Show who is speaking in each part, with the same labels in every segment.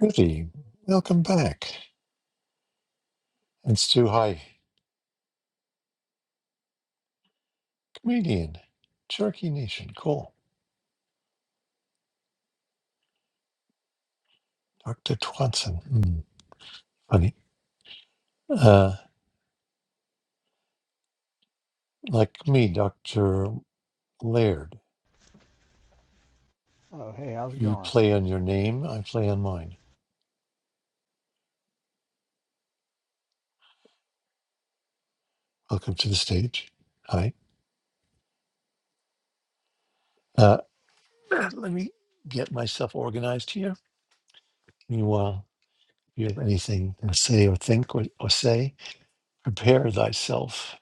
Speaker 1: Rudy, welcome back. And Stu, hi. Comedian, Cherokee Nation, cool. Dr. Twatson, hmm, funny. Uh, like me, Dr. Laird,
Speaker 2: Oh, hey, how's it
Speaker 1: you
Speaker 2: going?
Speaker 1: play on your name, I play on mine. Welcome to the stage. Hi. Uh, let me get myself organized here. Meanwhile, if you have anything to say or think or, or say, prepare thyself.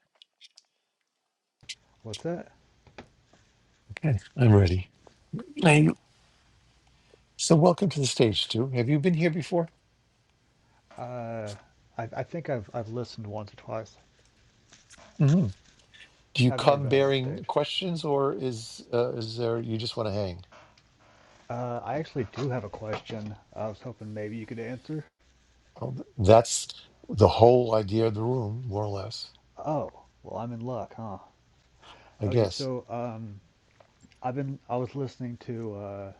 Speaker 2: What's that?
Speaker 1: Okay, I'm ready. Now you- so welcome to the stage, Stu. Have you been here before?
Speaker 2: Uh, I, I think I've I've listened once or twice.
Speaker 1: Mm-hmm. Do you
Speaker 2: Yeah, I've never
Speaker 1: come
Speaker 2: been on that
Speaker 1: bearing
Speaker 2: stage.
Speaker 1: questions, or is uh, is there you just want to hang?
Speaker 2: Uh, I actually do have a question. I was hoping maybe you could answer.
Speaker 1: Oh, that's the whole idea of the room, more or less,
Speaker 2: Oh, well, I'm in luck, huh?
Speaker 1: I
Speaker 2: Okay,
Speaker 1: guess.
Speaker 2: so um, I've been I was listening to uh,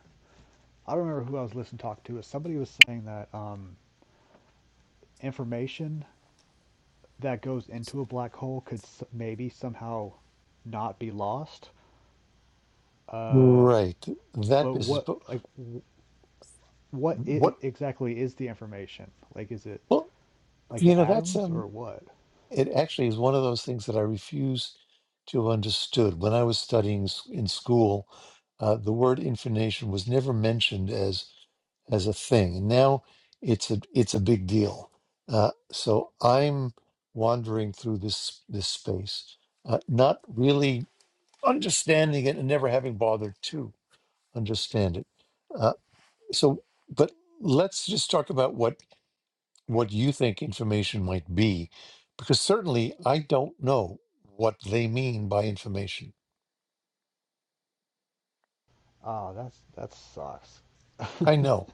Speaker 2: I don't remember who I was listening to talk to, but somebody was saying that um, information that goes into a black hole could s- maybe somehow not be lost. Uh,
Speaker 1: Right, that
Speaker 2: but
Speaker 1: business.
Speaker 2: what
Speaker 1: But
Speaker 2: like? what i
Speaker 1: what?
Speaker 2: exactly is the information? Like, is it
Speaker 1: Well,
Speaker 2: like
Speaker 1: you
Speaker 2: the
Speaker 1: know, that's
Speaker 2: atoms
Speaker 1: um.
Speaker 2: or what?
Speaker 1: It actually is one of those things that I refuse to have understood. When I was studying s- in school, uh, the word information was never mentioned as. as a thing. And now it's a it's a big deal. Uh, so I'm wandering through this this space, uh, not really understanding it and never having bothered to understand it. Uh, so, but let's just talk about what what you think information might be, because certainly I don't know what they mean by information.
Speaker 2: Oh, that's that sucks.
Speaker 1: I
Speaker 2: Because
Speaker 1: know,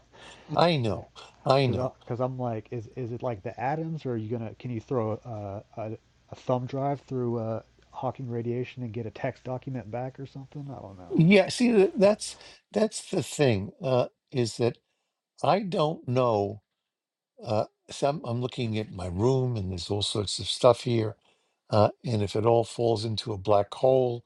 Speaker 1: I know, I know.
Speaker 2: because I'm like, is is it like the atoms, or are you gonna can you throw a a, a thumb drive through uh, Hawking radiation and get a text document back or something? I don't know.
Speaker 1: Yeah, see, that- that's that's the thing. Uh, is that I don't know. Uh, so I'm, I'm looking at my room, and there's all sorts of stuff here. Uh, and if it all falls into a black hole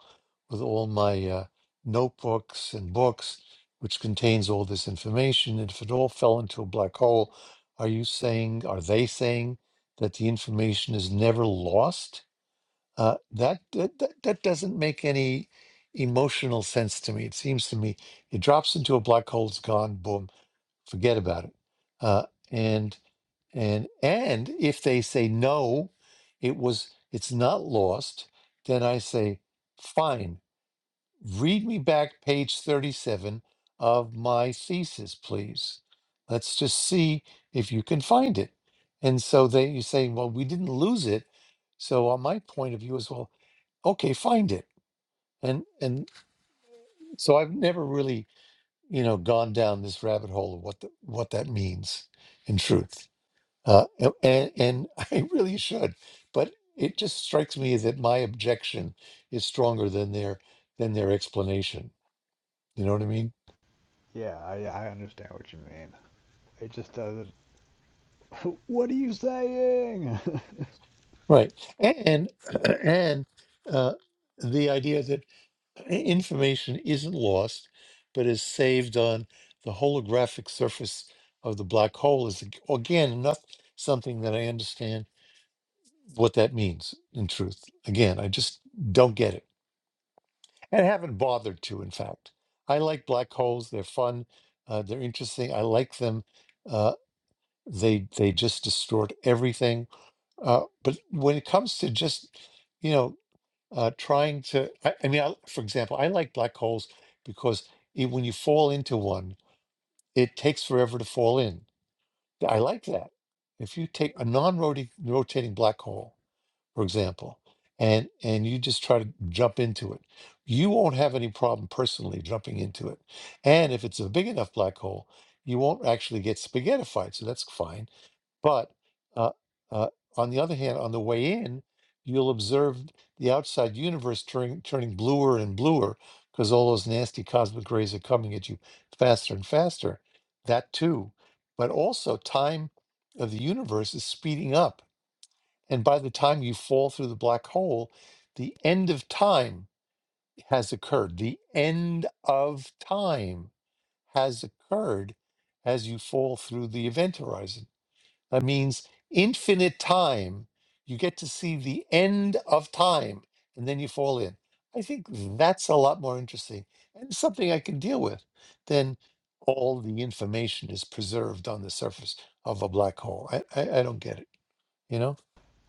Speaker 1: with all my uh, notebooks and books, which contains all this information, and if it all fell into a black hole, are you saying, are they saying that the information is never lost? Uh, that, that that that doesn't make any emotional sense to me. It seems to me it drops into a black hole, it's gone, boom forget about it. Uh, and and and if they say no, it was it's not lost. Then I say, fine, read me back page thirty-seven of my thesis, please. Let's just see if you can find it. And so they you say, well, we didn't lose it. So on my point of view as well, okay, find it. And and so I've never really you know gone down this rabbit hole of what the, what that means in truth. Uh, a- and, and I really should, but it just strikes me that my objection is stronger than their than their explanation. You know what I mean?
Speaker 2: Yeah, I I understand what you mean. It just doesn't. What are you saying?
Speaker 1: Right. And and uh, the idea that information isn't lost, but is saved on the holographic surface of the black hole is ag- again not something that I understand what that means in truth. Again, I just don't get it. and haven't bothered to, in fact. I like black holes. They're fun. Uh, they're interesting. I like them. Uh, they they just distort everything. Uh, but when it comes to just, you know, uh, trying to, I, I mean, I, for example, I like black holes because it, when you fall into one, it takes forever to fall in. I like that. If you take a non-rotating rotating black hole, for example, and and you just try to jump into it, you won't have any problem personally jumping into it. And if it's a big enough black hole, you won't actually get spaghettified, so that's fine. But uh, uh, on the other hand, on the way in, you'll observe the outside universe turning turning bluer and bluer because all those nasty cosmic rays are coming at you faster and faster. That too, but also time of the universe is speeding up and by the time you fall through the black hole, the end of time has occurred. The end of time has occurred as you fall through the event horizon. That means infinite time. You get to see the end of time and then you fall in. I think that's a lot more interesting and something I can deal with than all the information is preserved on the surface of a black hole. I, I, I don't get it. You know,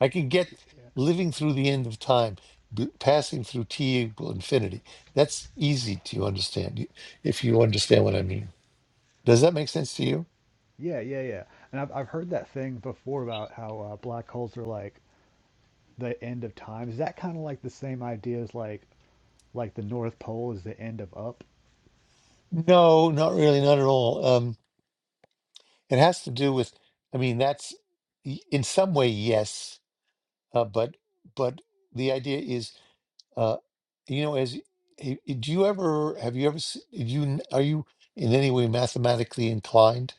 Speaker 1: I can get living through the end of time, b- passing through t equal infinity. That's easy to understand y- if you understand what I mean. Does that make sense to you?
Speaker 2: yeah, yeah, yeah. And I've I've heard that thing before about how uh, black holes are like the end of time? Is that kind of like the same idea as like like the North Pole is the end of up?
Speaker 1: No, not really, not at all. Um, it has to do with, I mean, that's y- in some way yes, uh, but but the idea is, uh, you know, as i- i- do you ever have you ever s- did you n- are you in any way mathematically inclined?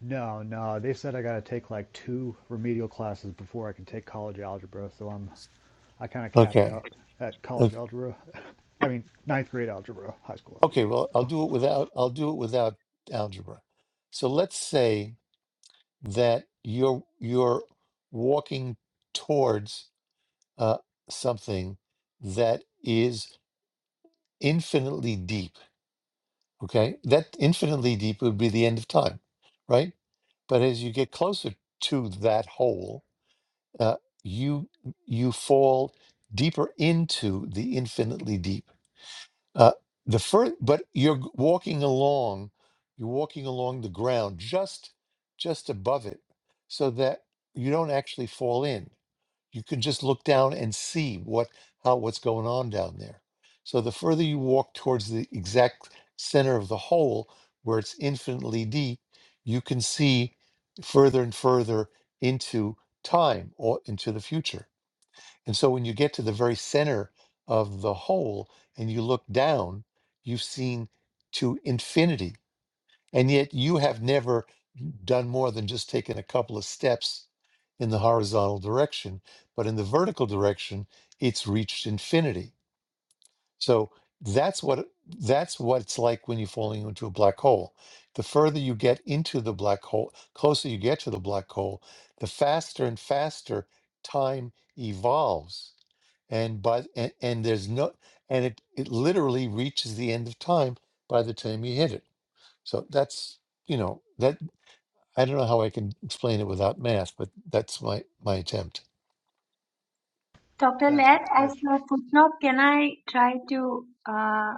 Speaker 2: No, no. They said I got to take like two remedial classes before I can take college algebra, so I'm I kind of capped
Speaker 1: Okay.
Speaker 2: out at college
Speaker 1: Okay,
Speaker 2: algebra. I mean, ninth grade algebra, high school
Speaker 1: okay,
Speaker 2: algebra.
Speaker 1: well, I'll do it without I'll do it without algebra. So let's say that you're you're walking towards uh, something that is infinitely deep. Okay, that infinitely deep would be the end of time, right? But as you get closer to that hole, uh, you you fall deeper into the infinitely deep. Uh, the first, but you're g- walking along, you're walking along the ground just just above it, so that you don't actually fall in. You can just look down and see what how what's going on down there. So the further you walk towards the exact center of the hole, where it's infinitely deep, you can see further and further into time or into the future. And so when you get to the very center of the whole and you look down, you've seen to infinity. And yet you have never done more than just taken a couple of steps in the horizontal direction. But in the vertical direction, it's reached infinity. So that's what that's what it's like when you're falling into a black hole. The further you get into the black hole, closer you get to the black hole, the faster and faster time evolves and by and, and there's no and it it literally reaches the end of time by the time you hit it so that's you know that i don't know how i can explain it without math but that's my my attempt
Speaker 3: Dr.
Speaker 2: That's
Speaker 3: Lair, as
Speaker 2: that's
Speaker 3: a footnote, can I try to uh,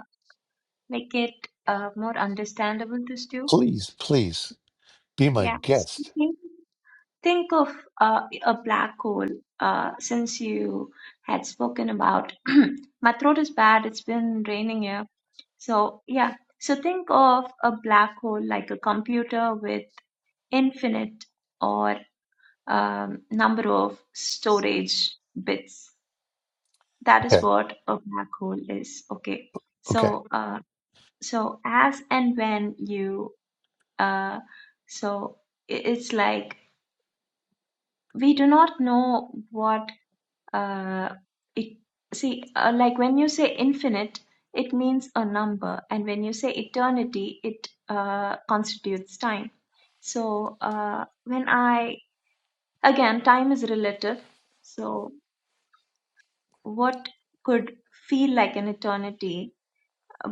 Speaker 3: make it uh, more understandable to Stu?
Speaker 1: please please be my
Speaker 3: Yeah. So
Speaker 1: guest
Speaker 3: Think think of uh, a black hole uh, since you had spoken about my throat is bad, it's been raining here. So, yeah. So think of a black hole like a computer with infinite or um, number of storage bits that is
Speaker 1: okay
Speaker 3: what a black hole is okay
Speaker 1: okay
Speaker 3: so uh so as and when you uh so i- it's like we do not know what uh it see uh, like when you say infinite it means a number and when you say eternity it uh constitutes time so uh when i again time is relative so what could feel like an eternity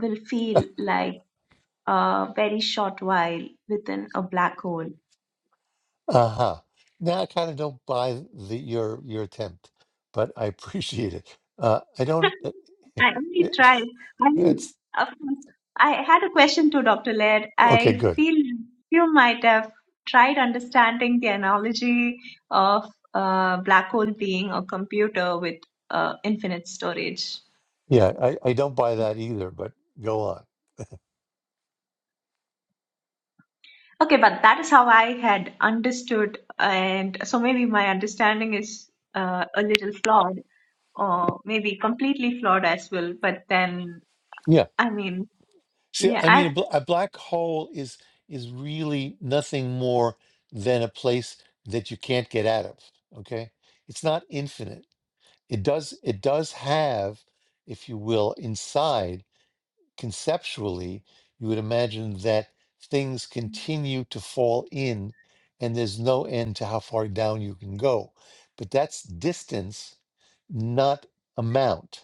Speaker 3: will feel like a very short while within a black hole.
Speaker 1: uh-huh now i kind of don't buy the your your attempt but i appreciate it uh i don't it,
Speaker 3: I only
Speaker 1: it-
Speaker 3: tried. I mean,
Speaker 1: it's
Speaker 3: of course, I had a question to Dr. Laird.
Speaker 1: okay
Speaker 3: I
Speaker 1: good
Speaker 3: feel you might have tried understanding the analogy of a black hole being a computer with uh, infinite storage.
Speaker 1: yeah i i don't buy that either but go on
Speaker 3: Okay, but that is how I had understood, and so maybe my understanding is uh, a little flawed, or maybe completely flawed as well. But then,
Speaker 1: Yeah.
Speaker 3: I mean,
Speaker 1: See,
Speaker 3: Yeah,
Speaker 1: I mean, a,
Speaker 3: I've
Speaker 1: bl- a black hole is is really nothing more than a place that you can't get out of. Okay, it's not infinite. It does it does have, if you will, inside conceptually, you would imagine that things continue to fall in, and there's no end to how far down you can go. But that's distance, not amount.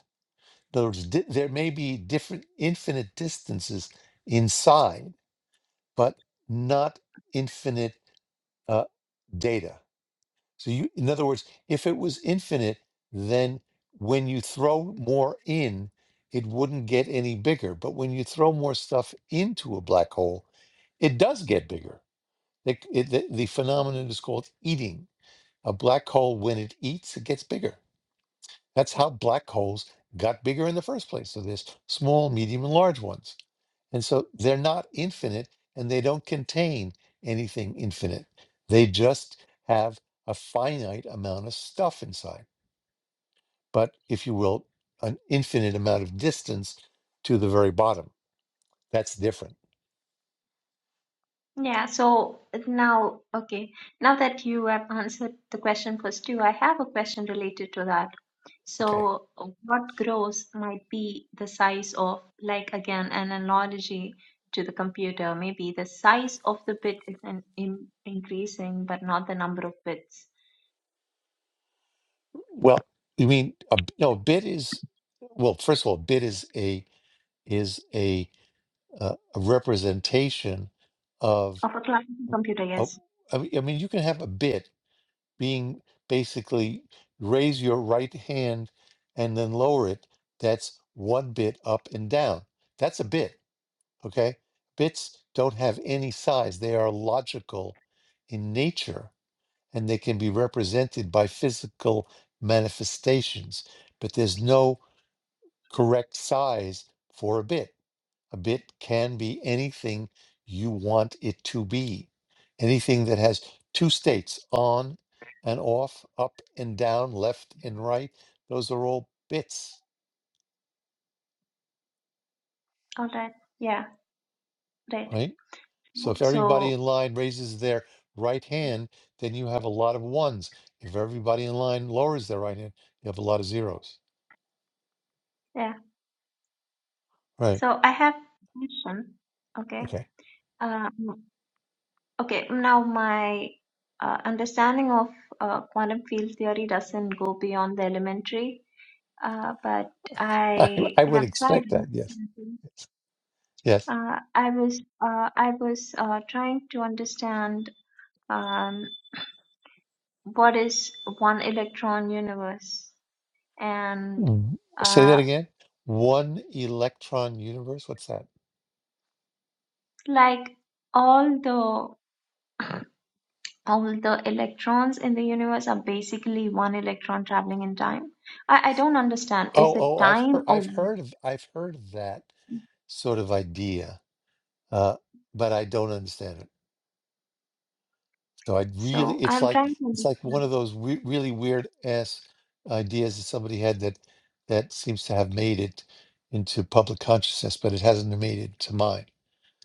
Speaker 1: In other words, di- there may be different infinite distances inside, but not infinite uh, data. So, you, in other words, if it was infinite, then when you throw more in, it wouldn't get any bigger. But when you throw more stuff into a black hole, it does get bigger. The, it, the, the phenomenon is called eating. A black hole, when it eats, it gets bigger. That's how black holes got bigger in the first place. So there's small, medium, and large ones. And so they're not infinite and they don't contain anything infinite. They just have a finite amount of stuff inside, but if you will, an infinite amount of distance to the very bottom. That's different.
Speaker 3: yeah, so now okay. Now that you have answered the question first two, I have a question related to that.
Speaker 1: Okay.
Speaker 3: So what grows might be the size of, like again, an analogy to the computer. Maybe the size of the bit is an in, increasing, but not the number of bits
Speaker 1: Well, you mean a, b- no, a bit is well, first of all, bit is a is a uh, a representation of
Speaker 3: of a classical computer,
Speaker 1: a,
Speaker 3: yes.
Speaker 1: I mean, I mean, you can have a bit being basically raise your right hand and then lower it. That's one bit up and down. That's a bit, okay? Bits don't have any size. They are logical in nature and they can be represented by physical manifestations, but there's no correct size for a bit. A bit can be anything you want it to be, anything that has two states on and off, up and down, left and right. Those are all bits,
Speaker 3: All right. Yeah, right.
Speaker 1: right? So if everybody
Speaker 3: So
Speaker 1: in line raises their right hand, then you have a lot of ones. If everybody in line lowers their right hand, you have a lot of zeros.
Speaker 3: yeah.
Speaker 1: Right.
Speaker 3: So I have a question. Okay.
Speaker 1: Okay.
Speaker 3: Um. Okay, now my uh, understanding of uh, quantum field theory doesn't go beyond the elementary, uh, but
Speaker 1: I,
Speaker 3: I
Speaker 1: I would
Speaker 3: have tried.
Speaker 1: expect that. Yes. Yes.
Speaker 3: Uh, I was uh, I was uh, trying to understand um, what is one electron universe, and
Speaker 1: W- Say that
Speaker 3: uh,
Speaker 1: again. One electron universe. What's that?
Speaker 3: like all the all the electrons in the universe are basically one electron traveling in time. I, I don't understand. Is
Speaker 1: Oh,
Speaker 3: it
Speaker 1: oh, I've heard,
Speaker 3: time
Speaker 1: I've
Speaker 3: or
Speaker 1: heard of, I've heard of that sort of idea, uh, but I don't understand it. So I really,
Speaker 3: So
Speaker 1: it's
Speaker 3: I'm
Speaker 1: like,
Speaker 3: trying to
Speaker 1: it's like
Speaker 3: understand.
Speaker 1: one of those we really weird ass ideas that somebody had that that seems to have made it into public consciousness, but it hasn't made it to mine.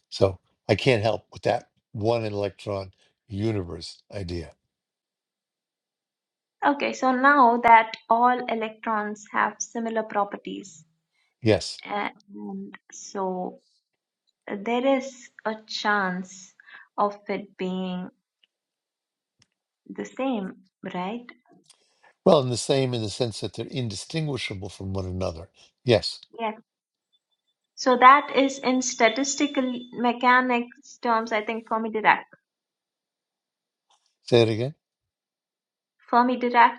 Speaker 1: So I can't help with that one electron universe idea.
Speaker 3: Okay, so now that all electrons have similar properties,
Speaker 1: Yes.
Speaker 3: a- and so there is a chance of it being the same, right?
Speaker 1: Well, and the same in the sense that they're indistinguishable from one another. Yes.
Speaker 3: Yes. So that is in statistical mechanics terms, I think Fermi-Dirac,
Speaker 1: Say it again.
Speaker 3: Fermi-Dirac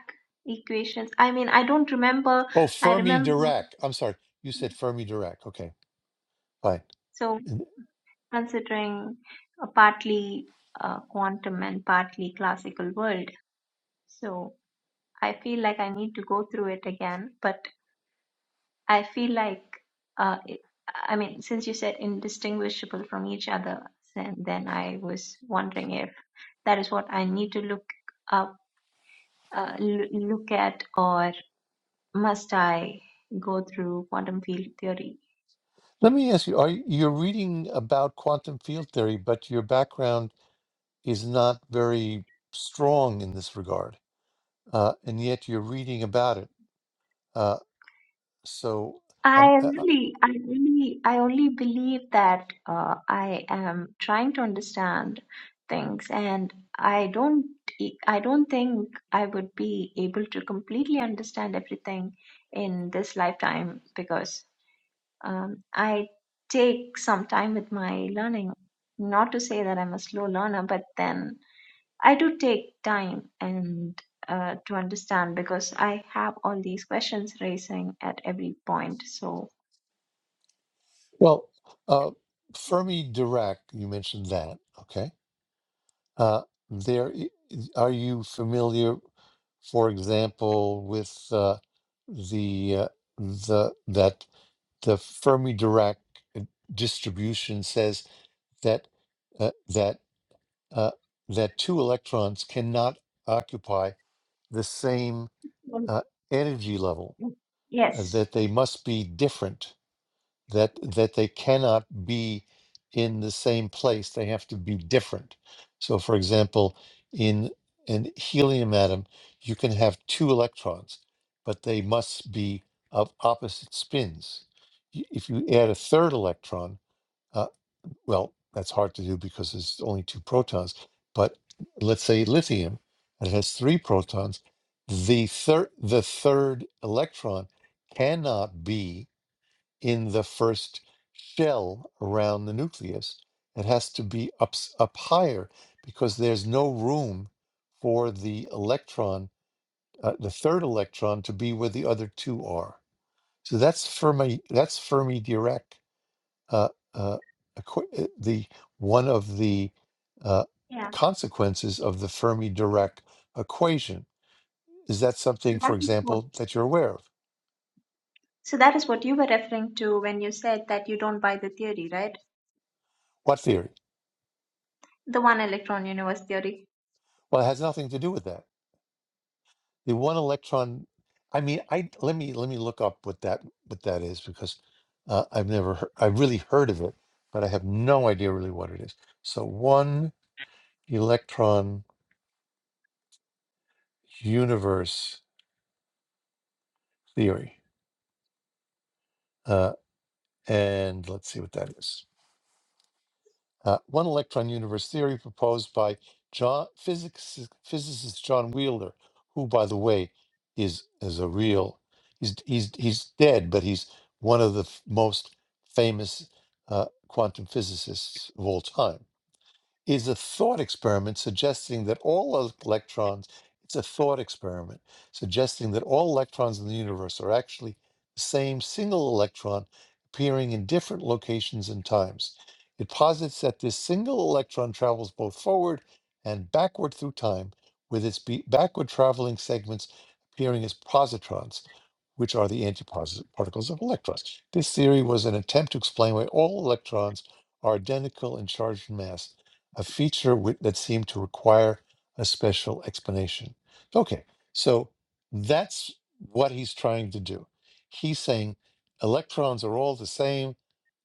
Speaker 3: equations. I mean, I don't remember.
Speaker 1: Oh,
Speaker 3: I
Speaker 1: Fermi
Speaker 3: remember.
Speaker 1: Dirac. I'm sorry. You said Fermi Dirac. Okay, fine.
Speaker 3: So
Speaker 1: And
Speaker 3: considering a partly uh, quantum and partly classical world. So I feel like I need to go through it again, but I feel like, uh, it, I mean, since you said indistinguishable from each other, then, then I was wondering if that is what I need to look up, uh, l- look at, or must I go through quantum field theory
Speaker 1: Let me ask you, are you- you're reading about quantum field theory, but your background is not very strong in this regard, uh, and yet you're reading about it. Uh, so, um,
Speaker 3: I
Speaker 1: uh, uh,
Speaker 3: really, I really, I only believe that uh, I am trying to understand things, and I don't, e- I don't think I would be able to completely understand everything in this lifetime because um, I take some time with my learning. Not to say that I'm a slow learner, but then I do take time and uh, to understand because I have all these questions racing at every point. So.
Speaker 1: well, uh, Fermi Dirac, you mentioned that. Okay. Uh, there, i- is- are you familiar, for example, with uh, the uh, the that the Fermi Dirac uh, distribution says that uh, that uh, that two electrons cannot occupy the same uh, energy level, uh,
Speaker 3: Yes.
Speaker 1: that they must be different, that that they cannot be in the same place. They have to be different. So, for example, in an helium atom, you can have two electrons, but they must be of opposite spins. Y- If you add a third electron, uh, well, that's hard to do because there's only two protons. But let's say lithium, and it has three protons. The third, the third electron cannot be in the first shell around the nucleus. It has to be up up higher because there's no room for the electron, uh, the third electron, to be where the other two are. So that's Fermi. That's Fermi Dirac uh, uh, acqui- uh, the one of the uh,
Speaker 3: Yeah.
Speaker 1: consequences of the Fermi Dirac equation. Is that
Speaker 3: So
Speaker 1: something,
Speaker 3: that
Speaker 1: for
Speaker 3: is what
Speaker 1: example, that you're aware of?
Speaker 3: so that is what you were referring to when you said that you don't buy the theory, right?
Speaker 1: What theory?
Speaker 3: The one electron universe theory.
Speaker 1: Well, it has nothing to do with that. The one electron. I mean, I let me let me look up what that what that is because uh, I've never heard, I've really heard of it, but I have no idea really what it is. So one electron universe theory, uh, and let's see what that is. Uh, one electron universe theory proposed by John, physics, physicist John Wheeler, who, by the way, is is a real he's he's he's dead, but he's one of the f- most famous uh, quantum physicists of all time is a thought experiment suggesting that all el- electrons, it's a thought experiment suggesting that all electrons in the universe are actually the same single electron appearing in different locations and times. It posits that this single electron travels both forward and backward through time, with its be- backward traveling segments appearing as positrons, which are the antiparticles of electrons. This theory was an attempt to explain why all electrons are identical in charge and mass a feature wi- that seemed to require a special explanation. Okay, so that's what he's trying to do. He's saying electrons are all the same.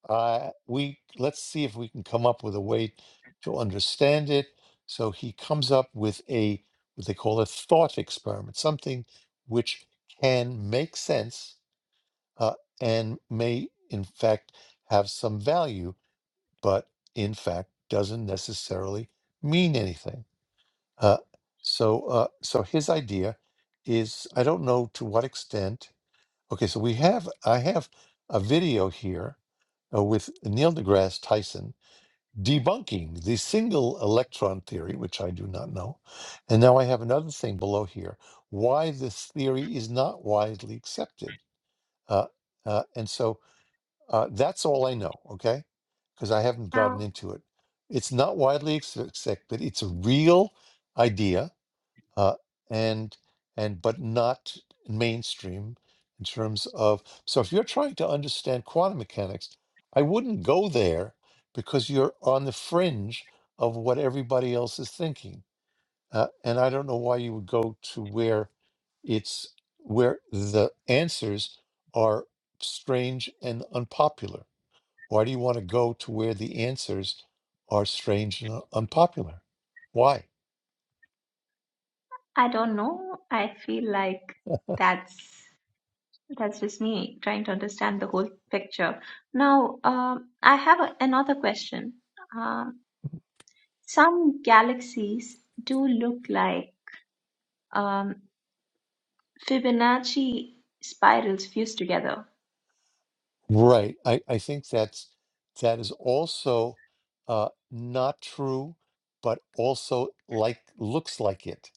Speaker 1: Uh, we let's see if we can come up with a way to understand it. So he comes up with a what they call a thought experiment, something which can make sense uh, and may in fact have some value but in fact doesn't necessarily mean anything. Uh, so, uh, so his idea is I don't know to what extent. Okay, so we have I have a video here uh, with Neil deGrasse Tyson debunking the single electron theory, which I do not know, and now I have another thing below here: why this theory is not widely accepted. Uh, uh, and so uh, that's all I know, okay? Because I haven't gotten
Speaker 3: Now,
Speaker 1: into it. It's not widely ex- accepted. It's a real idea, uh, and and but not mainstream in terms of. So if you're trying to understand quantum mechanics, I wouldn't go there because you're on the fringe of what everybody else is thinking, uh, and I don't know why you would go to where it's where the answers are strange and unpopular why do you want to go to where the answers are strange and unpopular? Why?
Speaker 3: I don't know. I feel like that's that's just me trying to understand the whole picture. Now, um, I have a, another question. Um, some galaxies do look like um, Fibonacci spirals fused together.
Speaker 1: Right. I, I think that's that is also uh, not true, but also like looks like it.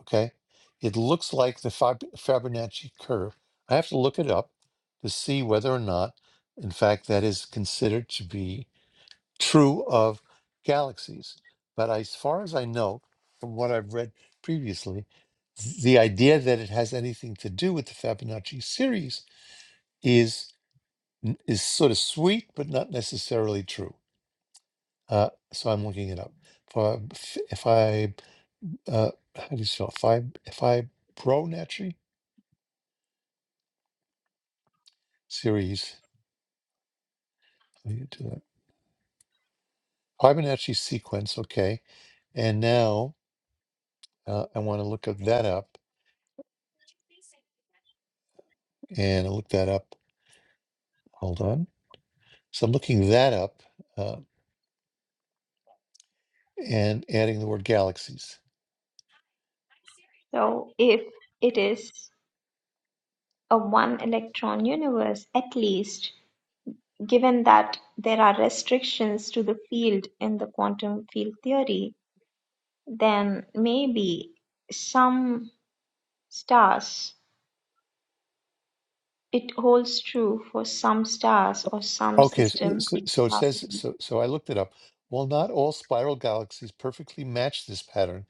Speaker 1: Okay, it looks like the Fib- Fibonacci curve. I have to look it up to see whether or not, in fact, that is considered to be. true of galaxies. But as far as I know, from what I've read previously, th- the idea that it has anything to do with the Fibonacci series is n- is sort of sweet, but not necessarily true. Uh, so I'm looking it up. For if if I uh, how do you spell Fib Fibonacci series? How do you do that? Fibonacci sequence. Okay, and now uh, I want to look up that up, and I look that up. Hold on So I'm looking that up uh, and adding the word galaxies.
Speaker 3: So, if it is. a one-electron universe, at least, given that there are restrictions to the field in the quantum field theory, then maybe some stars, it holds true for some stars
Speaker 1: O-
Speaker 3: or some
Speaker 1: Okay,
Speaker 3: system
Speaker 1: so, so it says,
Speaker 3: classically
Speaker 1: so, so I looked it up. While not all spiral galaxies perfectly match this pattern,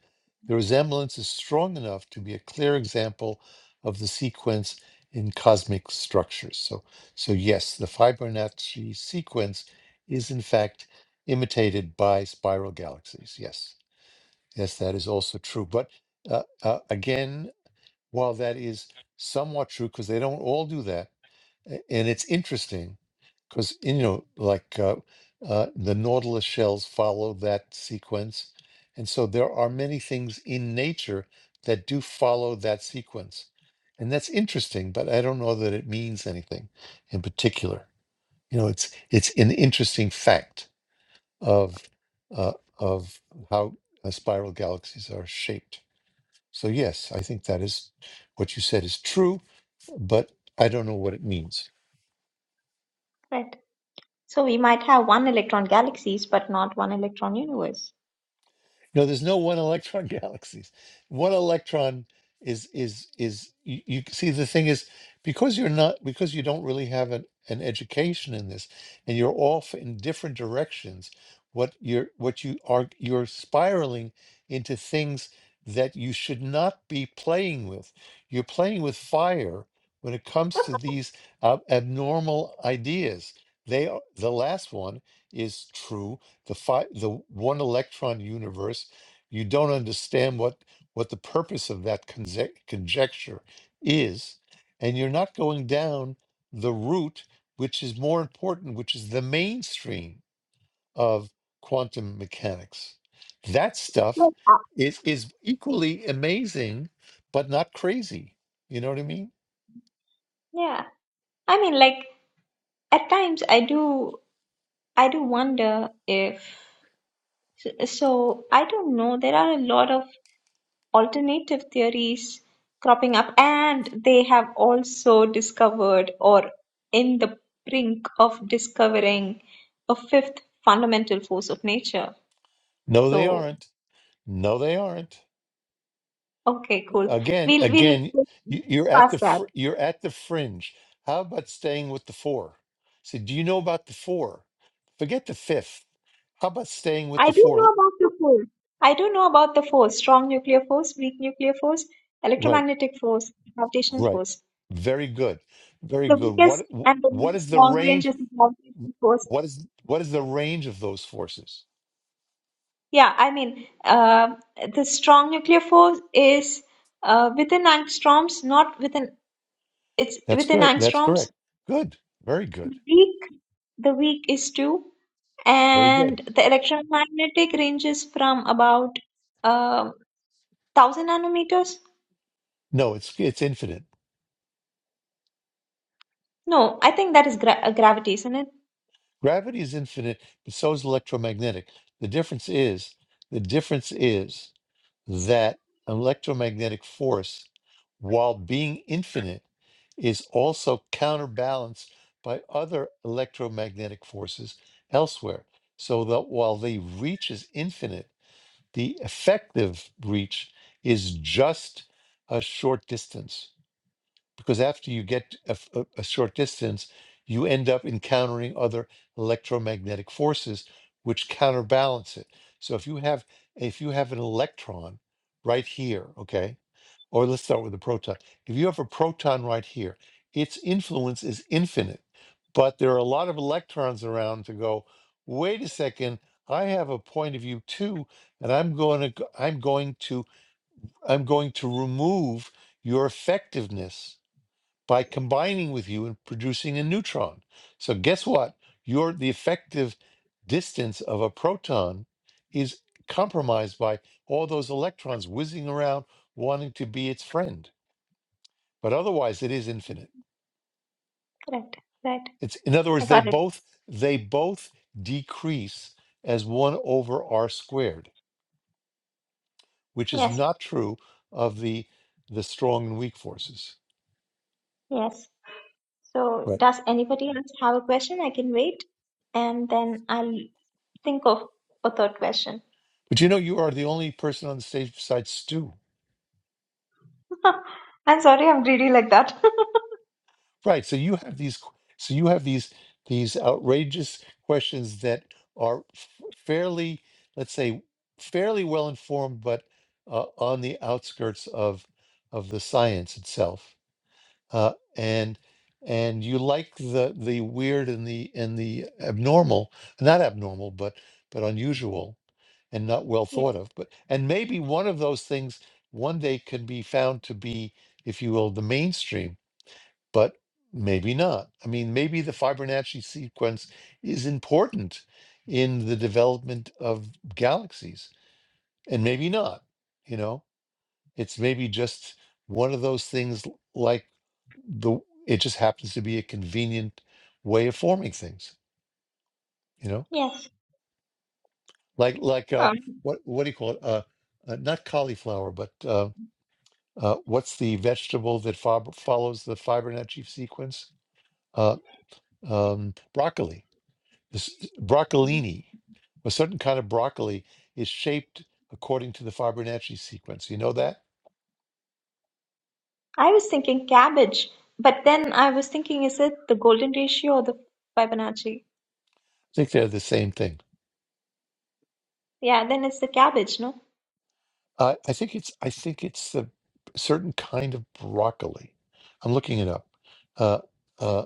Speaker 1: the resemblance is strong enough to be a clear example of the sequence in cosmic structures. So, so yes, the Fibonacci sequence is in fact imitated by spiral galaxies. Yes, yes, that is also true. But uh, uh, again, While that is somewhat true, because they don't all do that, a- and it's interesting, because you know, like uh, uh, the nautilus shells follow that sequence, and so there are many things in nature that do follow that sequence, and that's interesting. But I don't know that it means anything in particular. You know, it's it's an interesting fact of uh, of how uh, spiral galaxies are shaped. So, yes, I think that is what you said is true, but I don't know what it means.
Speaker 3: correct. So we might have one electron galaxies, but not one electron universe.
Speaker 1: No, there's no one electron galaxies. One electron is is is you, you see the thing is because you're not because you don't really have an, an education in this and you're off in different directions, what you're what you are you're spiraling into things that you should not be playing with. You're playing with fire when it comes to these uh, abnormal ideas. They are the last one is true the fi- the one electron universe you don't understand what what the purpose of that conje- conjecture is and you're not going down the route which is more important which is the mainstream of quantum mechanics that stuff
Speaker 3: Well, uh,
Speaker 1: is is equally amazing but not crazy you know what i mean
Speaker 3: yeah, I mean, like at times I do, I do wonder if So I don't know. There are a lot of alternative theories cropping up, and they have also discovered or in the brink of discovering a fifth fundamental force of nature.
Speaker 1: no they
Speaker 3: So
Speaker 1: aren't no they aren't
Speaker 3: okay, cool.
Speaker 1: Again,
Speaker 3: We'll we'll
Speaker 1: again,
Speaker 3: go
Speaker 1: you- you're at the
Speaker 3: past that.
Speaker 1: fr- you're at the fringe. How about staying with the four? See, do you know about the four? Forget the fifth. How about staying with
Speaker 3: I
Speaker 1: the
Speaker 3: do know
Speaker 1: four?
Speaker 3: about the force. I do know about the force: strong nuclear force, weak nuclear force,
Speaker 1: Right,
Speaker 3: electromagnetic force, gravitational
Speaker 1: right.
Speaker 3: force.
Speaker 1: Very good, very
Speaker 3: The
Speaker 1: good.
Speaker 3: weakest
Speaker 1: What
Speaker 3: and the
Speaker 1: what
Speaker 3: most
Speaker 1: is the
Speaker 3: long range
Speaker 1: range?
Speaker 3: is the gravitational force.
Speaker 1: What is what is the range of those forces?
Speaker 3: Yeah, I mean, uh, the strong nuclear force is uh, within angstroms, not within, it's
Speaker 1: That's
Speaker 3: within
Speaker 1: good. That's
Speaker 3: angstroms.
Speaker 1: correct. Good. Very good.
Speaker 3: Weak, the weak is two,
Speaker 1: Very
Speaker 3: and
Speaker 1: good.
Speaker 3: the electromagnetic ranges from about uh, 1000 nanometers.
Speaker 1: No, it's it's infinite.
Speaker 3: No, I think that is gra uh, gravity, isn't it?
Speaker 1: Gravity is infinite, but so is electromagnetic. The difference is the difference is. that electromagnetic force, while being infinite, is also counterbalanced by other electromagnetic forces elsewhere. So that while the reach is infinite, the effective reach is just a short distance because after you get a, f- a- a short distance, you end up encountering other electromagnetic forces which counterbalance it. So if you have if you have an electron right here, okay, or let's start with the proton. If you have a proton right here, its influence is infinite, but there are a lot of electrons around to go. Wait a second, I have a point of view too, and I'm going to I'm going to I'm going to remove your effectiveness by combining with you and producing a neutron. So guess what? Your the effective distance of a proton is compromised by all those electrons whizzing around wanting to be its friend. But otherwise it is infinite.
Speaker 3: Correct, right.
Speaker 1: It's in other
Speaker 3: I
Speaker 1: words, they
Speaker 3: got it.
Speaker 1: both they both decrease as one over r squared, which is
Speaker 3: Yes,
Speaker 1: not true of the the strong and weak forces.
Speaker 3: yes. So,
Speaker 1: Right.
Speaker 3: does anybody else have a question? I can wait, and then I'll think of a third question.
Speaker 1: But you know you are the only person on the stage besides Stu
Speaker 3: I'm sorry, I'm greedy like that.
Speaker 1: Right. So you have these, qu- so you have these, these outrageous questions that are f- fairly, let's say, fairly well informed, but uh, on the outskirts of of the science itself. Uh, and and you like the the weird and the and the abnormal, not abnormal, but but unusual and not well
Speaker 3: Yeah.
Speaker 1: thought of. But and maybe one of those things one day can be found to be, if you will, the mainstream but maybe not. I mean, maybe the Fibonacci sequence is important in the development of galaxies, and maybe not. You know, it's maybe just one of those things l- like the it just happens to be a convenient way of forming things. You know,
Speaker 3: Yes.
Speaker 1: like like uh,
Speaker 3: Oh.
Speaker 1: what what do you call it? Uh, uh, not cauliflower, but uh, uh, what's the vegetable that fob- follows the Fibonacci sequence? Uh, um, broccoli This broccolini, a certain kind of broccoli, is shaped according to the Fibonacci sequence. You know that? I
Speaker 3: I was thinking cabbage, but then I was thinking, is it the golden ratio or the Fibonacci?
Speaker 1: think they're the same thing.
Speaker 3: Yeah, then it's the cabbage, no?
Speaker 1: I I think it's I think it's the certain kind of broccoli. I'm looking it up, uh, uh,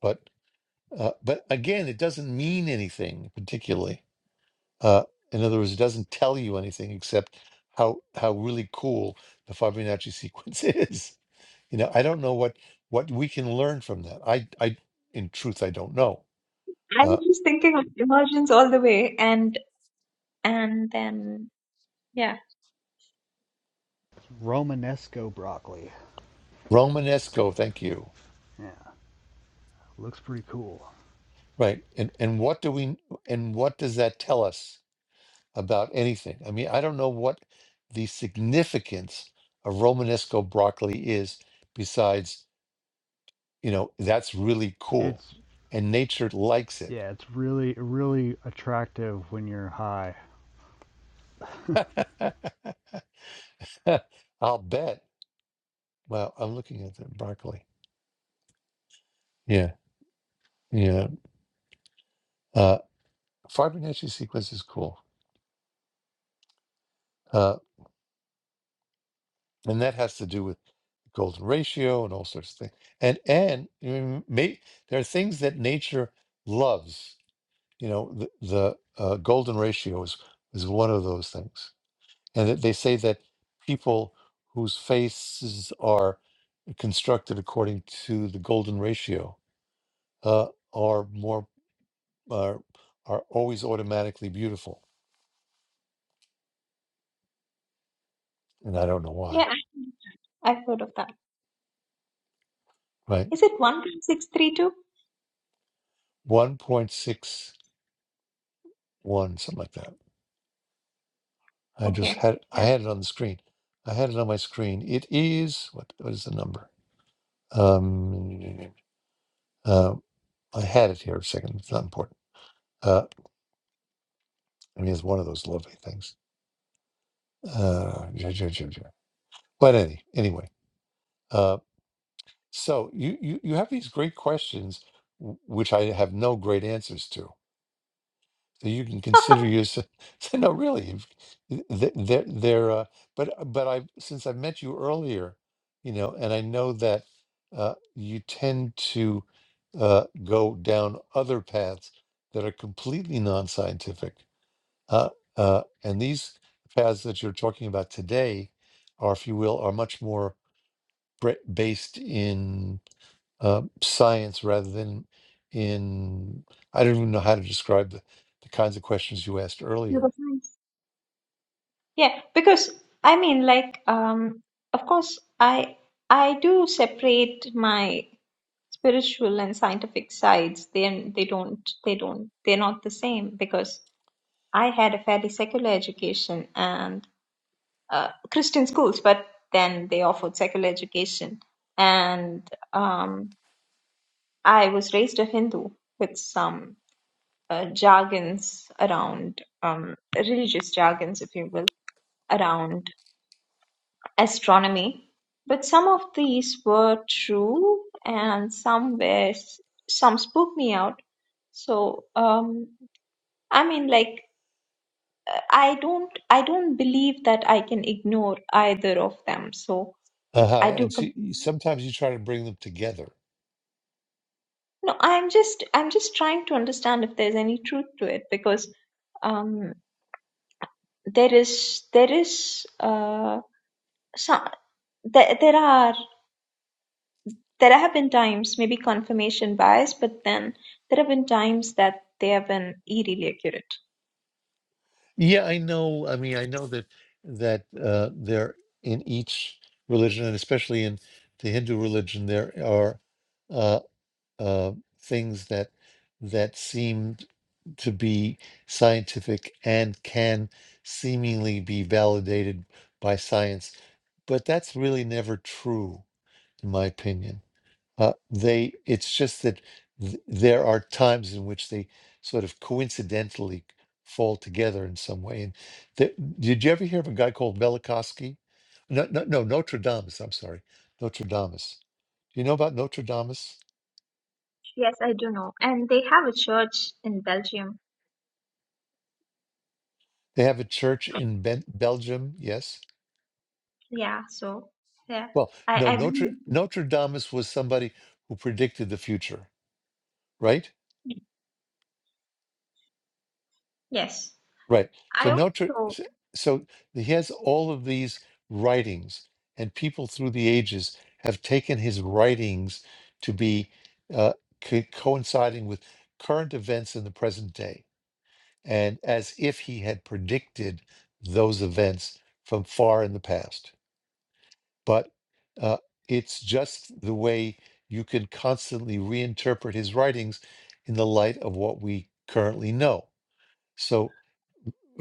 Speaker 1: but uh, but again, it doesn't mean anything particularly. Uh, in other words, it doesn't tell you anything except how how really cool the Fibonacci sequence is. You know, I don't know what what we can learn from that. I, I, in truth, I don't know.
Speaker 3: I was
Speaker 1: Uh,
Speaker 3: just thinking of emergence all the way, and and then yeah,
Speaker 2: Romanesco broccoli.
Speaker 1: Romanesco, thank you.
Speaker 2: Yeah, looks pretty cool.
Speaker 1: Right, and and what do we and what does that tell us about anything? I mean, I don't know what the significance of Romanesco broccoli is besides you know that's really cool,
Speaker 2: It's
Speaker 1: and nature likes it.
Speaker 2: yeah, it's really really attractive when you're high.
Speaker 1: I'll bet. Wow, I'm looking at the broccoli. Yeah, yeah. Uh, Fibonacci sequence is cool. Uh, and that has to do with golden ratio and all sorts of things and and you may, there are things that nature loves you know the, the uh, golden ratio is is one of those things and that they say that people whose faces are constructed according to the golden ratio uh, are more are, are always automatically beautiful and i don't know why
Speaker 3: yeah, I- I've heard of that.
Speaker 1: right
Speaker 3: Is it one point six three two?
Speaker 1: 1.61 something like that I just
Speaker 3: Okay,
Speaker 1: had I
Speaker 3: yeah,
Speaker 1: had it on the screen. I had it on my screen. It is what what is the number? Um, uh, I had it here a second. It's not important. Uh, I mean, it's one of those lovely things. Uh, ju- ju- ju- ju. but any anyway, uh, so you, you you have these great questions, w- which I have no great answers to. So you can consider yourself. So no, really, if- th- they're they're. Uh, but uh, but I since I met you earlier, you know, and I know that uh, you tend to uh, go down other paths that are completely non-scientific. Uh, uh, and these paths that you're talking about today are, if you will, are much more bre- based in uh, science rather than in I don't even know how to describe the, the kinds of questions you asked earlier.
Speaker 3: pseudoscience. Yeah, because I mean, like, um, of course, I I do separate my spiritual and scientific sides. They they don't they don't they're not the same because I had a fairly secular education and uh, Christian schools, but then they offered secular education, and um, I was raised a Hindu with some uh, jargons around um, religious jargons, if you will, around. astronomy, but some of these were true and some were some spooked me out. So um, I mean, like I don't I don't believe that I can ignore either of them. So
Speaker 1: Uh-huh.
Speaker 3: I do.
Speaker 1: And so
Speaker 3: Com-
Speaker 1: you- sometimes you try to bring them together.
Speaker 3: no, I'm just I'm just trying to understand if there's any truth to it because um, there is there is uh, some there there are There have been times, maybe confirmation bias, but then there have been times that they have been eerily accurate.
Speaker 1: Yeah, I know. I mean, I know that that uh, there in each religion, and especially in the Hindu religion, there are uh, uh, things that that seem to be scientific and can seemingly be validated by science, but that's really never true, in my opinion. Uh, they, it's just that th- there are times in which they sort of coincidentally fall together in some way. And th- did you ever hear of a guy called Velikovsky? No, no, no, Notre Dame. I'm sorry, Notre Dame. Do you know about Notre Dame?
Speaker 3: Yes, I do know. And they have a church in Belgium.
Speaker 1: They have a church in ben- Belgium. Yes
Speaker 3: Yeah, so yeah.
Speaker 1: Well, no,
Speaker 3: I I
Speaker 1: Notre
Speaker 3: believe
Speaker 1: Notre Damus was somebody who predicted the future, right?
Speaker 3: yes.
Speaker 1: Right. So
Speaker 3: I
Speaker 1: Notre,
Speaker 3: also
Speaker 1: s- so he has all of these writings, and people through the ages have taken his writings to be uh, co- coinciding with current events in the present day, and as if he had predicted those events from far in the past. but uh, it's just the way you can constantly reinterpret his writings in the light of what we currently know. So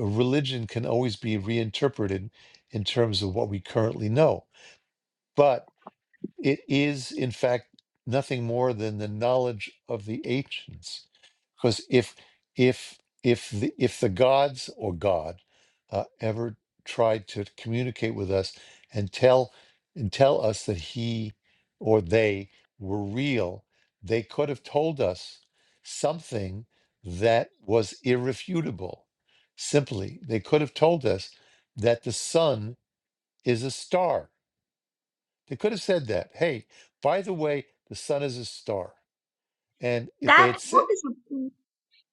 Speaker 1: religion can always be reinterpreted in terms of what we currently know. But it is, in fact, nothing more than the knowledge of the ancients. Because if if if the, if the gods or God uh, ever tried to communicate with us and tell and tell us that he or they were real, they could have told us something that was irrefutable. Simply, they could have told us that the sun is a star they could have said that. Hey, by the way, the sun is a star. And if they
Speaker 3: that
Speaker 1: had said,
Speaker 3: that is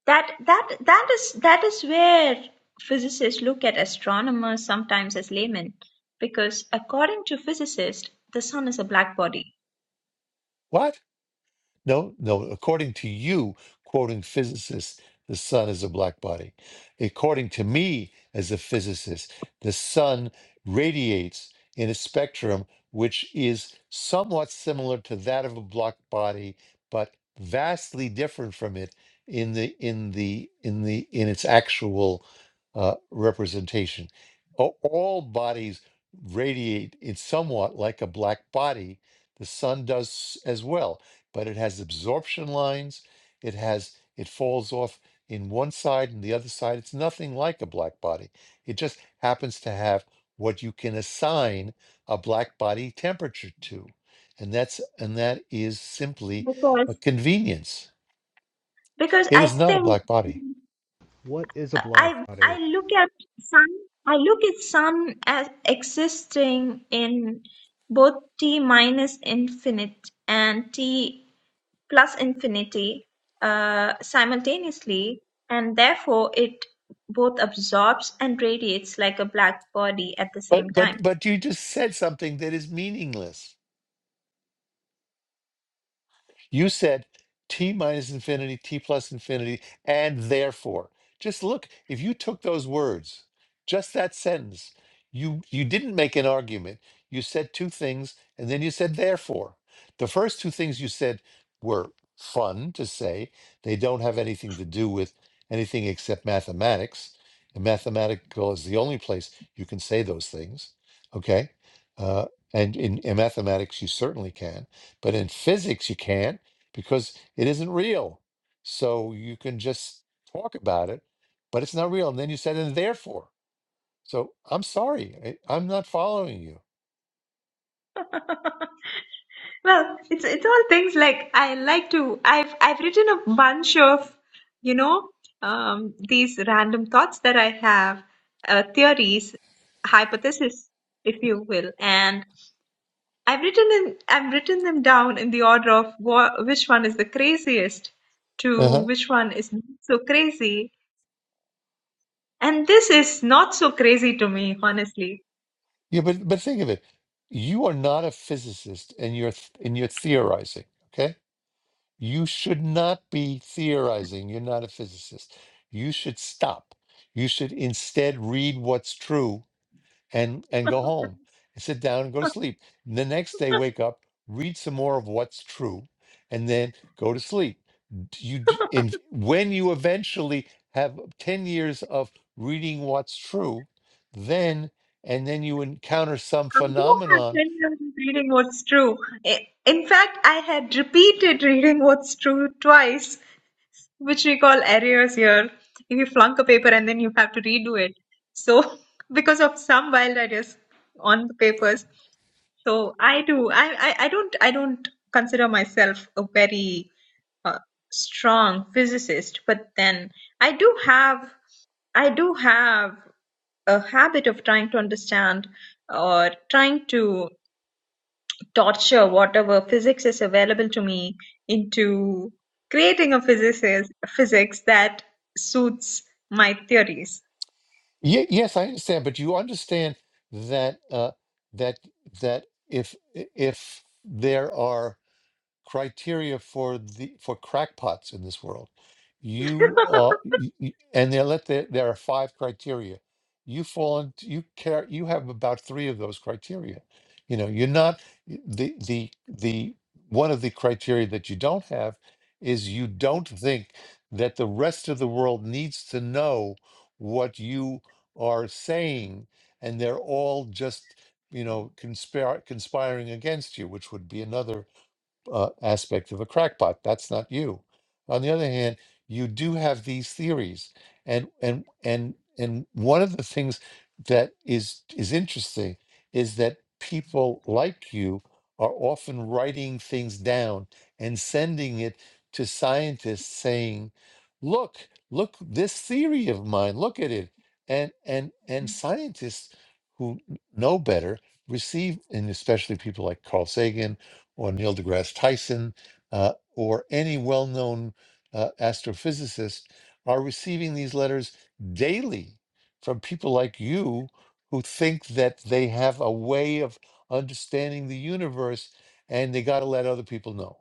Speaker 3: that that that is that is where physicists look at astronomers sometimes as laymen because according to physicists the sun is a black body
Speaker 1: what? No, no. According to you, quoting physicists, the sun is a black body. According to me, as a physicist, the sun radiates in a spectrum which is somewhat similar to that of a black body, but vastly different from it in the in the in the in its actual uh, representation. A- All bodies radiate in somewhat like a black body. The sun does as well but it has absorption lines. It has it falls off in one side and the other side. It's nothing like a black body. It just happens to have what you can assign a black body temperature to. And that's and that is simply a
Speaker 3: because
Speaker 1: convenience.
Speaker 3: because
Speaker 1: It
Speaker 3: I
Speaker 1: is not a
Speaker 3: think
Speaker 1: black body.
Speaker 2: What is a black
Speaker 3: I I
Speaker 2: body?
Speaker 3: look at some I look at some as existing in both t minus infinite and t plus infinity uh, simultaneously, and therefore it both absorbs and radiates like a black body at the same
Speaker 1: But
Speaker 3: time.
Speaker 1: but but you just said something that is meaningless. You said t minus infinity, t plus infinity, and therefore. Just look, if you took those words, just that sentence, you you didn't make an argument. You said two things and then you said therefore. The first two things you said were fun to say. They don't have anything to do with anything except mathematics. And mathematical is the only place you can say those things. Okay? Uh, and in, in mathematics, you certainly can. But in physics, you can't because it isn't real. So you can just talk about it, but it's not real. And then you said, and therefore. So I'm sorry, I, I'm not following you.
Speaker 3: Well, it's it's all things like I like to I've I've written a bunch of you know um, these random thoughts that I have uh, theories hypothesis if you will and I've written in I've written them down in the order of wha- which one is the craziest to
Speaker 1: Uh-huh.
Speaker 3: which one is not so crazy and this is not so crazy to me honestly
Speaker 1: Yeah, but but think of it. You are not a physicist, and you're th- and you're theorizing. Okay, you should not be theorizing. You're not a physicist. You should stop. You should instead read what's true and and go home and sit down and go to sleep. The next day, wake up, read some more of what's true, and then go to sleep. D- You d- in when you eventually have ten years of reading what's true, then and then you encounter some
Speaker 3: I do have
Speaker 1: phenomenon.
Speaker 3: 10 years of reading what's true. I- In fact, I had repeated reading what's true twice, which we call arrears here. If you flunk a paper and then you have to redo it. So, because of some wild ideas on the papers. So I do. I, I, I don't I don't consider myself a very uh, strong physicist, but then I do have I do have a habit of trying to understand or trying to torture whatever physics is available to me into creating a physicist physics that suits my theories.
Speaker 1: Ye- yes, I understand, but you understand that uh, that that if if there are criteria for the for crackpots in this world. You are, y- y- and they let the, there are five criteria. You fall into you care. You have about three of those criteria. You know, you're not the the the one of the criteria that you don't have is you don't think that the rest of the world needs to know what you are saying, and they're all just you know conspire conspiring against you, which would be another uh, aspect of a crackpot. That's not you. On the other hand, you do have these theories, and and and and one of the things that is is interesting is that people like you are often writing things down and sending it to scientists saying look look this theory of mine look at it and and and scientists who know better receive and especially people like carl sagan or Neil deGrasse Tyson uh, or any well known uh, astrophysicist are receiving these letters daily from people like you who think that they have a way of understanding the universe and they got to let other people know,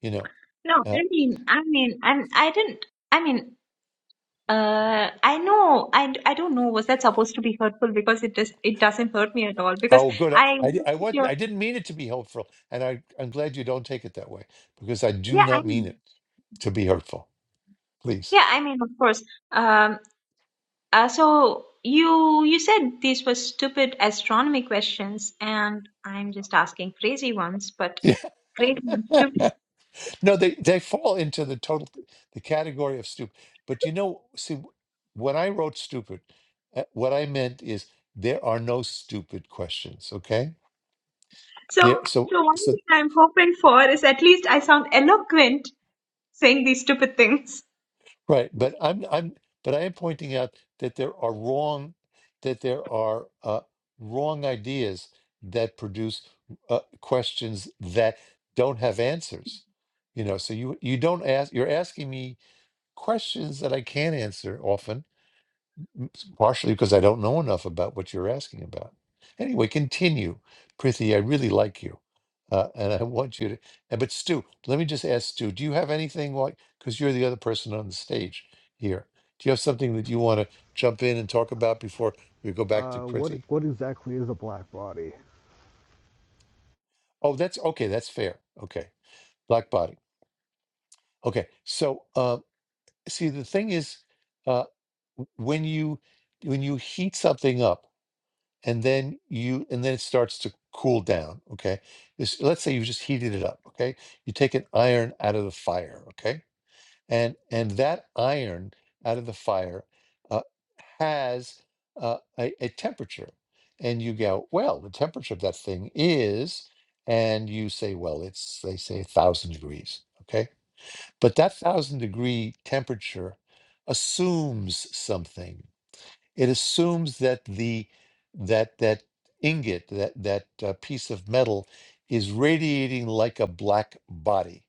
Speaker 1: you know.
Speaker 3: No,
Speaker 1: Uh,
Speaker 3: I mean, I mean, and I didn't. I mean, Uh, I know, I, I don't know. Was that supposed to be hurtful? Because it does it doesn't hurt me at all. Because
Speaker 1: oh, good. I,
Speaker 3: I
Speaker 1: I, I wasn't.
Speaker 3: yeah,
Speaker 1: I didn't mean it to be helpful, and I, I'm glad you don't take it that way because I do
Speaker 3: I
Speaker 1: not mean it to be hurtful. Please.
Speaker 3: yeah, I mean, of course. Um, uh, so you you said these were stupid astronomy questions, and I'm just asking crazy ones, but crazy ones
Speaker 1: Yeah.
Speaker 3: too.
Speaker 1: No, they they fall into the total the category of stupid. But you know, see, w- when I wrote stupid, uh, what I meant is there are no stupid questions. Okay,
Speaker 3: So
Speaker 1: there. So
Speaker 3: so one
Speaker 1: so
Speaker 3: thing I'm hoping for is at least I sound eloquent saying these stupid things.
Speaker 1: right. But I'm I'm but I am pointing out that there are wrong that there are uh, wrong ideas that produce uh, questions that don't have answers. You know, so you you don't ask. You're asking me questions that I can't answer often partially because I don't know enough about what you're asking about. Anyway, continue, Prithi. I really like you, uh, and I want you to. uh, But Stu, let me just ask Stu: Do you have anything like? Because you're the other person on the stage here. Do you have something that you want to jump in and talk about before we go back to
Speaker 2: Uh, what
Speaker 1: Prithi?
Speaker 2: what exactly is a black body?
Speaker 1: Oh, that's okay. That's fair. Okay, black body. Okay, so uh, see, the thing is, uh, w- when you when you heat something up and then you and then it starts to cool down okay this let's say you just heated it up okay you take an iron out of the fire okay and and that iron out of the fire uh, has uh, a, a temperature and you go well the temperature of that thing is and you say well it's they say a thousand degrees okay but that thousand degree temperature assumes something it assumes that the that that ingot that that uh, piece of metal is radiating like a black body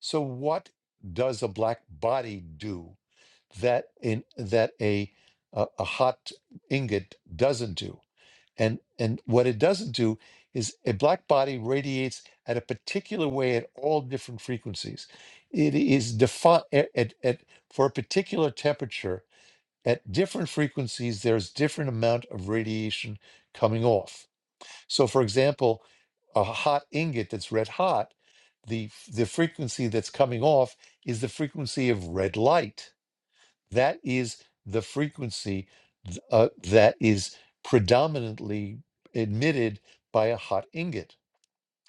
Speaker 1: so what does a black body do that in that a a, a hot ingot doesn't do and and what it doesn't do is a black body radiates at a particular way at all different frequencies it is defined at, at, at for a particular temperature at different frequencies, there's different amount of radiation coming off. So, for example, a hot ingot that's red hot, the the frequency that's coming off is the frequency of red light. That is the frequency uh, that is predominantly emitted by a hot ingot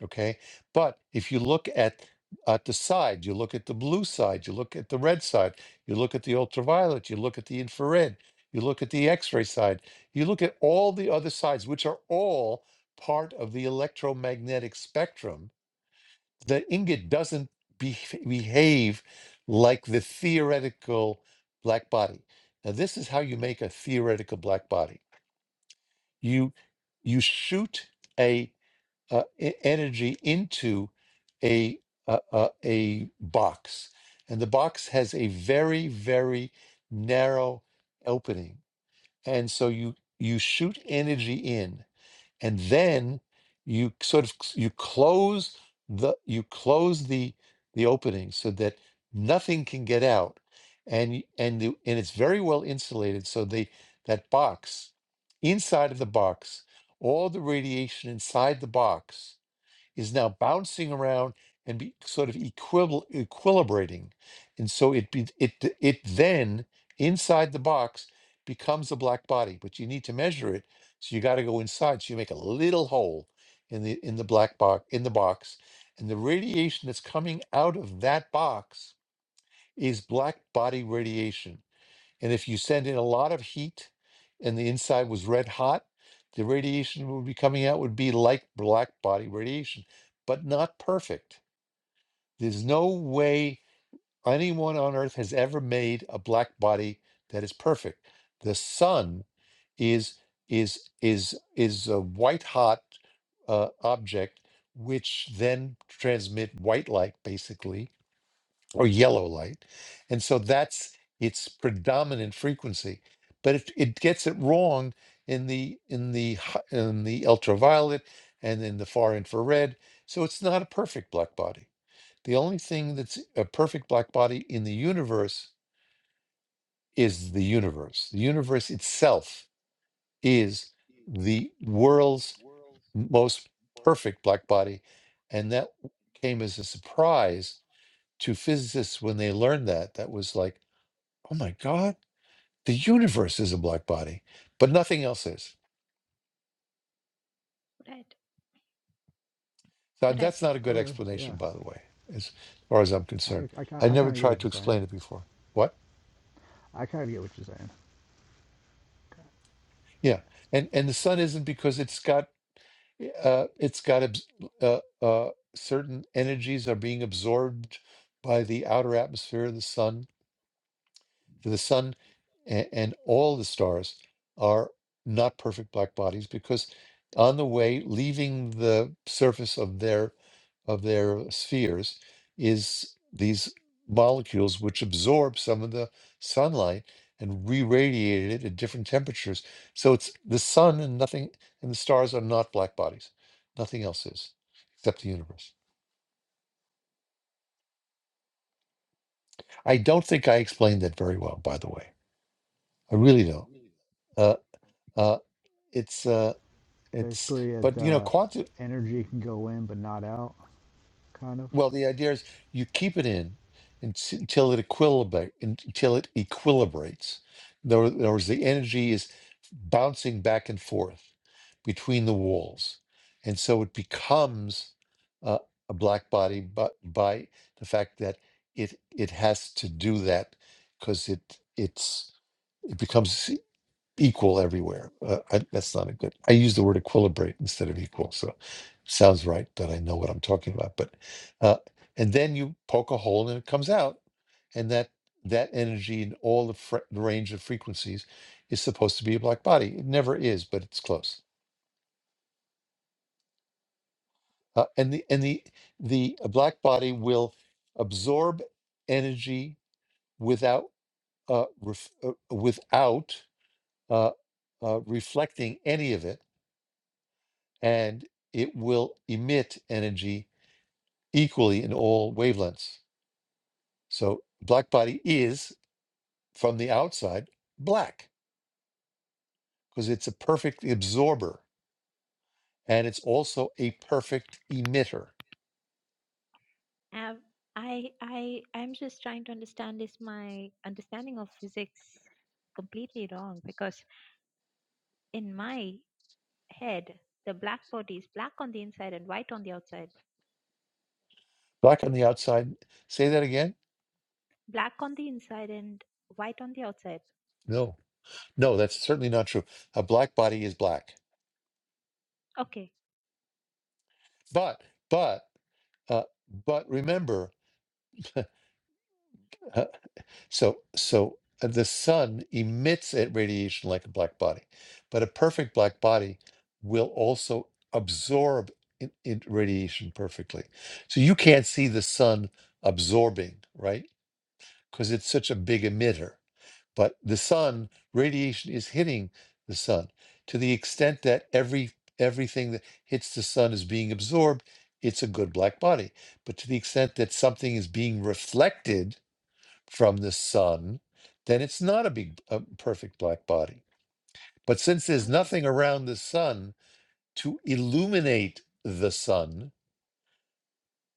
Speaker 1: Okay. But if you look at at the side, you look at the blue side, you look at the red side, you look at the ultraviolet, you look at the infrared, you look at the X-ray side, you look at all the other sides, which are all part of the electromagnetic spectrum. The ingot doesn't be, behave like the theoretical black body. Now, this is how you make a theoretical black body. You you shoot uh, e- energy into a, a a a box, and the box has a very very narrow opening, and so you you shoot energy in, and then you sort of you close the you close the the opening so that nothing can get out, and and the, and it's very well insulated, so they that box inside of the box all the radiation inside the box is now bouncing around and be sort of equibl- equilibrating. And so it be, it it then inside the box becomes a black body, but you need to measure it. So you got to go inside. So you make a little hole in the in the black box in the box, and the radiation that's coming out of that box is black body radiation. And if you send in a lot of heat and the inside was red hot, the radiation would be coming out would be like black body radiation, but not perfect. There's no way anyone on earth has ever made a black body that is perfect. The sun is is is is a white hot uh, object which then transmit white light basically or yellow light. And so that's its predominant frequency. But it, it gets it wrong in the in the hi- in the ultraviolet and in the far infrared. So it's not a perfect black body. The only thing that's a perfect black body in the universe is the universe. The universe itself is the world's most perfect black body. And that came as a surprise to physicists when they learned that. That was like, oh my God, the universe is a black body, but nothing else is.
Speaker 3: Right,
Speaker 1: Now,
Speaker 3: right.
Speaker 1: that's not a good
Speaker 2: Okay, yeah.
Speaker 1: explanation, by the way, as far as I'm concerned.
Speaker 2: I, I, kind
Speaker 1: I
Speaker 2: I
Speaker 1: never
Speaker 2: kind of get what
Speaker 1: tried to
Speaker 2: you're saying.
Speaker 1: explain it before. What?
Speaker 2: I kind of get what you're saying.
Speaker 1: Yeah, and and the sun isn't because it's got uh, it's got abs- uh, uh, certain energies are being absorbed by the outer atmosphere of the sun for the sun and, and all the stars are not perfect black bodies because on the way leaving the surface of their of their spheres is these molecules which absorb some of the sunlight and re-radiate it at different temperatures so it's the sun and nothing and the stars are not black bodies nothing else is except the universe i don't think i explained that very well by the way i really don't uh, uh, it's uh, It's
Speaker 2: Basically,
Speaker 1: but
Speaker 2: the
Speaker 1: you know
Speaker 2: uh,
Speaker 1: quantum.
Speaker 2: energy can go in but not out, kind of.
Speaker 1: Well, the idea is you keep it in until, until it equilibrate until it equilibrates. In other in other words, the energy is bouncing back and forth between the walls, and so it becomes uh, a black body. But by the fact that it it has to do that because it it's it becomes. equal everywhere. Uh, I, that's not a good. I use the word equilibrate instead of equal, so it sounds right that I know what I'm talking about. But uh, and then you poke a hole and it comes out, and that that energy in all the fre- the range of frequencies is supposed to be a black body. It never is, but it's close. Uh, and the and the the black body will absorb energy without uh, ref, uh without uh, uh, reflecting any of it and it will emit energy equally in all wavelengths. So black body is from the outside black because it's a perfect absorber and it's also a perfect emitter.
Speaker 3: Um, I I I'm just trying to understand is my understanding of physics completely wrong because in my head the black body is black on the inside and white on the outside.
Speaker 1: Black on the outside. Say that again?
Speaker 3: Black on the inside and white on the outside.
Speaker 1: No. No, that's certainly not true. A black body is black.
Speaker 3: Okay,
Speaker 1: But but uh, but remember So, so uh, the sun emits a radiation like a black body, but a perfect black body will also absorb in, in radiation perfectly. So you can't see the sun absorbing, right? Because it's such a big emitter. But the sun radiation is hitting the sun to the extent that every everything that hits the sun is being absorbed. It's a good black body. But to the extent that something is being reflected from the sun, then it's not a big, a perfect black body. But since there's
Speaker 3: all right,
Speaker 1: nothing around the sun to illuminate the sun,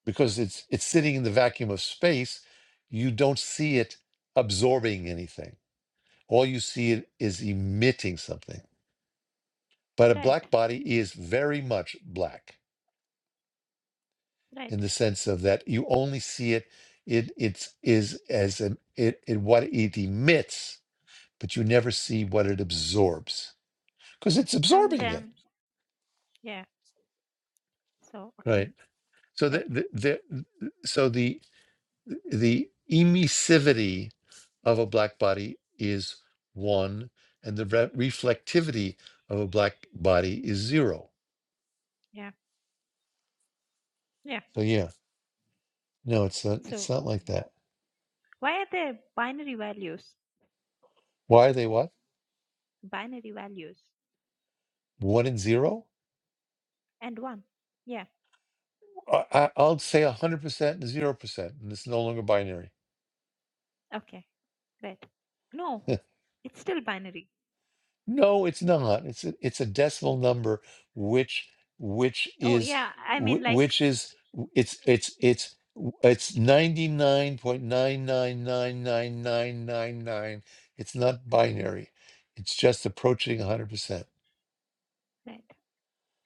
Speaker 1: because it's it's sitting in the vacuum of space, you don't see it absorbing anything. All you see it is emitting something. But a
Speaker 3: right,
Speaker 1: black body is very much black in
Speaker 3: right.
Speaker 1: the sense of that you only see it. It it is is as an, it, it what it emits, but you never see what it absorbs because it's
Speaker 3: And
Speaker 1: absorbing it
Speaker 3: then yeah, so okay,
Speaker 1: right so the,
Speaker 3: right,
Speaker 1: the, the so the the emissivity of a black body is one and the re- reflectivity of a black body is zero
Speaker 3: yeah, yeah.
Speaker 1: so yeah no it's not it's
Speaker 3: So
Speaker 1: not like that
Speaker 3: why are there binary values?
Speaker 1: why are they what
Speaker 3: Binary values
Speaker 1: one and zero
Speaker 3: and one. Yeah,
Speaker 1: I, I- i'll say 100% and 0% and it's no longer binary
Speaker 3: okay, right. No, it's still binary
Speaker 1: No, it's not. It's a, it's a decimal number, which which
Speaker 3: Oh
Speaker 1: is
Speaker 3: yeah, I mean
Speaker 1: wh-
Speaker 3: like
Speaker 1: which is it's it's it's it's 99.9999999. It's not binary. It's just approaching 100%,
Speaker 3: red,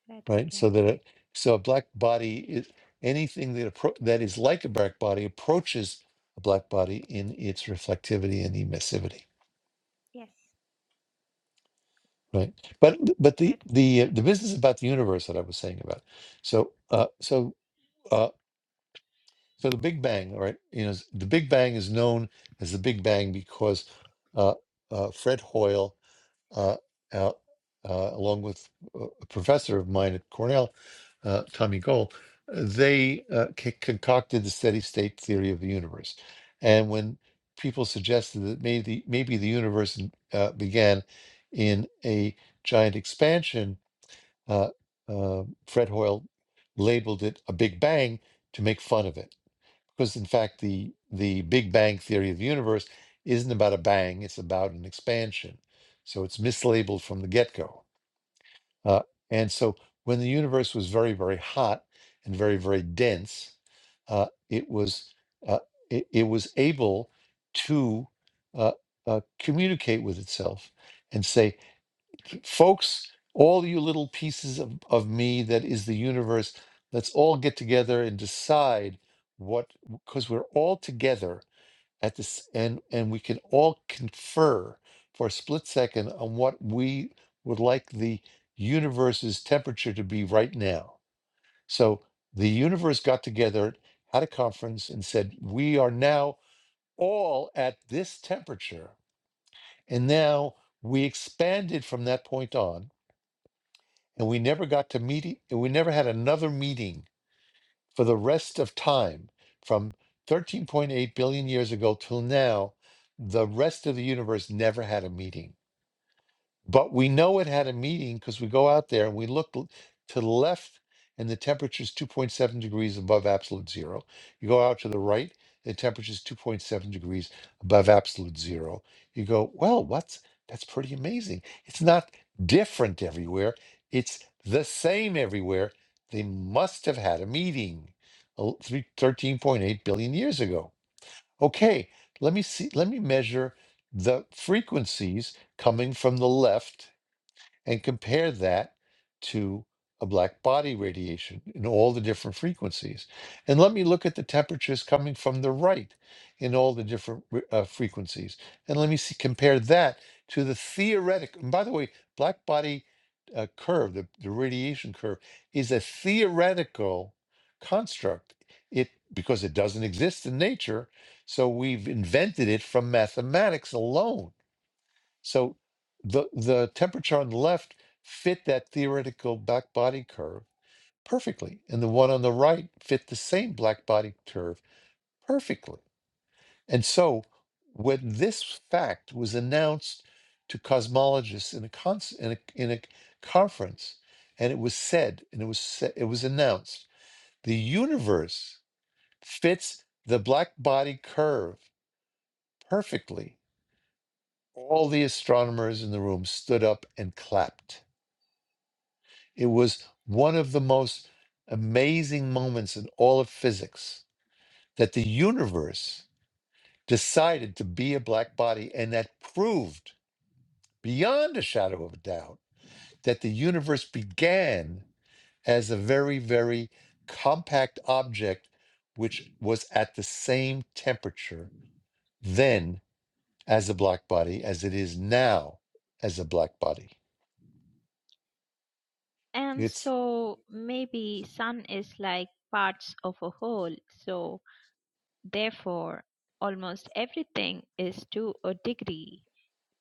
Speaker 3: red.
Speaker 1: right? So
Speaker 3: Okay,
Speaker 1: that a, so a black body is anything that appro that is like a black body approaches a black body in its reflectivity and emissivity.
Speaker 3: yes,
Speaker 1: Right. But but the
Speaker 3: red.
Speaker 1: the the business about the universe that I was saying about. So uh so uh so the Big Bang, all right, you know, the Big Bang is known as the Big Bang because uh uh Fred Hoyle uh, uh, uh, along with a professor of mine at Cornell, uh, Tommy Goal, they uh, c- concocted the steady state theory of the universe. And when people suggested that maybe, maybe the universe uh, began in a giant expansion, uh, uh, Fred Hoyle labeled it a Big Bang to make fun of it because in fact the the big bang theory of the universe isn't about a bang it's about an expansion so it's mislabeled from the get-go uh, and so when the universe was very very hot and very very dense uh, it was uh, it, it was able to uh, uh, communicate with itself and say folks, all you little pieces of, of me that is the universe, let's all get together and decide what because we're all together at this and and we can all confer for a split second on what we would like the universe's temperature to be right now. So the universe got together, had a conference and said, "We are now all at this temperature." And now we expanded from that point on and we never got to meet e, and we never had another meeting for the rest of time from 13.8 billion years ago till now the rest of the universe never had a meeting but we know it had a meeting because we go out there and we look l- to the left and the temperature is 2.7 degrees above absolute zero. You go out to the right, the temperature is 2.7 degrees above absolute zero. You go, well, what's that's pretty amazing. It's not different everywhere, it's the same everywhere. They must have had a meeting uh, three- 13.8 billion years ago. Okay, let me see, let me measure the frequencies coming from the left and compare that to a black body radiation in all the different frequencies. And let me look at the temperatures coming from the right in all the different re- uh, frequencies. And let me see, compare that to the theoretic. And by the way, black body uh, curve, the, the radiation curve, is a theoretical construct. It because it doesn't exist in nature, so we've invented it from mathematics alone so the the temperature on the left fit that theoretical black body curve perfectly, and the one on the right fit the same black body curve perfectly. And so when this fact was announced to cosmologists in a, con- in a, in a conference, and it was said, and it was sa- it was announced, the universe fits the black body curve perfectly. All the astronomers in the room stood up and clapped It was one of the most amazing moments in all of physics that the universe decided to be a black body, and that proved beyond a shadow of a doubt that the universe began as a very, very compact object which was at the same temperature then as a black body as it is now as a black body.
Speaker 3: And
Speaker 1: It's
Speaker 3: so maybe sun is like parts of a whole. So therefore, almost everything is to a degree,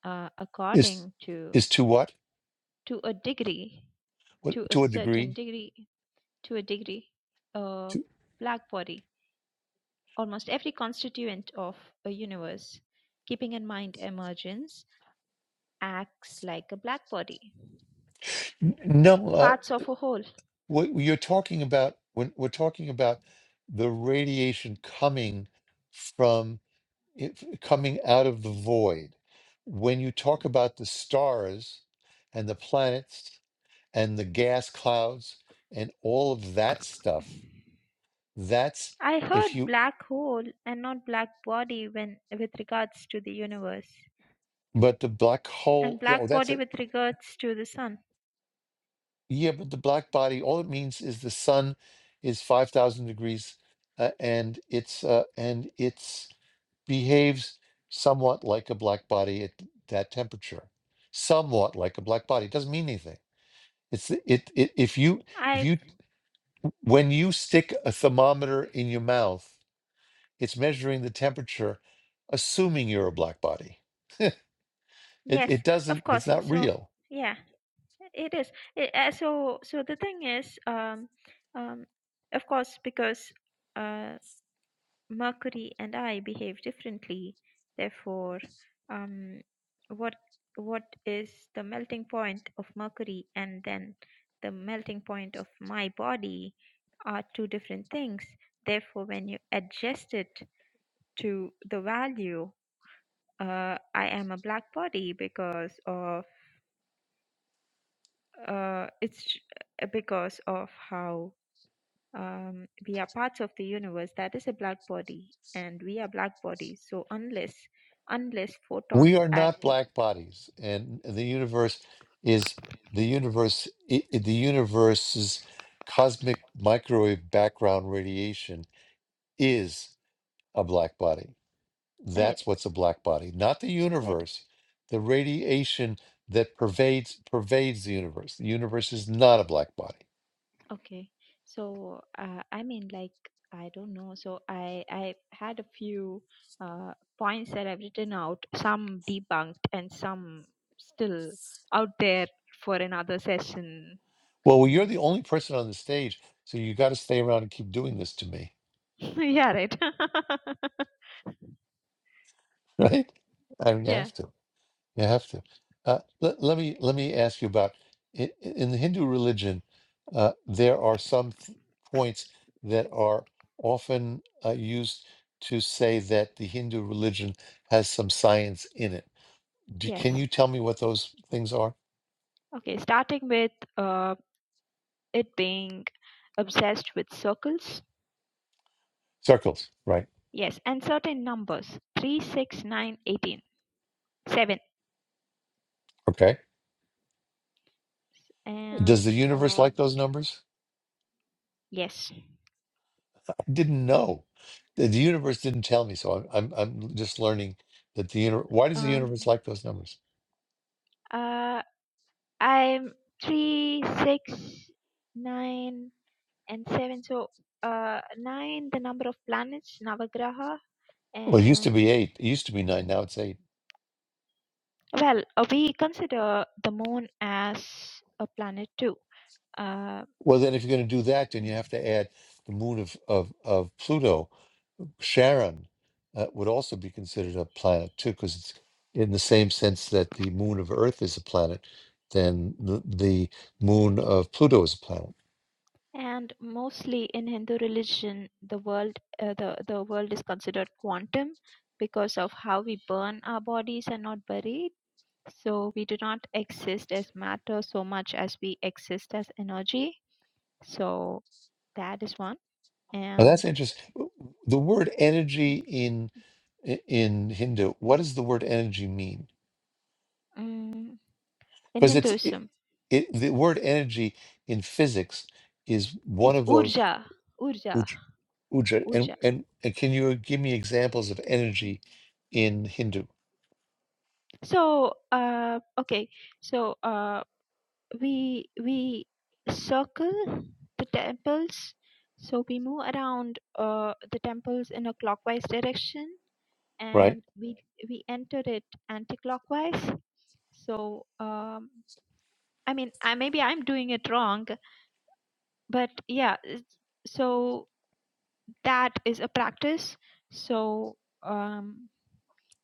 Speaker 3: uh,
Speaker 1: is
Speaker 3: according to
Speaker 1: is to what?
Speaker 3: to a degree,
Speaker 1: What
Speaker 3: to a
Speaker 1: to a
Speaker 3: certain
Speaker 1: degree?
Speaker 3: degree, to a degree, uh,
Speaker 1: To
Speaker 3: black body. Almost every constituent of a universe, keeping in mind emergence, acts like a black body,
Speaker 1: n- no. uh,
Speaker 3: parts of a whole.
Speaker 1: what you're talking about when we're talking about the radiation coming from it coming out of the void when you talk about the stars and the planets and the gas clouds and all of that stuff that's
Speaker 3: I heard
Speaker 1: if you
Speaker 3: black hole and not black body when with regards to the universe
Speaker 1: but the black
Speaker 3: and
Speaker 1: hole oh
Speaker 3: black
Speaker 1: that's
Speaker 3: body
Speaker 1: it
Speaker 3: with regards to the sun.
Speaker 1: yeah but the black body all it means is the sun is 5000 degrees uh, and it's uh, and it's behaves somewhat like a black body at that temperature somewhat like a black body it doesn't mean anything it's it, it if you if
Speaker 3: I
Speaker 1: you when you stick a thermometer in your mouth it's measuring the temperature assuming you're a black body it,
Speaker 3: yes,
Speaker 1: it
Speaker 3: of
Speaker 1: doesn't
Speaker 3: course.
Speaker 1: it's not
Speaker 3: So
Speaker 1: real
Speaker 3: yeah, it is. It, uh, so so the thing is um um of course because uh Mercury and I behave differently. Therefore, um, what what is the melting point of Mercury and then the melting point of my body are two different things. Therefore, when you adjust it to the value, uh, I am a black body because of uh, it's uh, because of how um, we are parts of the universe that is a black body and we are black bodies so unless unless
Speaker 1: we
Speaker 3: photons
Speaker 1: are not
Speaker 3: act l-
Speaker 1: black bodies and the universe is the universe i i- the universe's cosmic microwave background radiation is a black body
Speaker 3: Right,
Speaker 1: That's what's a black body, not the
Speaker 3: right.
Speaker 1: universe. The radiation that pervades pervades the universe. The universe is not a black body.
Speaker 3: Okay. So, uh, I mean, like, I don't know. So, I I had a few uh, points that I've written out, some debunked and some still out there for another session.
Speaker 1: Well, well you're
Speaker 3: Mm.
Speaker 1: the only person on the stage, so you got to stay around and keep doing this to me,
Speaker 3: yeah, right.
Speaker 1: right? I mean, you
Speaker 3: yeah.
Speaker 1: have to. You have to. Uh, let, let me let me ask you about i- i- in the Hindu religion. Uh, there are some th- points that are often uh, used to say that the Hindu religion has some science in it Do,
Speaker 3: Yes.
Speaker 1: can you tell me what those things are?
Speaker 3: Okay. Starting with uh, it being Obsessed with circles?
Speaker 1: Circles, right?
Speaker 3: Yes, and certain numbers. Three, six, nine, eighteen. Seven.
Speaker 1: Okay. Does the
Speaker 3: And
Speaker 1: universe
Speaker 3: um
Speaker 1: like those numbers?
Speaker 3: yes.
Speaker 1: I didn't know. The, the universe didn't tell me, so I'm I'm, I'm just learning that the universe. Why does the
Speaker 3: Um
Speaker 1: universe like those numbers?
Speaker 3: uh I'm three, six, nine, and seven. So uh nine the number of planets, Navagraha,
Speaker 1: Well, it used to
Speaker 3: and
Speaker 1: be eight. It used to be nine. Now it's eight.
Speaker 3: well, uh, we consider the moon as a planet too. Uh,
Speaker 1: Well, then if you're going to do that, then you have to add the moon of of, of Pluto. Charon uh, would also be considered a planet too, because it's in the same sense that the moon of Earth is a planet, then the, the moon of Pluto is a planet.
Speaker 3: And mostly in Hindu religion, the world uh, the the world is considered quantum because of how we burn our bodies and not buried. So we do not exist as matter so much as we exist as energy. So that is one.
Speaker 1: Oh, that's
Speaker 3: And
Speaker 1: interesting. The word energy in i- in Hindu, what does the word energy mean?
Speaker 3: mm, in
Speaker 1: Because it's it,
Speaker 3: Hinduism,
Speaker 1: it, the word energy in physics is one
Speaker 3: it's
Speaker 1: of those
Speaker 3: urja, urja,
Speaker 1: uj, uja. And,
Speaker 3: urja.
Speaker 1: and and can you give me examples of energy in Hindu?
Speaker 3: So uh, okay, so uh, we we circle the temples so we move around uh, the temples in a clockwise direction
Speaker 1: Right.
Speaker 3: and we we enter it anti-clockwise so um i mean i maybe i'm doing it wrong but yeah it's- so that is a practice so um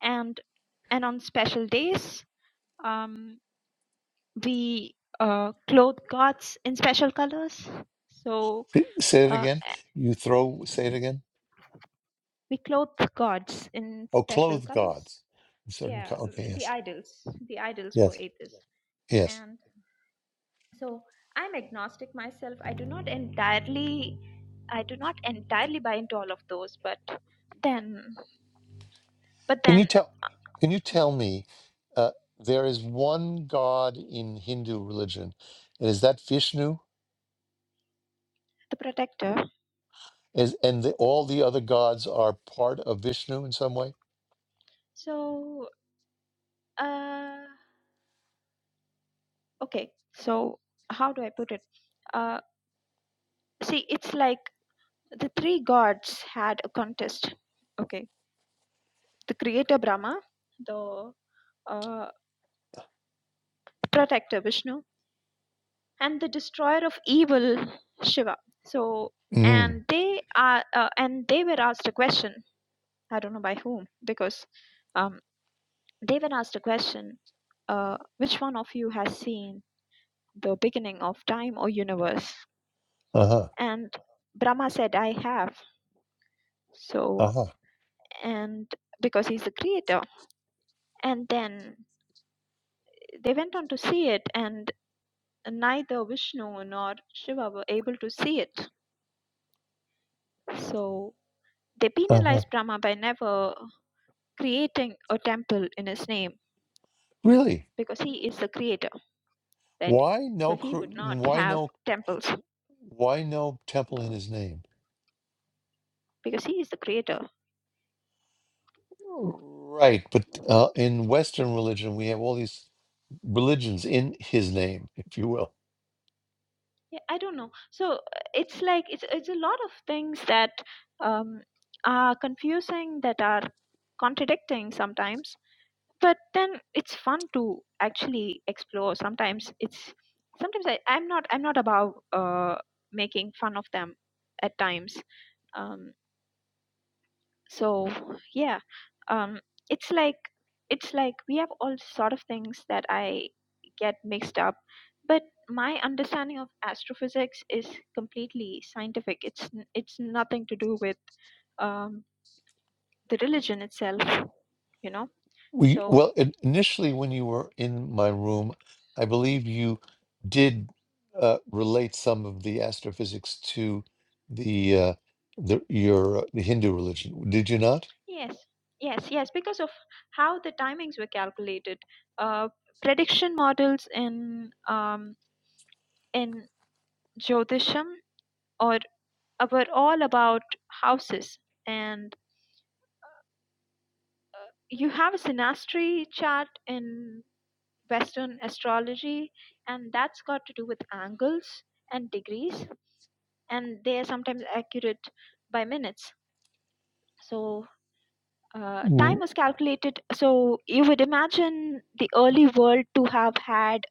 Speaker 3: and and on special days um we uh clothe gods in special colors so
Speaker 1: Say say it
Speaker 3: uh,
Speaker 1: again. You throw. Say it again.
Speaker 3: we clothe gods in
Speaker 1: Oh,
Speaker 3: special
Speaker 1: clothed
Speaker 3: colors
Speaker 1: gods. Certain.
Speaker 3: yeah
Speaker 1: co- Okay.
Speaker 3: uh, the
Speaker 1: Yes.
Speaker 3: idols the idols for
Speaker 1: Yes.
Speaker 3: atheists
Speaker 1: Yes.
Speaker 3: and so i'm agnostic myself i do not entirely i do not entirely buy into all of those but then but
Speaker 1: Can you
Speaker 3: then
Speaker 1: tell?
Speaker 3: uh,
Speaker 1: Can you tell me? Uh, there is one god in Hindu religion, and is that Vishnu?
Speaker 3: the protector
Speaker 1: Is and the, all the other gods are part of Vishnu in some way?
Speaker 3: so uh okay so how do i put it uh see it's like the three gods had a contest okay the creator Brahma, the uh, protector Vishnu, and the destroyer of evil Shiva. So,
Speaker 1: Mm.
Speaker 3: and they are, uh, and they were asked a question. I don't know by whom, because um, they were asked a question: uh, Which one of you has seen the beginning of time or universe?
Speaker 1: Uh huh.
Speaker 3: And Brahma said, "I have." So,
Speaker 1: Uh huh.
Speaker 3: and because he's the creator, and then they went on to see it, and neither Vishnu nor Shiva were able to see it. So they
Speaker 1: Uh huh.
Speaker 3: penalized Brahma by never creating a temple in his name
Speaker 1: Really?
Speaker 3: because he is the creator, right?
Speaker 1: Why
Speaker 3: So
Speaker 1: no?
Speaker 3: he
Speaker 1: cr-
Speaker 3: would not
Speaker 1: Why
Speaker 3: have
Speaker 1: no?
Speaker 3: temples
Speaker 1: Why no temple in his name?
Speaker 3: because he is the creator.
Speaker 1: Right, but uh, in Western religion, we have all these religions in his name, if you will.
Speaker 3: Yeah, I don't know. So uh, it's like it's it's a lot of things that um, are confusing that are contradicting sometimes but then it's fun to actually explore sometimes it's sometimes I, i'm not i'm not about uh making fun of them at times um so yeah um it's like it's like we have all sort of things that i get mixed up but my understanding of astrophysics is completely scientific it's n- it's nothing to do with um the religion itself you know
Speaker 1: We
Speaker 3: so
Speaker 1: well, in- initially when you were in my room, I believe you did uh, relate some of the astrophysics to the uh, the your uh, the Hindu religion. Did you not?
Speaker 3: Yes, yes, yes, because of how the timings were calculated. Uh, prediction models in um, in Jyotisham or uh, were all about houses, and uh, you have a synastry chart in Western astrology, and that's got to do with angles and degrees, and they are sometimes accurate by minutes. So uh, time
Speaker 1: Mm,
Speaker 3: was calculated so you would imagine the early world to have had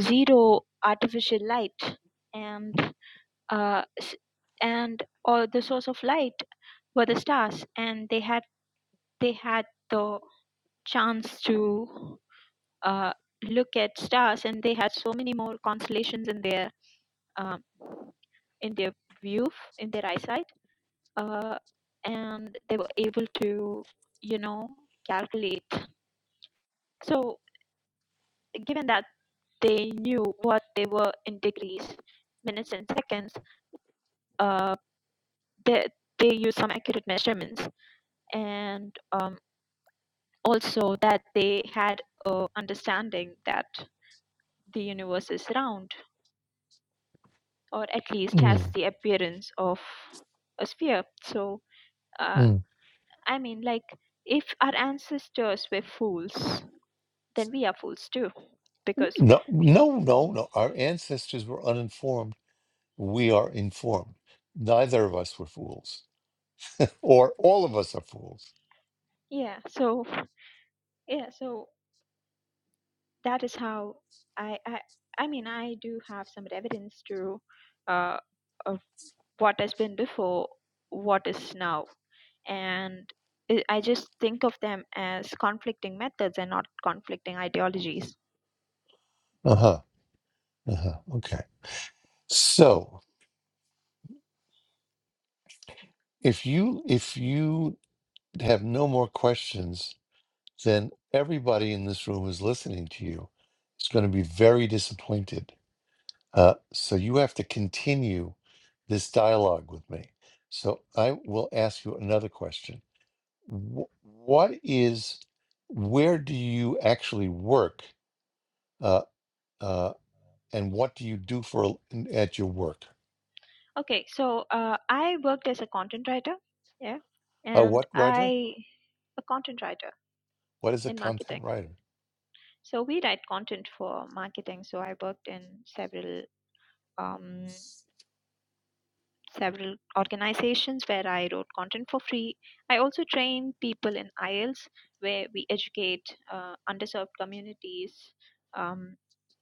Speaker 3: zero artificial light and uh, s- and all the source of light were the stars and they had they had the chance to uh, look at stars and they had so many more constellations in their um, in their view in their eyesight uh, and they were able to, you know, calculate. So, given that they knew what they were in degrees, minutes, and seconds, uh, they, they used some accurate measurements, and um, also that they had a understanding that the universe is round, or at least has
Speaker 1: mm,
Speaker 3: the appearance of a sphere. So, uh,
Speaker 1: mm.
Speaker 3: I mean, like, if our ancestors were fools, then we are fools too because
Speaker 1: No, no, no, no. Our ancestors were uninformed. We are informed. Neither of us were fools, or all of us are fools.
Speaker 3: yeah so yeah so that is how i i i mean i do have some evidence to uh of what has been before what is now and i I just think of them as conflicting methods and not conflicting ideologies
Speaker 1: Uh huh. Uh huh. Okay. So if you if you have no more questions, then everybody in this room who's listening to you is going to be very disappointed. Uh, so you have to continue this dialogue with me. So I will ask you another question. Wh- What is where do you actually work, uh, uh, and what do you do for a l- in- at your work?
Speaker 3: okay so uh, i worked as a content writer yeah
Speaker 1: A
Speaker 3: and
Speaker 1: what
Speaker 3: i
Speaker 1: writer?
Speaker 3: a content writer
Speaker 1: What is a
Speaker 3: in marketing
Speaker 1: content writer?
Speaker 3: So we write content for marketing. So I worked in several um, several organizations where I wrote content for free. I also train people in IELTS where we educate uh, underserved communities. Um,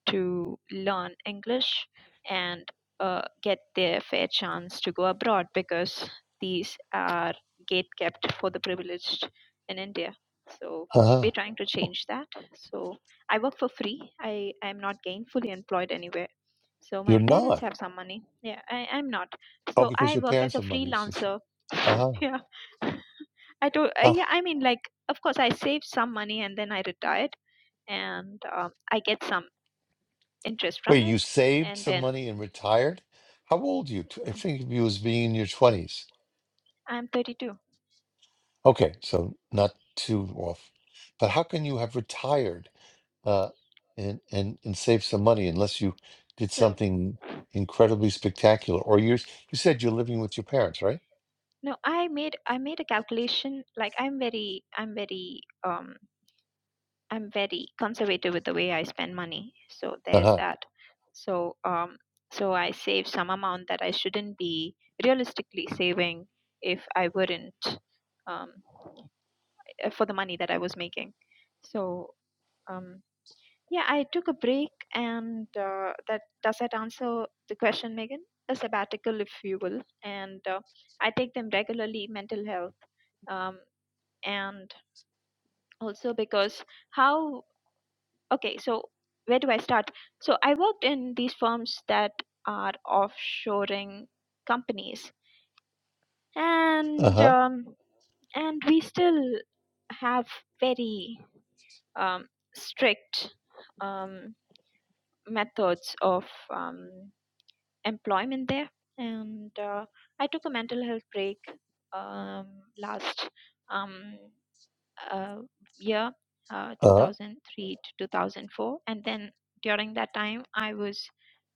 Speaker 3: to learn English and uh, get their fair chance to go abroad because these are gate kept for the privileged in India. So
Speaker 1: Uh-huh.
Speaker 3: we're trying to change that. So I work for free. I am not gainfully employed anywhere. So my
Speaker 1: You're
Speaker 3: parents
Speaker 1: not.
Speaker 3: have some money. Yeah, I, I'm not.
Speaker 1: Oh,
Speaker 3: So
Speaker 1: because
Speaker 3: I
Speaker 1: your
Speaker 3: work as
Speaker 1: parents
Speaker 3: a
Speaker 1: have money. It's just,
Speaker 3: freelancer.
Speaker 1: uh-huh.
Speaker 3: yeah. I don't. I,
Speaker 1: Uh,
Speaker 3: yeah, I mean, like, of course, I saved some money and then I retired, and um, I get some interest from
Speaker 1: wait,
Speaker 3: it
Speaker 1: you saved
Speaker 3: and
Speaker 1: some
Speaker 3: then
Speaker 1: money and retired? How old are you? Tw- I
Speaker 3: um,
Speaker 1: think of you as being in your 20s.
Speaker 3: i'm 32
Speaker 1: Okay, so not too off. But how can you have retired uh, and, and, and saved some money unless you did
Speaker 3: so
Speaker 1: something incredibly spectacular? Or you're, you said you're living with your parents, right?
Speaker 3: no i made i made a calculation like i'm very i'm very um i'm very conservative with the way i spend money so there's
Speaker 1: Uh-huh.
Speaker 3: that so um so i save some amount that i shouldn't be realistically saving if i wouldn't um for the money that i was making so um Yeah, I took a break, and uh, that does that answer the question, Megan? A sabbatical, if you will, and uh, I take them regularly. Mental health, um, and also because how? Okay, so where do I start? So I worked in these firms that are offshoring companies, and
Speaker 1: Uh-huh.
Speaker 3: um, and we still have very um, strict um, methods of um, employment there and uh, i took a mental health break um, last um, uh, year uh,
Speaker 1: Uh-huh.
Speaker 3: 2003 to 2004 and then during that time i was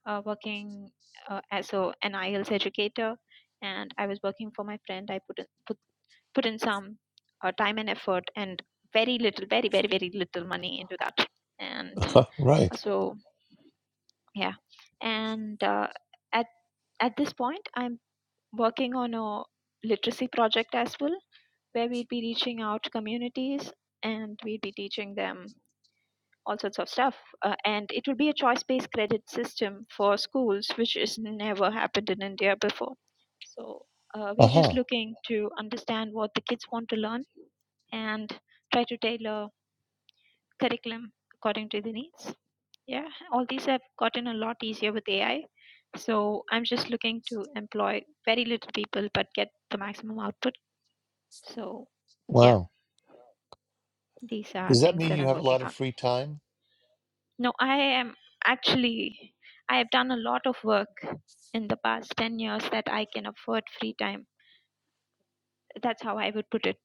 Speaker 3: uh, working uh, as a an IELTS educator and i was working for my friend i put in, put, put in some uh, time and effort and very little very very very little money into that and uh,
Speaker 1: Right.
Speaker 3: so yeah and uh, at at this point i'm working on a literacy project as well, where we'd be reaching out to communities and we'd be teaching them all sorts of stuff. Uh, and it would be a choice based credit system for schools, which has never happened in India before. So uh, we're just
Speaker 1: Uh-huh.
Speaker 3: looking to understand what the kids want to learn and try to tailor curriculum according to the needs. Yeah, all these have gotten a lot easier with AI. So I'm just looking to employ very little people but get the maximum output. So yeah,
Speaker 1: Wow.
Speaker 3: these are
Speaker 1: Does that
Speaker 3: things
Speaker 1: mean
Speaker 3: that
Speaker 1: you
Speaker 3: I'm
Speaker 1: have a lot
Speaker 3: working
Speaker 1: of
Speaker 3: on.
Speaker 1: free time?
Speaker 3: No, I am actually, I have done a lot of work in the past 10 years that I can afford free time. That's how I would put it.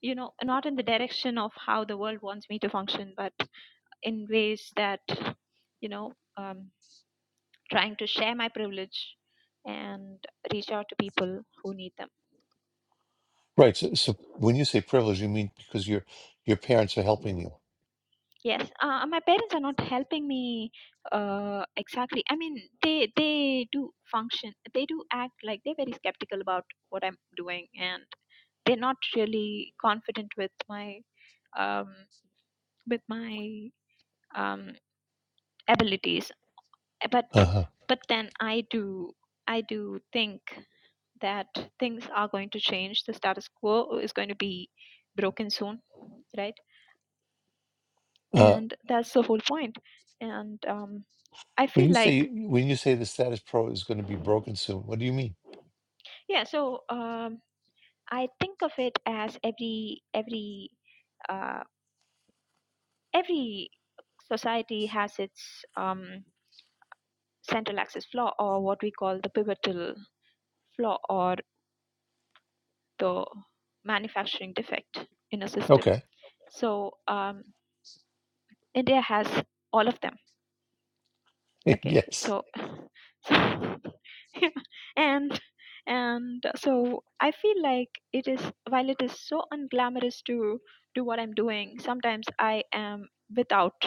Speaker 3: You know, not in the direction of how the world wants me to function, but in ways that, you know, um, trying to share my privilege and reach out to people who need them
Speaker 1: Right. So, so when you say privilege, you mean because your your parents are helping you.
Speaker 3: yes uh, my parents are not helping me uh, exactly i mean they they do function they do act like they're very skeptical about what i'm doing and they're not really confident with my um, with my um, abilities but
Speaker 1: Uh-huh.
Speaker 3: but then i do i do think that things are going to change. The status quo is going to be broken soon, right?
Speaker 1: Uh,
Speaker 3: And that's the whole point. And um, I
Speaker 1: when
Speaker 3: feel
Speaker 1: you
Speaker 3: like,
Speaker 1: say when you say the status pro is going to be broken soon, what do you mean?
Speaker 3: yeah. So um, I think of it as every every uh, every society has its um, central axis flaw, or what we call the pivotal flaw, or the manufacturing defect in a system.
Speaker 1: Okay.
Speaker 3: So um, India has all of them okay
Speaker 1: yes.
Speaker 3: so so yeah, and and so i feel like it is while it is so unglamorous to do what i'm doing sometimes i am without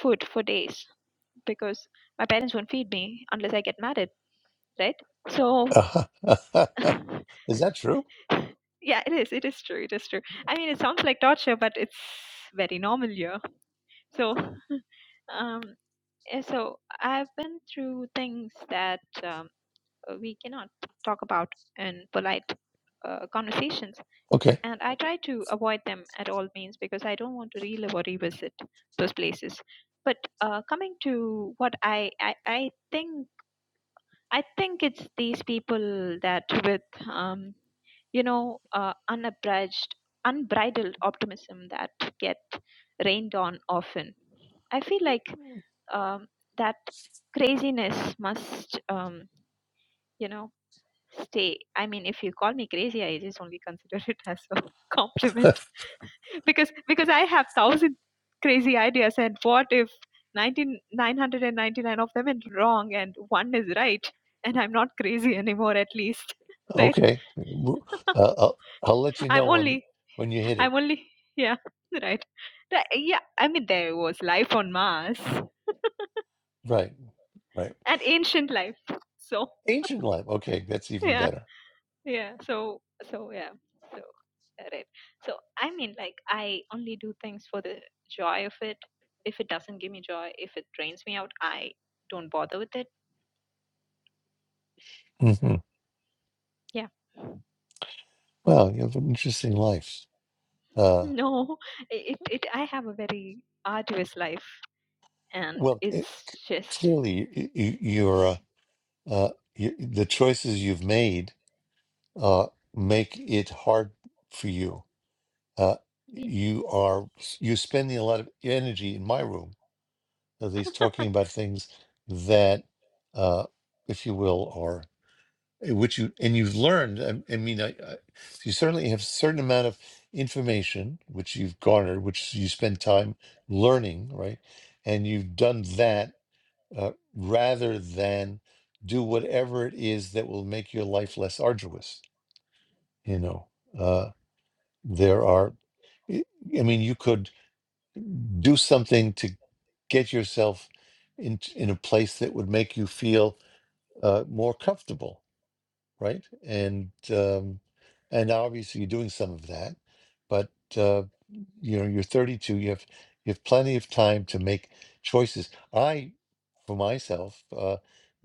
Speaker 3: food for days because my parents won't feed me unless i get married right so
Speaker 1: Uh-huh. is that true?
Speaker 3: yeah it is it is true it is true i mean it sounds like torture but it's very normal here so um eh, so i've been through things that um uh, we cannot talk about in polite uh, conversations.
Speaker 1: Okay.
Speaker 3: And I try to avoid them at all means because I don't want to relive or revisit those places. But uh, coming to what I, I, I think, I think it's these people that with, um, you know, uh, unabridged, unbridled optimism that get rained on often. I feel like um, that craziness must, um, you know, stay. I mean, if you call me crazy, I just only consider it as a compliment because because I have thousand crazy ideas, and what if 19 999 of them are wrong and one is right, and I'm not crazy anymore at least, right?
Speaker 1: okay. W- Uh, I'll, I'll let you
Speaker 3: I'm
Speaker 1: know when
Speaker 3: only,
Speaker 1: when you hit it.
Speaker 3: I'm only, yeah, right. Th- Yeah, I mean, there was life on Mars
Speaker 1: Right. Right.
Speaker 3: and ancient life, so
Speaker 1: Ancient life. Okay, that's even
Speaker 3: yeah.
Speaker 1: better.
Speaker 3: yeah so so yeah so uh, right so i mean like i only do things for the joy of it if it doesn't give me joy if it drains me out i don't bother with it
Speaker 1: hmm
Speaker 3: yeah
Speaker 1: Wow, you have an interesting life. Uh,
Speaker 3: no it, it i have a very arduous life and
Speaker 1: well, it, c-
Speaker 3: it's just
Speaker 1: clearly y- y- you're. uh, uh, you, the choices you've made uh, make it hard for you. Uh,
Speaker 3: Yeah.
Speaker 1: you are you spending a lot of energy in my room, at least talking about things that, uh, if you will, are eh, which you and you've learned. I, I mean, I, I, you certainly have a certain amount of information which you've garnered, which you spend time learning, right? And you've done that uh, rather than do whatever it is that will make your life less arduous. You know, uh, there are, I I mean, you could do something to get yourself in, in a place that would make you feel uh, more comfortable, right? And, um, and obviously you're doing some of that, but, uh, you know, you're 32, you have, you have plenty of time to make choices. I, for myself, uh,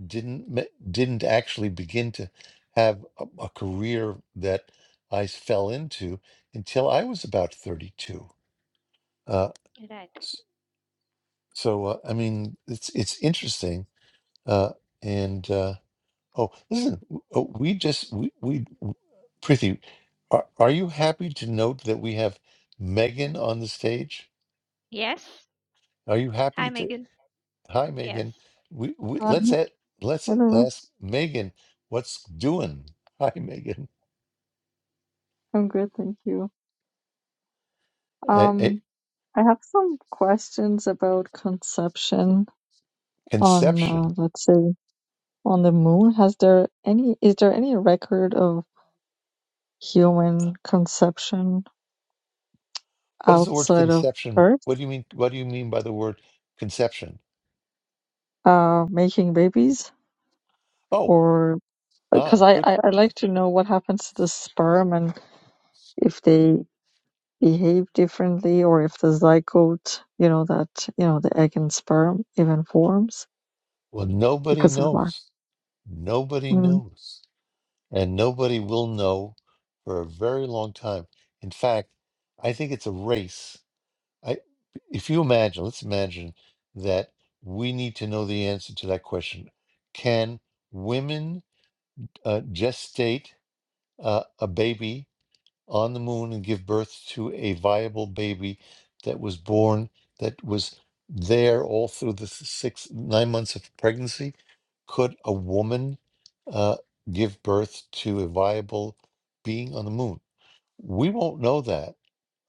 Speaker 1: didn't ma- didn't actually begin to have a, a career that I fell into until I was about 32. Uh,
Speaker 3: right
Speaker 1: s- so uh, I mean, it's it's interesting. Uh, and uh, oh, listen, w- oh, we just we we w- Prithi, are, are you happy to note that we have Megan on the stage?
Speaker 3: yes
Speaker 1: Are you happy
Speaker 3: hi
Speaker 1: to?
Speaker 3: megan
Speaker 1: Hi,
Speaker 3: yes
Speaker 1: Megan. We, we
Speaker 4: Uh,
Speaker 1: let's at let's
Speaker 4: Hello,
Speaker 1: ask Megan what's doing. Hi, Megan.
Speaker 4: I'm good, thank you.
Speaker 1: a, a-
Speaker 4: Um, I have some questions about conception on, uh,
Speaker 1: conception.
Speaker 4: let's say, on the moon. Has there any, is there any record of human conception
Speaker 1: What is the word
Speaker 4: outside of
Speaker 1: conception?
Speaker 4: Earth,
Speaker 1: What do you mean? What do you mean by the word conception?
Speaker 4: uh, making babies?
Speaker 1: Oh,
Speaker 4: Or, because
Speaker 1: ah,
Speaker 4: I,
Speaker 1: good.
Speaker 4: I, I'd like to know what happens to the sperm and if they behave differently or if the zygote, you know, that, you know, the egg and sperm even forms
Speaker 1: Well, nobody
Speaker 4: because of that.
Speaker 1: knows. Nobody
Speaker 4: Mm.
Speaker 1: knows, and nobody will know for a very long time. In fact, I think it's a race. I, if you imagine, let's imagine that we need to know the answer to that question: Can women uh, gestate uh, a baby? on the moon and give birth to a viable baby that was born that was there all through the six nine months of pregnancy could a woman uh, give birth to a viable being on the moon we won't know that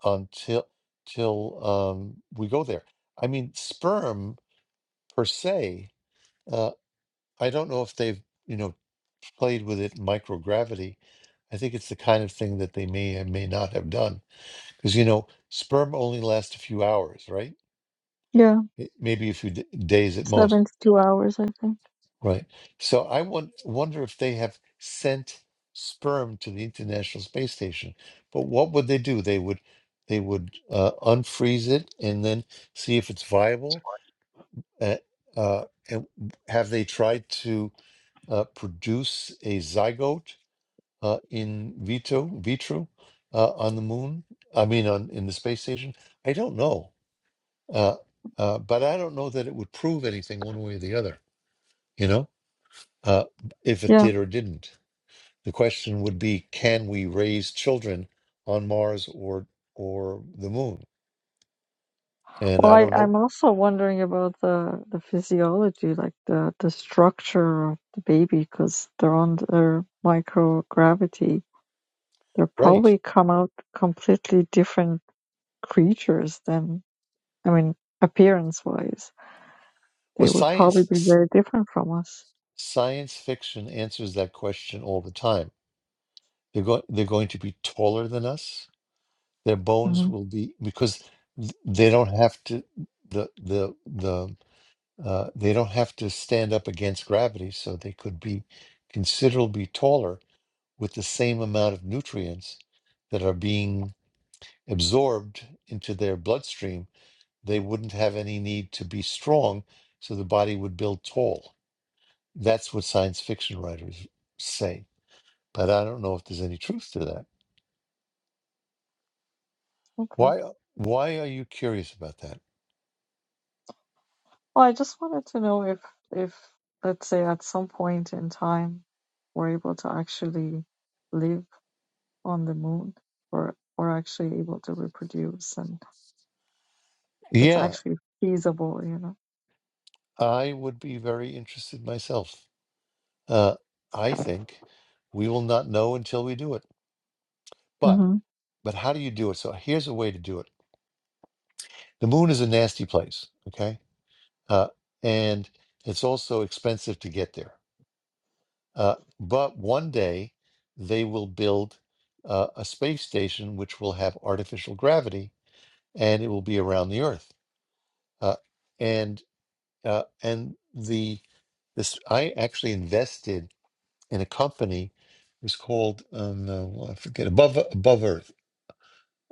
Speaker 1: until till um, we go there i mean sperm per se uh, i don't know if they've you know played with it in microgravity i think it's the kind of thing that they may and may not have done because, you know, sperm only lasts a few hours, right?
Speaker 4: Yeah,
Speaker 1: It- Maybe a few d- days at
Speaker 4: seven
Speaker 1: most,
Speaker 4: to two hours, I think.
Speaker 1: right? So I won- wonder if they have sent sperm to the International Space Station. But what would they do? They would they would uh, unfreeze it and then see if it's viable. Uh, uh, and have they tried to uh, produce a zygote uh, in vitro vitro uh, on the moon? I mean, on in the space station? I don't know. Uh, uh, but I don't know that it would prove anything one way or the other, you know, uh, if it
Speaker 4: Yeah.
Speaker 1: did or didn't. The question would be can we raise children on Mars or or the moon? And
Speaker 4: Well,
Speaker 1: I
Speaker 4: I,
Speaker 1: don't know.
Speaker 4: I'm also wondering about the the physiology, like the the structure of the baby, because they're under microgravity. They're
Speaker 1: Right.
Speaker 4: probably come out completely different creatures than, I mean, appearance wise.
Speaker 1: Well,
Speaker 4: They would probably
Speaker 1: science
Speaker 4: be
Speaker 1: s-
Speaker 4: very different from us.
Speaker 1: science fiction answers that question all the time. They're going they're going to be taller than us. Their
Speaker 4: hmm
Speaker 1: bones will be because th- they don't have to the the the Uh, they don't have to stand up against gravity, so they could be considerably taller with the same amount of nutrients that are being absorbed into their bloodstream. They wouldn't have any need to be strong, so the body would build tall. That's what science fiction writers say, but I don't know if there's any truth to that.
Speaker 4: Okay.
Speaker 1: Why? Why are you curious about that?
Speaker 4: Well, I just wanted to know if if let's say at some point in time we're able to actually live on the moon or or actually able to reproduce and if it's
Speaker 1: Yeah,
Speaker 4: actually feasible you know
Speaker 1: I would be very interested myself. Uh, I think we will not know until we do it. But
Speaker 4: hmm
Speaker 1: but how do you do it? So here's a way to do it. The moon is a nasty place, okay? Uh, and it's also expensive to get there. Uh, but one day they will build uh, a space station which will have artificial gravity, and it will be around the Earth. Uh, and uh, and the this I actually invested in a company. It was called um, uh, well, I forget above above Earth.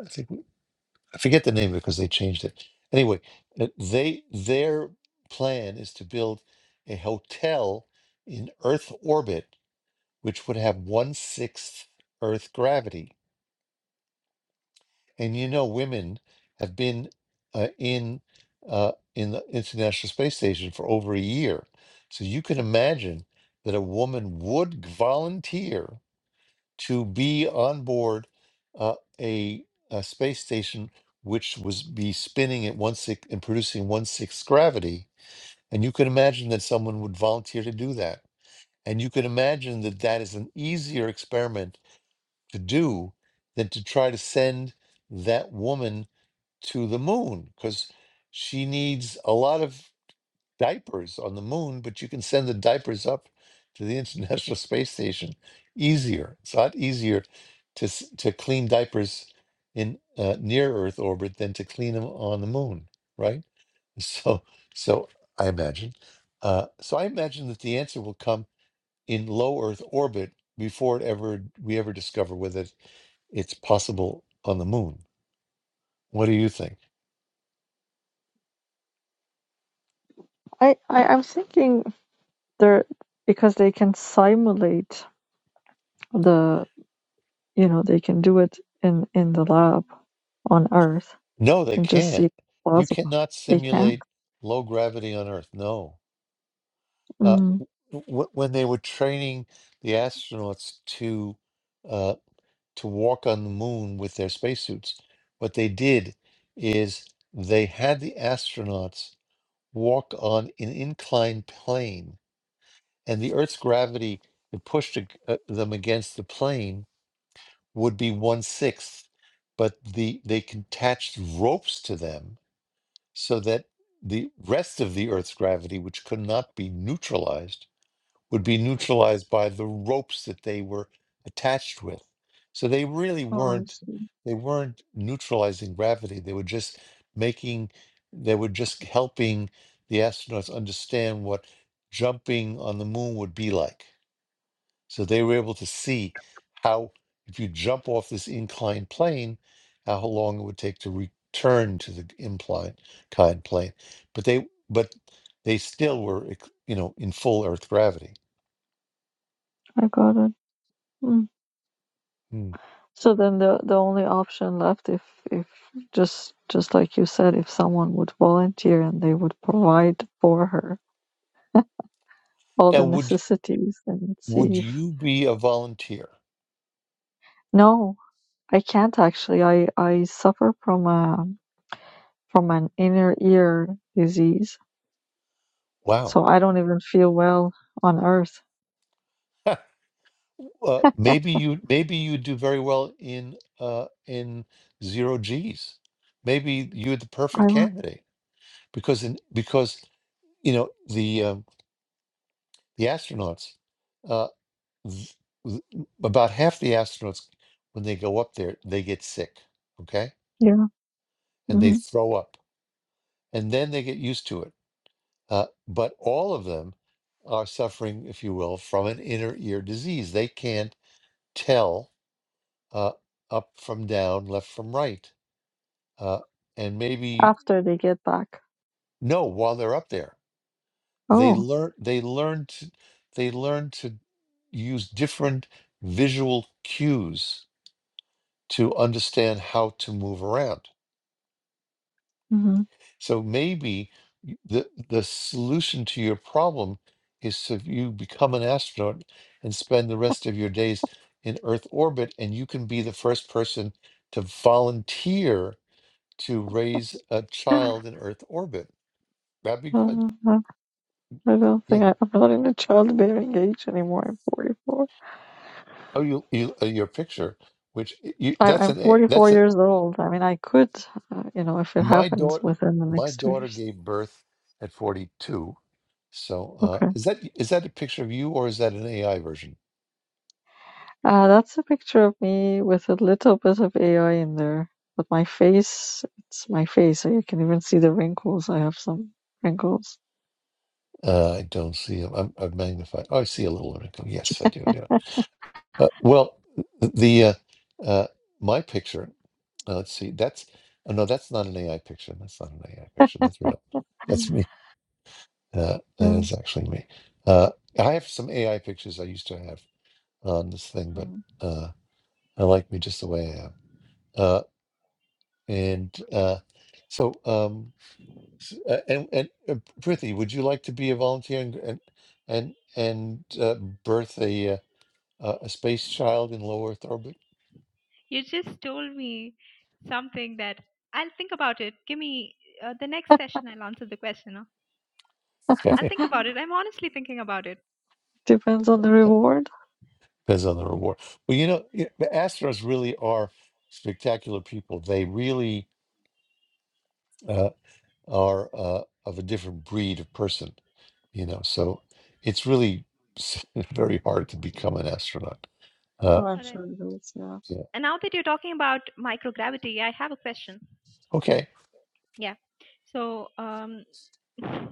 Speaker 1: I think. I forget the name of it because they changed it. Anyway, uh, they their plan is to build a hotel in Earth orbit, which would have one sixth Earth gravity. And you know, women have been uh, in uh, in the International Space Station for over a year, so you can imagine that a woman would volunteer to be on board uh, a, a space station which was be spinning at one six and producing one sixth gravity. And you can imagine that someone would volunteer to do that. And you can imagine that that is an easier experiment to do than to try to send that woman to the moon because she needs a lot of diapers on the moon, but you can send the diapers up to the International Space Station easier. It's a lot easier to s- to clean diapers in uh, near Earth orbit than to clean them on the moon, right? So, so I imagine. Uh, so I imagine that the answer will come in low Earth orbit before it ever we ever discover whether it's possible on the moon. What do you think?
Speaker 4: I, I I'm thinking they're because they can simulate the you know they can do it in in the lab on Earth
Speaker 1: No, they
Speaker 4: and just see if
Speaker 1: can't.
Speaker 4: it's
Speaker 1: You
Speaker 4: possible.
Speaker 1: cannot
Speaker 4: They can.
Speaker 1: simulate low gravity on Earth. No, uh,
Speaker 4: Mm,
Speaker 1: w- w- when they were training the astronauts to uh, to walk on the moon with their spacesuits, what they did is they had the astronauts walk on an inclined plane, and the Earth's gravity that pushed ag- uh, them against the plane would be one sixth, but the they attached ropes to them so that the rest of the Earth's gravity, which could not be neutralized would be neutralized by the ropes that they were attached with. So they really
Speaker 4: oh i
Speaker 1: weren't
Speaker 4: see
Speaker 1: they weren't neutralizing gravity. They were just making they were just helping the astronauts understand what jumping on the moon would be like. So they were able to see how if you jump off this inclined plane, how long it would take to return to the inclined kind plane. But they but they still were ex- you know in full earth gravity.
Speaker 4: I got it. Mm.
Speaker 1: Hmm.
Speaker 4: So then the the only option left if if just just like you said if someone would volunteer and they would provide for her all
Speaker 1: Now,
Speaker 4: the
Speaker 1: would
Speaker 4: necessities and let's see
Speaker 1: would
Speaker 4: if
Speaker 1: you be a volunteer?
Speaker 4: no i can't actually i i suffer from a from an inner ear disease
Speaker 1: Wow.
Speaker 4: so i don't even feel well on earth
Speaker 1: uh, maybe you maybe you do very well in uh, in zero G's. Maybe you're the
Speaker 4: i
Speaker 1: perfect
Speaker 4: want
Speaker 1: candidate because in, because you know the um, the astronauts uh, th- th- about half the astronauts when they go up there they get sick, okay,
Speaker 4: yeah
Speaker 1: and they
Speaker 4: hmm
Speaker 1: throw up, and then they get used to it Uh, but all of them are suffering, if you will, from an inner ear disease. They can't tell uh, up from down, left from right, uh, and maybe
Speaker 4: after they get back
Speaker 1: no while they're up there. They
Speaker 4: oh
Speaker 1: learn. They learn to. They learn to use different visual cues to understand how to move around.
Speaker 4: hmm
Speaker 1: So maybe y- the the solution to your problem is to you become an astronaut and spend the rest of your days in Earth orbit, and you can be the first person to volunteer to raise a
Speaker 4: uh,
Speaker 1: child in Earth orbit. That'd be good.
Speaker 4: i I don't
Speaker 1: Yeah.
Speaker 4: think I, i'm not in a childbearing age anymore i'm 44
Speaker 1: Oh, you, you uh, your picture, which y- you,
Speaker 4: I,
Speaker 1: that's
Speaker 4: i'm
Speaker 1: an a-
Speaker 4: 44
Speaker 1: that's a,
Speaker 4: years old i mean i could uh, you know if it
Speaker 1: my
Speaker 4: happens
Speaker 1: daughter.
Speaker 4: within the
Speaker 1: My
Speaker 4: next two
Speaker 1: daughter
Speaker 4: years
Speaker 1: gave birth at forty two. So uh,
Speaker 4: Okay.
Speaker 1: is that is that a picture of you or is that an AI version?
Speaker 4: Uh, that's a picture of me with a little bit of AI in there. But my face, it's my face. I can even see the wrinkles. I have some wrinkles.
Speaker 1: Uh, I don't see. I'm, I've magnified. Oh, I see a little article. Yes, I do. I do. Uh, well, the uh, uh, my picture. uh, let's see. That's oh, no. That's not an AI picture. That's not an AI picture. That's real. That's me. Uh, that
Speaker 4: Yeah.
Speaker 1: is actually me. Uh, I have some AI pictures I used to have on this thing, but
Speaker 4: Mm.
Speaker 1: uh, I like me just the way I am. Uh, and uh, so, um, s- uh, and and uh, Prithi, would you like to be a volunteer and and and, and uh, birth a? uh, uh, a space child in low Earth orbit.
Speaker 3: You just told me something that I'll think about it. Give me uh, the next session, I'll answer the question. huh? I'll
Speaker 1: Okay,
Speaker 3: think about it. I'm honestly thinking about it.
Speaker 4: Depends on the reward.
Speaker 1: depends on the reward. Well, you know, y- the astros really are spectacular people. They really uh, are uh, of a different breed of person. You know, so it's really s- very hard to become an astronaut. Uh,
Speaker 4: Oh, I'm
Speaker 3: all right
Speaker 4: sure it is, yeah.
Speaker 1: yeah.
Speaker 3: And now that you're talking about microgravity, I have a question.
Speaker 1: Okay.
Speaker 3: Yeah. So um, uh,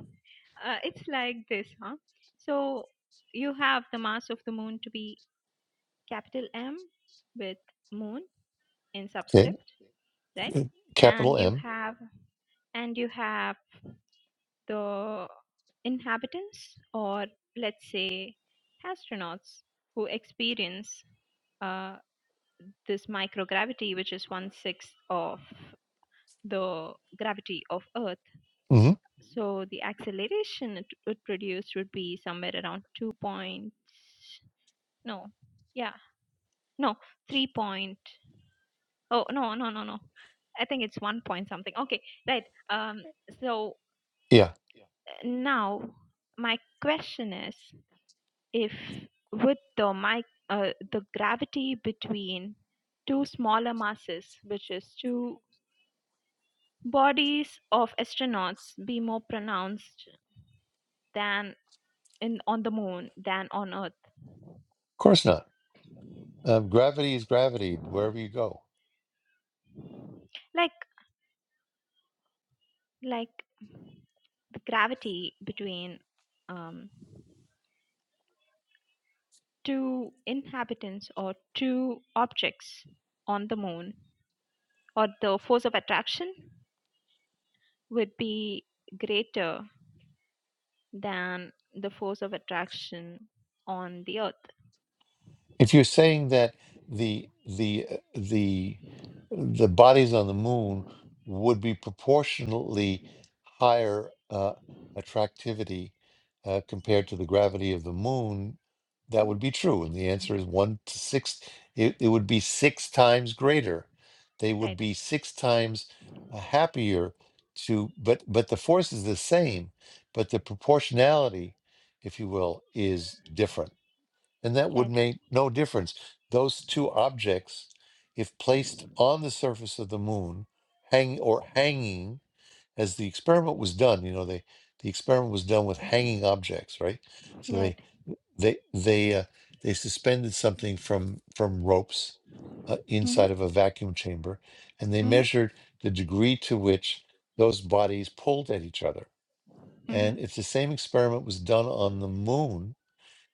Speaker 3: it's like this, huh? So you have the mass of the moon to be capital M with moon in
Speaker 1: Okay.
Speaker 3: subscript, right?
Speaker 1: Capital
Speaker 3: And you
Speaker 1: M.
Speaker 3: have and you have the inhabitants or let's say astronauts who experience uh, this microgravity, which is one sixth of the gravity of Earth.
Speaker 1: hmm
Speaker 3: So the acceleration it would produce would be somewhere around two point no, yeah, no, three point oh no no no no, I think it's one point something. Okay, right. Um, so
Speaker 1: Yeah.
Speaker 3: uh, now my question is if with the my uh, the gravity between two smaller masses, which is two bodies of astronauts, be more pronounced than in on the moon than on earth
Speaker 1: Of course not. Um, gravity is gravity wherever you go.
Speaker 3: like like the gravity between um, two inhabitants or two objects on the moon or the force of attraction would be greater than the force of attraction on the earth
Speaker 1: If you're saying that the the uh, the the bodies on the moon would be proportionately higher uh, attractivity uh, compared to the gravity of the moon, that would be true. And the answer is one to six. It, it would be six times greater. They would
Speaker 3: right
Speaker 1: be six times uh, happier to, but but the force is the same, but the proportionality, if you will, is different and that would
Speaker 3: right
Speaker 1: make no difference. Those two objects, if placed on the surface of the moon, hang or hanging, as the experiment was done, you know, they the experiment was done with hanging objects, right? So they
Speaker 3: right
Speaker 1: they they uh, they suspended something from from ropes uh,
Speaker 3: mhm
Speaker 1: inside of a vacuum chamber, and they
Speaker 3: mhm
Speaker 1: measured the degree to which those bodies pulled at each other.
Speaker 3: mhm
Speaker 1: And if the same experiment was done on the moon,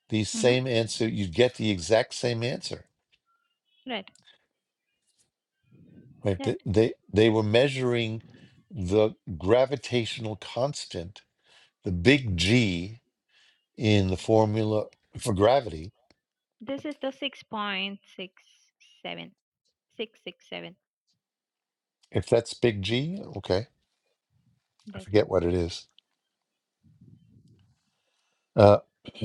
Speaker 1: the
Speaker 3: mhm
Speaker 1: same answer. You'd get the exact same answer.
Speaker 3: right
Speaker 1: Right? Th-
Speaker 3: right
Speaker 1: They they were measuring the gravitational constant, the big G in the formula for gravity.
Speaker 3: this is the 6.67 667
Speaker 1: If that's big G, okay, I forget what it is. Uh,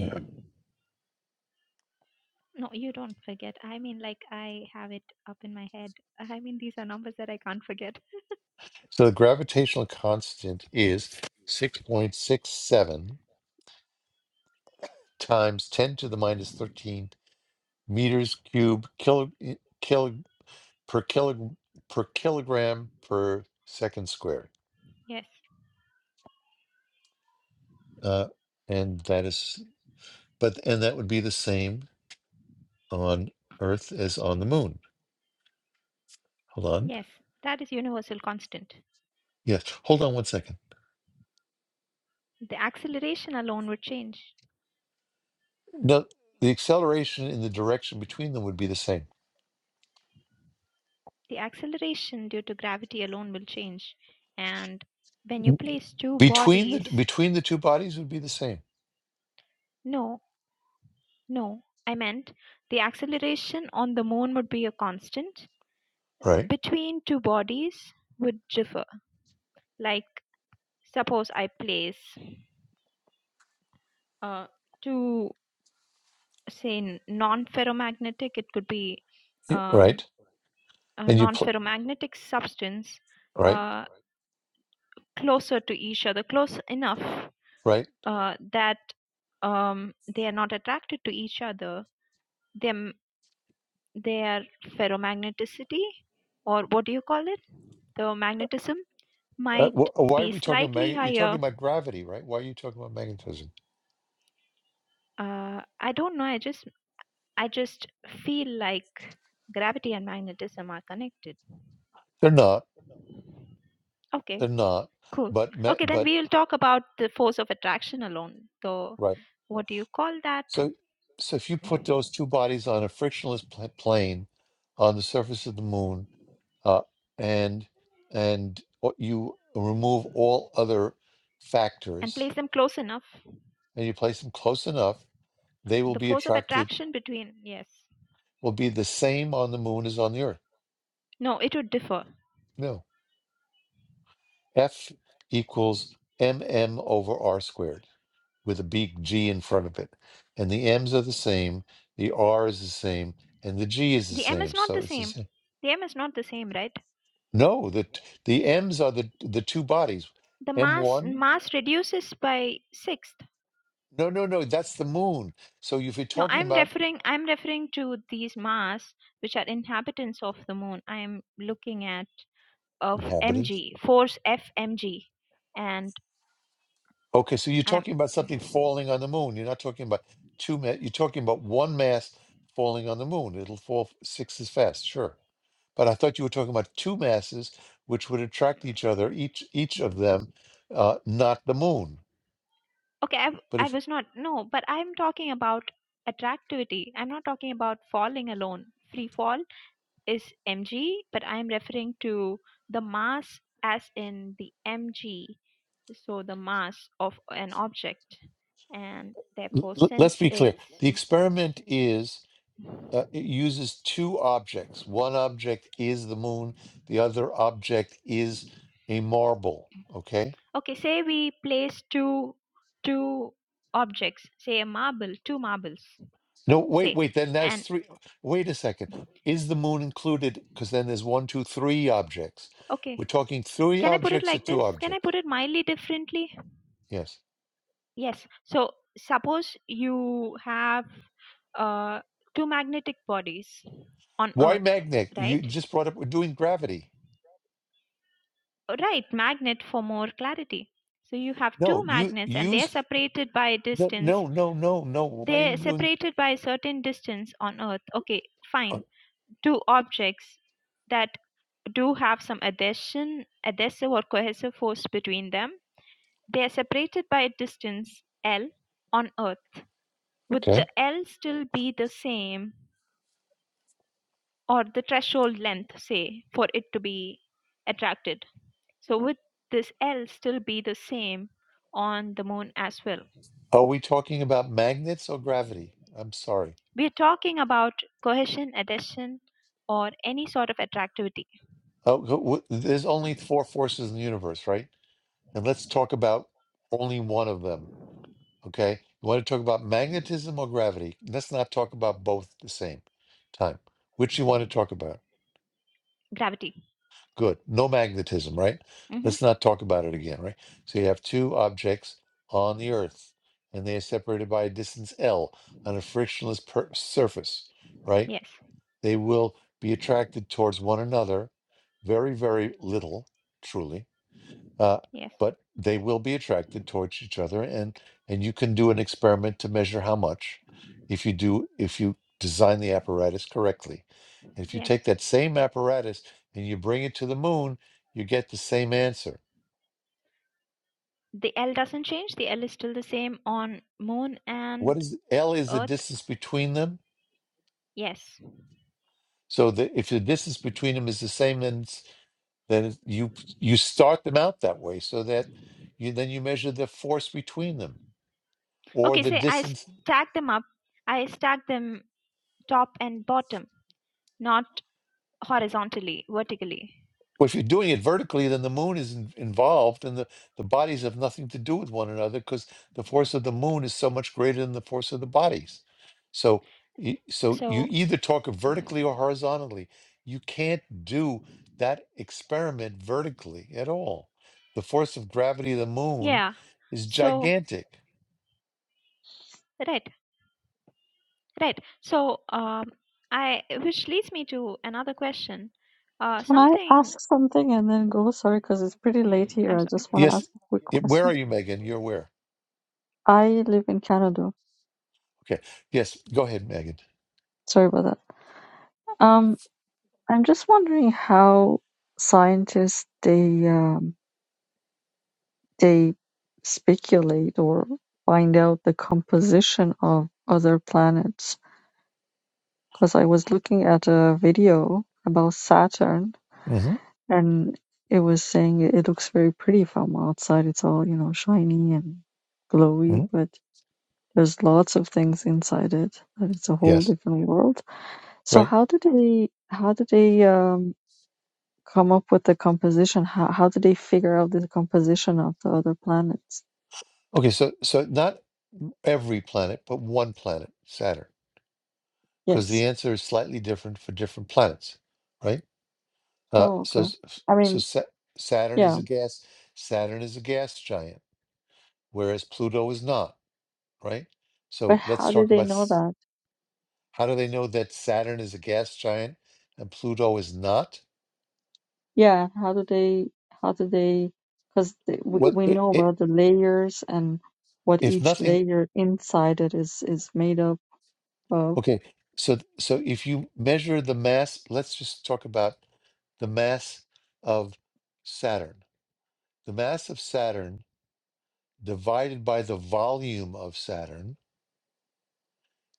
Speaker 3: No, you don't forget. I mean, like, I have it up in my head. I mean, these are numbers that I can't forget.
Speaker 1: so the gravitational constant is six point six seven times ten to the minus thirteen meters cubed kilo, eh, kilo, per kilo, per kilogram per second squared.
Speaker 3: Yes,
Speaker 1: Uh, and that is, but and that would be the same on Earth as on the Moon. Hold on.
Speaker 3: yes, that is universal constant.
Speaker 1: Yes, hold on one second.
Speaker 3: The acceleration alone would change.
Speaker 1: No, the acceleration in the direction between them would be the same.
Speaker 3: The acceleration due to gravity alone will change. And when you
Speaker 1: N-
Speaker 3: place two
Speaker 1: Between the
Speaker 3: bodies,
Speaker 1: between the two bodies would be the same.
Speaker 3: no, no, I meant the acceleration on the moon would be a constant.
Speaker 1: Right.
Speaker 3: Between two bodies would differ. Like, suppose I place uh, two say n- non-ferromagnetic it could be
Speaker 1: Y-
Speaker 3: um,
Speaker 1: Right.
Speaker 3: a
Speaker 1: And you pl-
Speaker 3: non-ferromagnetic substance
Speaker 1: right.
Speaker 3: uh, Right. closer to each other close enough
Speaker 1: Right.
Speaker 3: uh, that um, they are not attracted to each other them their ferromagneticity or what do you call it the magnetism
Speaker 1: Uh,
Speaker 3: might
Speaker 1: wh- uh, why
Speaker 3: be
Speaker 1: are we talking about
Speaker 3: slightly
Speaker 1: mag- you're
Speaker 3: higher
Speaker 1: talking about gravity, right? Why are you talking about magnetism?
Speaker 3: uh, i don't know i just i just feel like gravity and magnetism are connected
Speaker 1: They're not.
Speaker 3: okay
Speaker 1: They're not.
Speaker 3: Cool.
Speaker 1: But ma-
Speaker 3: Okay, then
Speaker 1: but
Speaker 3: we will talk about the force of attraction alone. So,
Speaker 1: right.
Speaker 3: what do you call that?
Speaker 1: So, so if you put those two bodies on a frictionless pl- plane on the surface of the moon, uh, and and o- you remove all other
Speaker 3: And
Speaker 1: factors,
Speaker 3: place them close enough.
Speaker 1: and you place them close enough, they will
Speaker 3: The
Speaker 1: be
Speaker 3: force of
Speaker 1: attracted.
Speaker 3: attraction between, yes.
Speaker 1: Will be the same on the moon as on the Earth.
Speaker 3: No, it would differ.
Speaker 1: No, F equals m m over r squared with a big g in front of it, and the m's are the same, the r is the same, and the g is the
Speaker 3: The m is
Speaker 1: same.
Speaker 3: not
Speaker 1: So
Speaker 3: the
Speaker 1: it's the
Speaker 3: same.
Speaker 1: same.
Speaker 3: The m is not the same, right?
Speaker 1: No, the the M's are the the two bodies.
Speaker 3: The mass
Speaker 1: M1?
Speaker 3: mass reduces by sixth.
Speaker 1: No, no, no, that's the moon. So if you're
Speaker 3: No,
Speaker 1: talking
Speaker 3: I'm
Speaker 1: about
Speaker 3: referring I'm referring to these mass which are inhabitants of the moon. I am looking at of
Speaker 1: inhabitants,
Speaker 3: mg force fmg, and
Speaker 1: okay, so you're
Speaker 3: I'm
Speaker 1: talking about something falling on the moon. You're not talking about two ma you're talking about one mass falling on the moon. It'll fall f- six as fast, sure. But I thought you were talking about two masses which would attract each other, each each of them, uh, not the moon.
Speaker 3: Okay, I, w-
Speaker 1: But
Speaker 3: I
Speaker 1: if
Speaker 3: was not. No, but I'm talking about attractivity. I'm not talking about falling alone. Free fall is mg, but I'm referring to the mass as in the mg, so the mass of an object. And
Speaker 1: l-
Speaker 3: therefore,
Speaker 1: l- let's
Speaker 3: since
Speaker 1: be clear,
Speaker 3: it's
Speaker 1: the experiment is. uh, it uses two objects. One object is the moon, the other object is a marble. Okay.
Speaker 3: okay, say we place two two objects, say a marble, two marbles,
Speaker 1: No, wait,
Speaker 3: say,
Speaker 1: wait. Then that's
Speaker 3: and
Speaker 1: three. Wait a second. Is the moon included? Because then there's one, two, three objects. We're
Speaker 3: okay,
Speaker 1: talking three
Speaker 3: can I put it
Speaker 1: objects or
Speaker 3: like
Speaker 1: two
Speaker 3: this? Can I
Speaker 1: objects.
Speaker 3: put it mildly differently?
Speaker 1: Yes.
Speaker 3: Yes. So suppose you have uh, two magnetic bodies on
Speaker 1: Why
Speaker 3: Earth,
Speaker 1: magnet?
Speaker 3: right?
Speaker 1: You just brought up. We're doing gravity.
Speaker 3: Right, magnet for more clarity. So you have two
Speaker 1: No, you
Speaker 3: magnets and they are
Speaker 1: use
Speaker 3: separated by a
Speaker 1: no,
Speaker 3: distance.
Speaker 1: no, no, no, no. Why are
Speaker 3: They are
Speaker 1: you doing?
Speaker 3: separated by a certain distance on Earth. Okay,
Speaker 1: uh,
Speaker 3: fine. Two objects that do have some adhesion, adhesive or cohesive force between them. They are separated by a distance L on Earth. Would the
Speaker 1: Okay.
Speaker 3: L still be the same or the threshold length, say, for it to be attracted. So, would this L still be the same on the moon as well?
Speaker 1: Are we talking about magnets or gravity? I'm sorry.
Speaker 3: We are talking about cohesion, adhesion, or any sort of attractivity,
Speaker 1: Oh, go- w- there's only four forces in the universe, right? And let's talk about only one of them. Okay. You want to talk about magnetism or gravity? Let's not talk about both at the same time. Which you want to talk about?
Speaker 3: gravity.
Speaker 1: Good. No magnetism, right?
Speaker 3: hmm
Speaker 1: Let's not talk about it again, right? So you have two objects on the Earth, and they are separated by a distance L on a frictionless per- surface, right?
Speaker 3: Yes,
Speaker 1: They will be attracted towards one another very, very little, truly uh,
Speaker 3: yes,
Speaker 1: but they will be attracted towards each other and and you can do an experiment to measure how much if you do if you design the apparatus correctly if you
Speaker 3: yes.
Speaker 1: take that same apparatus and you bring it to the moon you get the same answer
Speaker 3: The L doesn't change, the L is still the same on moon
Speaker 1: what
Speaker 3: and
Speaker 1: is l is the
Speaker 3: earth.
Speaker 1: distance between them
Speaker 3: Yes.
Speaker 1: so that if the distance between them is the same then it's- then it's- you you start them out that way so that you then you measure the force between them or
Speaker 3: Okay,
Speaker 1: the
Speaker 3: say I
Speaker 1: distance
Speaker 3: stack them up, I stack them top and bottom, not horizontally, vertically.
Speaker 1: Well, if you're doing it vertically, then the moon is in- involved, and the, the bodies have nothing to do with one another because the force of the moon is so much greater than the force of the bodies. So, y- so you
Speaker 3: So
Speaker 1: either talk vertically or horizontally. You can't do that experiment vertically at all. The force of gravity of the moon
Speaker 3: Yeah.
Speaker 1: is
Speaker 3: So,
Speaker 1: gigantic.
Speaker 3: right, right. So, um, I which leads me to another question. Uh,
Speaker 4: Can I
Speaker 3: something.
Speaker 4: ask something and then go? Sorry, because it's pretty late
Speaker 3: I'm
Speaker 4: here. I
Speaker 3: sorry.
Speaker 4: just want to
Speaker 1: Yes.
Speaker 4: ask a quick
Speaker 1: it- where
Speaker 4: question.
Speaker 1: are you, Megan? You're where?
Speaker 4: I live in Canada.
Speaker 1: Okay. Yes. Go ahead, Megan.
Speaker 4: Sorry about that. Um, I'm just wondering how scientists they um They speculate or find out the composition of other planets. Because I was looking at a video about Saturn
Speaker 1: hmm
Speaker 4: and it was saying it it looks very pretty from outside. It's all, you know, shiny and glowy,
Speaker 1: hmm
Speaker 4: but there's lots of things inside it. That it's a whole
Speaker 1: Yes.
Speaker 4: different world. So
Speaker 1: Right.
Speaker 4: how do they how do they um come up with the composition? How how do they figure out the composition of the other planets?
Speaker 1: Okay. So, so not every planet but one planet, Saturn, because
Speaker 4: Yes.
Speaker 1: the answer is slightly different for different planets, right? Uh,
Speaker 4: Oh,
Speaker 1: so
Speaker 4: okay.
Speaker 1: s- f-
Speaker 4: I
Speaker 1: so
Speaker 4: mean,
Speaker 1: Sa- Saturn is
Speaker 4: Yeah,
Speaker 1: a gas. Saturn is a gas giant, whereas Pluto is not, right?
Speaker 4: but
Speaker 1: So let's
Speaker 4: how do
Speaker 1: talk
Speaker 4: they
Speaker 1: about
Speaker 4: know
Speaker 1: s-
Speaker 4: that?
Speaker 1: how do they know that Saturn is a gas giant and Pluto is not?
Speaker 4: Yeah, how do they, how do they, because they, we,
Speaker 1: What
Speaker 4: we
Speaker 1: i-
Speaker 4: know
Speaker 1: i-
Speaker 4: about the layers and what
Speaker 1: if
Speaker 4: each
Speaker 1: nothing?
Speaker 4: layer inside it is is made up of.
Speaker 1: Okay, so so if you measure the mass, let's just talk about the mass of Saturn. The mass of Saturn divided by the volume of Saturn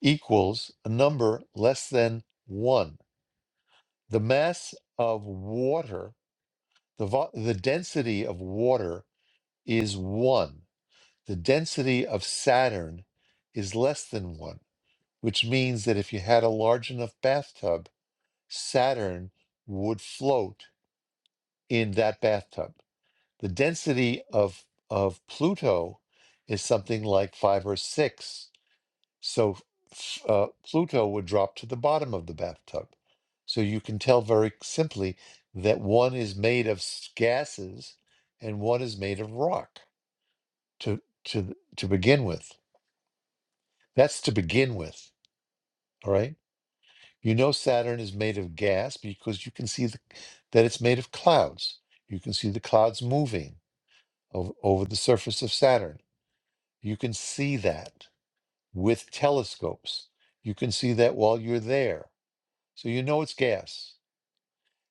Speaker 1: equals a number less than one. The mass of water, the, vo- the density of water is one. The density of Saturn is less than one, which means that if you had a large enough bathtub, Saturn would float in that bathtub. The density of, of Pluto is something like five or six So uh, Pluto would drop to the bottom of the bathtub. So you can tell very simply that one is made of s- gases and one is made of rock to to to begin with. That's to begin with, all right? You know Saturn is made of gas because you can see the, that it's made of clouds. You can see the clouds moving over, over the surface of Saturn. You can see that with telescopes. You can see that while you're there So you know it's gas.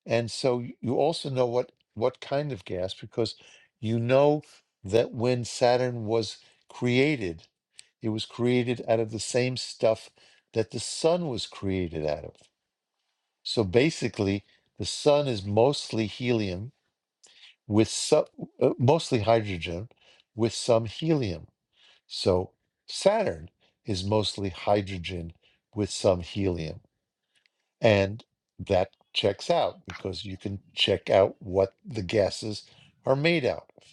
Speaker 1: And so y- you also know what what kind of gas because you know that when Saturn was created, it was created out of the same stuff that the sun was created out of. So basically, the sun is mostly helium with some, uh, mostly hydrogen with some helium. So Saturn is mostly hydrogen with some helium. And that checks out because you can check out what the gases are made out of.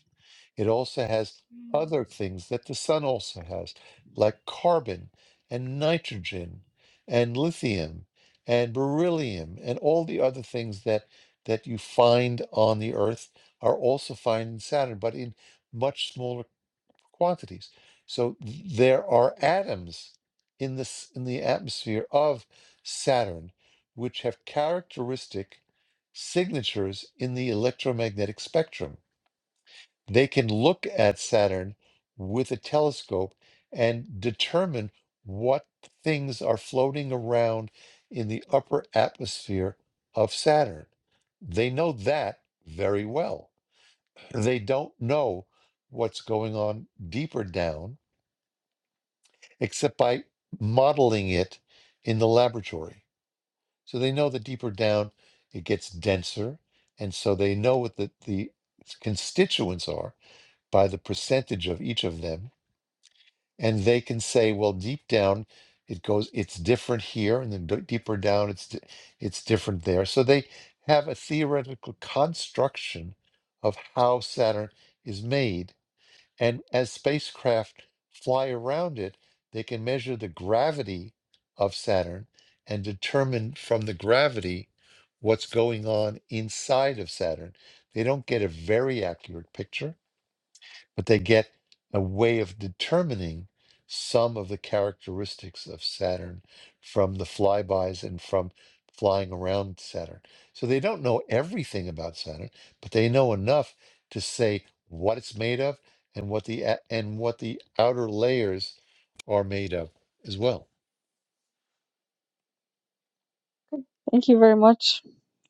Speaker 1: It also has
Speaker 3: Mm,
Speaker 1: other things that the sun also has, like carbon and nitrogen and lithium and beryllium and all the other things that that you find on the earth are also found in Saturn, but in much smaller quantities. So there are atoms in this in the atmosphere of Saturn which have characteristic signatures in the electromagnetic spectrum. They can look at Saturn with a telescope and determine what things are floating around in the upper atmosphere of Saturn. They know that very well. They don't know what's going on deeper down except by modeling it in the laboratory. So they know that deeper down it gets denser. And so they know what the, the constituents are by the percentage of each of them. And they can say, well, deep down it goes, it's different here. And then d- deeper down it's, di- it's different there. So they have a theoretical construction of how Saturn is made and as spacecraft fly around it, they can measure the gravity of Saturn and determine from the gravity what's going on inside of Saturn. They don't get a very accurate picture, but they get a way of determining some of the characteristics of Saturn from the flybys and from flying around Saturn. So they don't know everything about Saturn, but they know enough to say what it's made of and what the a- and what the outer layers are made of as well.
Speaker 4: Thank you very much.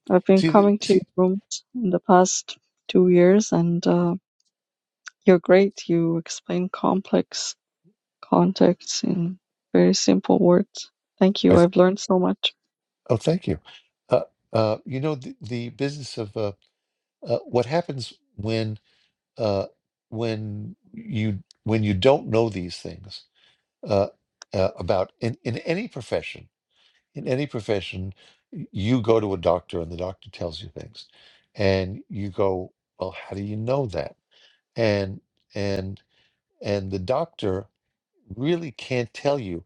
Speaker 4: I've been
Speaker 1: See, the,
Speaker 4: coming to your
Speaker 1: see,
Speaker 4: rooms in the past two years, and uh, you're great. You explain complex contexts in very simple words. Thank
Speaker 1: I,
Speaker 4: you.
Speaker 1: th-
Speaker 4: I've learned so much.
Speaker 1: oh, thank you. Uh, uh, you know the, the business of uh, uh, what happens when. uh, when you when you don't know these things uh, uh, about in, in any profession in any profession y- you go to a doctor and the doctor tells you things and you go well how do you know that and and and the doctor really can't tell you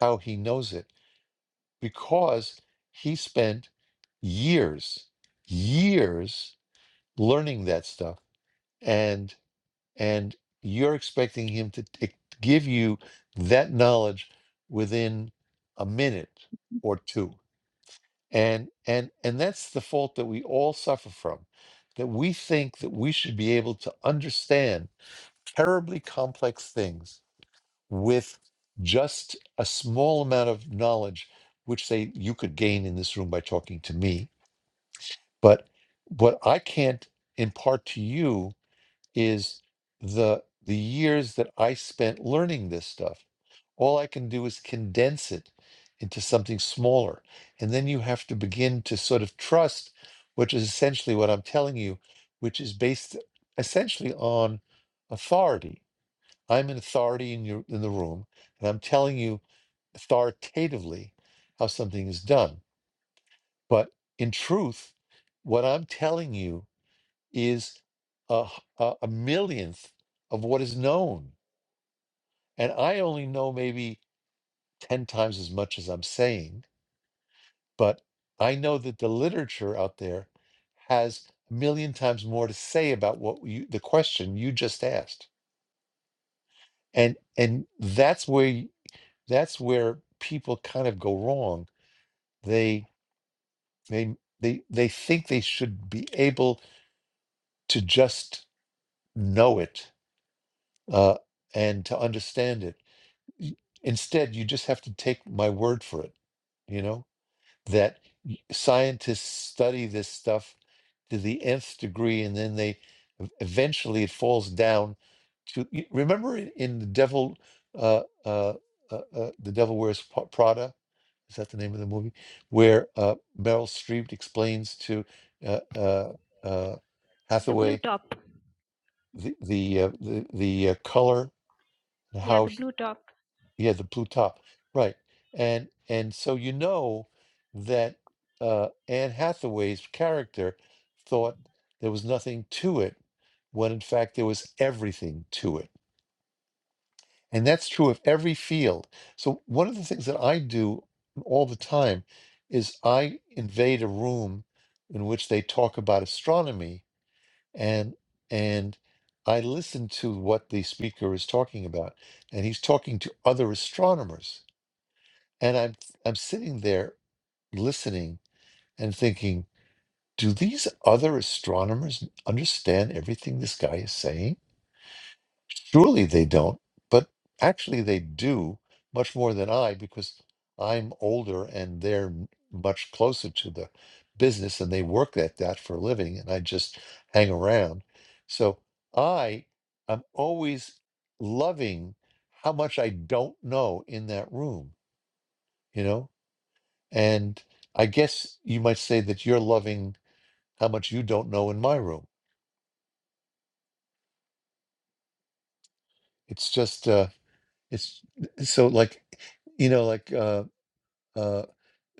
Speaker 1: how he knows it because he spent years years learning that stuff and. and you're expecting him to t- give you that knowledge within a minute or two and and and that's the fault that we all suffer from that we think that we should be able to understand terribly complex things with just a small amount of knowledge which say you could gain in this room by talking to me but what i can't impart to you is the the years that I spent learning this stuff. All I can do is condense it into something smaller. And then you have to begin to sort of trust, which is essentially what I'm telling you, which is based essentially on authority. I'm an authority in your in the room, and I'm telling you authoritatively how something is done. But in truth, what I'm telling you is a a a, a millionth of what is known. And I only know maybe 10 times as much as I'm saying, but I know that the literature out there has a million times more to say about what you, the question you just asked. And, and that's where, y- that's where people kind of go wrong. They, they, they, they think they should be able to just know it uh, and to understand it y- instead you just have to take my word for it you know that y- scientists study this stuff to the nth degree and then they ev- eventually it falls down to y- remember in, in the devil uh, uh, uh, uh, the devil wears Pa- prada is that the name of the movie where uh, meryl streep explains to uh, uh, uh,
Speaker 3: The blue
Speaker 1: hathaway
Speaker 3: top.
Speaker 1: the the uh, the, the uh, color and
Speaker 3: Yeah,
Speaker 1: how
Speaker 3: the blue top.
Speaker 1: yeah, the blue top. Right. And and so you know that uh Anne Hathaway's character thought there was nothing to it when in fact there was everything to it. And that's true of every field. So one of the things that I do all the time is I invade a room in which they talk about astronomy and and I listen to what the speaker is talking about. And he's talking to other astronomers and I'm I'm sitting there listening and thinking, do these other astronomers understand everything this guy is saying? Surely they don't, but actually they do much more than I because I'm older and they're m- much closer to the business and they work at that for a living and I just hang around. So I am always loving how much I don't know in that room, you know? And I guess you might say that you're loving how much you don't know in my room. It's just uh it's so like you know like uh uh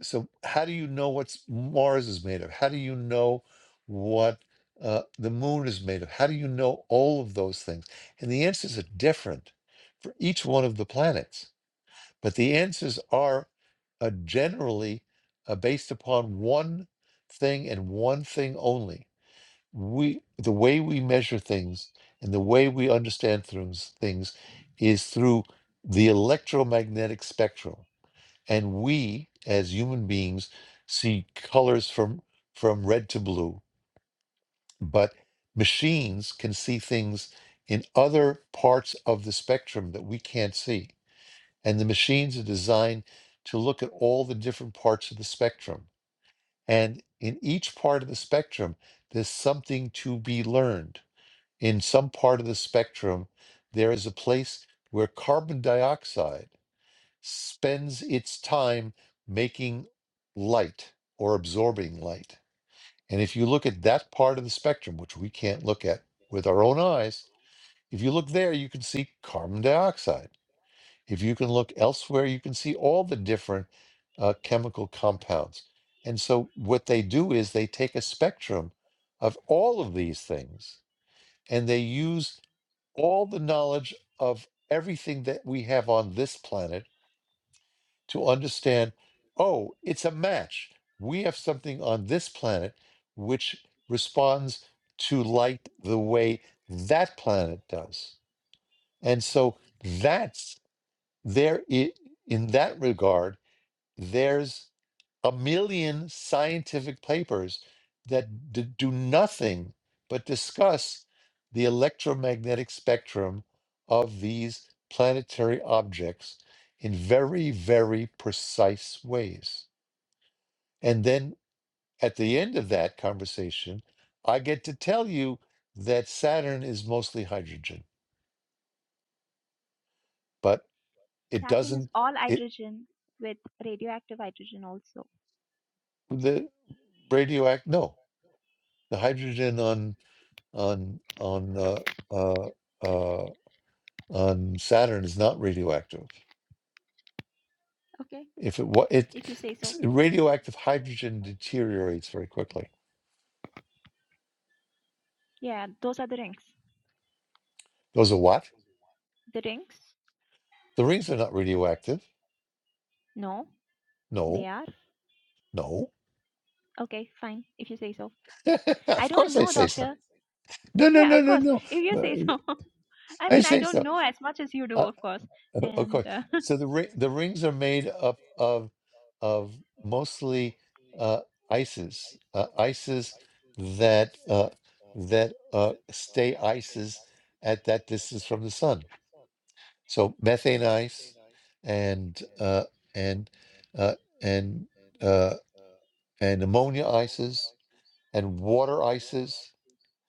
Speaker 1: so how do you know what's Mars is made of? How do you know what uh the moon is made of? How do you know all of those things? And the answers are different for each one of the planets. But the answers are uh, generally uh, based upon one thing and one thing only we the way we measure things and the way we understand things things is through the electromagnetic spectrum and we as human beings see colors from from red to blue but machines can see things in other parts of the spectrum that we can't see and the machines are designed to look at all the different parts of the spectrum and in each part of the spectrum there's something to be learned in some part of the spectrum, there is a place where carbon dioxide spends its time making light or absorbing light. And if you look at that part of the spectrum, which we can't look at with our own eyes, if you look there, you can see carbon dioxide. If you can look elsewhere, you can see all the different uh, chemical compounds. And so, what they do is they take a spectrum of all of these things and they use all the knowledge of everything that we have on this planet to understand oh, it's a match. We have something on this planet which responds to light the way that planet does. And so that's there, i- in that regard, there's a million scientific papers that d- do nothing but discuss the electromagnetic spectrum of these planetary objects in very, very precise ways. And then at the end of that conversation, I get to tell you that Saturn is mostly hydrogen, but it
Speaker 3: Saturn is
Speaker 1: doesn't,
Speaker 3: all
Speaker 1: it,
Speaker 3: hydrogen with radioactive hydrogen also.
Speaker 1: the radioact, no, the hydrogen on on on uh, uh, uh, on Saturn is not radioactive.
Speaker 3: Okay,
Speaker 1: If it wa it
Speaker 3: if you say so.
Speaker 1: s- radioactive hydrogen deteriorates very quickly.
Speaker 3: Yeah, those are the rings.
Speaker 1: Those are what?
Speaker 3: The rings?
Speaker 1: The rings are not radioactive.
Speaker 3: No, they
Speaker 1: No,
Speaker 3: are.
Speaker 1: no.
Speaker 3: Okay, fine, if you say so. I
Speaker 1: of
Speaker 3: don't
Speaker 1: course I
Speaker 3: know,
Speaker 1: say so.
Speaker 3: doctor.
Speaker 1: No, no,
Speaker 3: Yeah,
Speaker 1: no,
Speaker 3: of
Speaker 1: no,
Speaker 3: course.
Speaker 1: no.
Speaker 3: If you
Speaker 1: But
Speaker 3: say so. I
Speaker 1: I
Speaker 3: mean, I
Speaker 1: say so.
Speaker 3: don't know as much as you do, of course.
Speaker 1: Uh, Of
Speaker 3: And
Speaker 1: course.
Speaker 3: uh,
Speaker 1: So the ri- the rings are made up of of mostly uh, ices, uh, ices that uh, that uh, stay ices at that distance from the sun. So methane ice and uh, and uh, and uh, and ammonia ices and water ices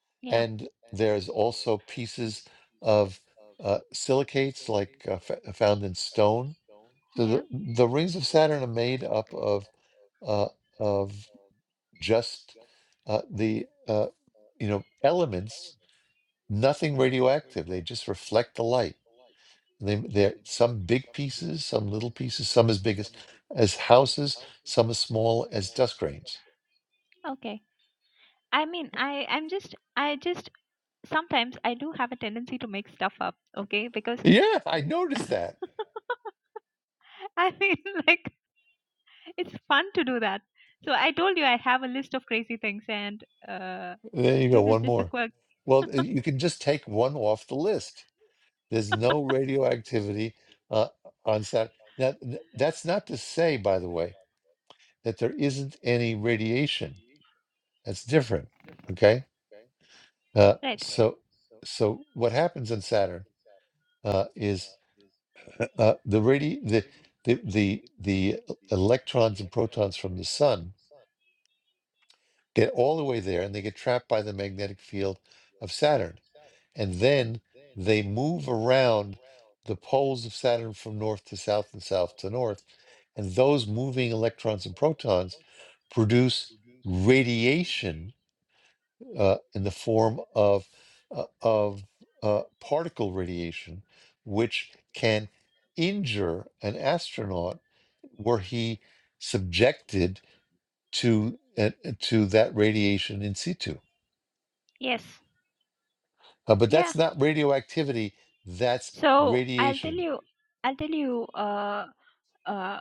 Speaker 3: yeah,
Speaker 1: and there's also pieces of uh, silicates like uh, f- found in stone so
Speaker 3: yeah.
Speaker 1: the the rings of Saturn are made up of uh, of just uh, the uh, you know elements, nothing radioactive. They just reflect the light. They they're some big pieces, some little pieces, some as big as as houses, some as small as dust grains.
Speaker 3: Okay. I mean, I I'm just I just sometimes I do have a tendency to make stuff up, okay? Because
Speaker 1: Yeah, I noticed that.
Speaker 3: I mean, like it's fun to do that. So I told you I have a list of crazy things, and uh,
Speaker 1: There you go,
Speaker 3: this is
Speaker 1: one
Speaker 3: just the
Speaker 1: more.
Speaker 3: quirk,
Speaker 1: Well, uh, you can just take one off the list. There's no radioactivity uh, on Saturn. That that's not to say, by the way. that there isn't any radiation. That's different. Okay. Uh,
Speaker 3: right?
Speaker 1: so, so what happens in Saturn uh, is uh, the radi the the the the electrons and protons from the sun get all the way there, and they get trapped by the magnetic field of Saturn, and then they move around the poles of Saturn from north to south and south to north, and those moving electrons and protons produce radiation uh, in the form of uh, of uh, particle radiation, which can injure an astronaut were he subjected to uh, to that radiation in situ.
Speaker 3: Yes.
Speaker 1: Uh, but
Speaker 3: Yeah.
Speaker 1: that's not radioactivity; that's
Speaker 3: So I'll tell
Speaker 1: radiation.
Speaker 3: you, I'll tell you. Uh, uh,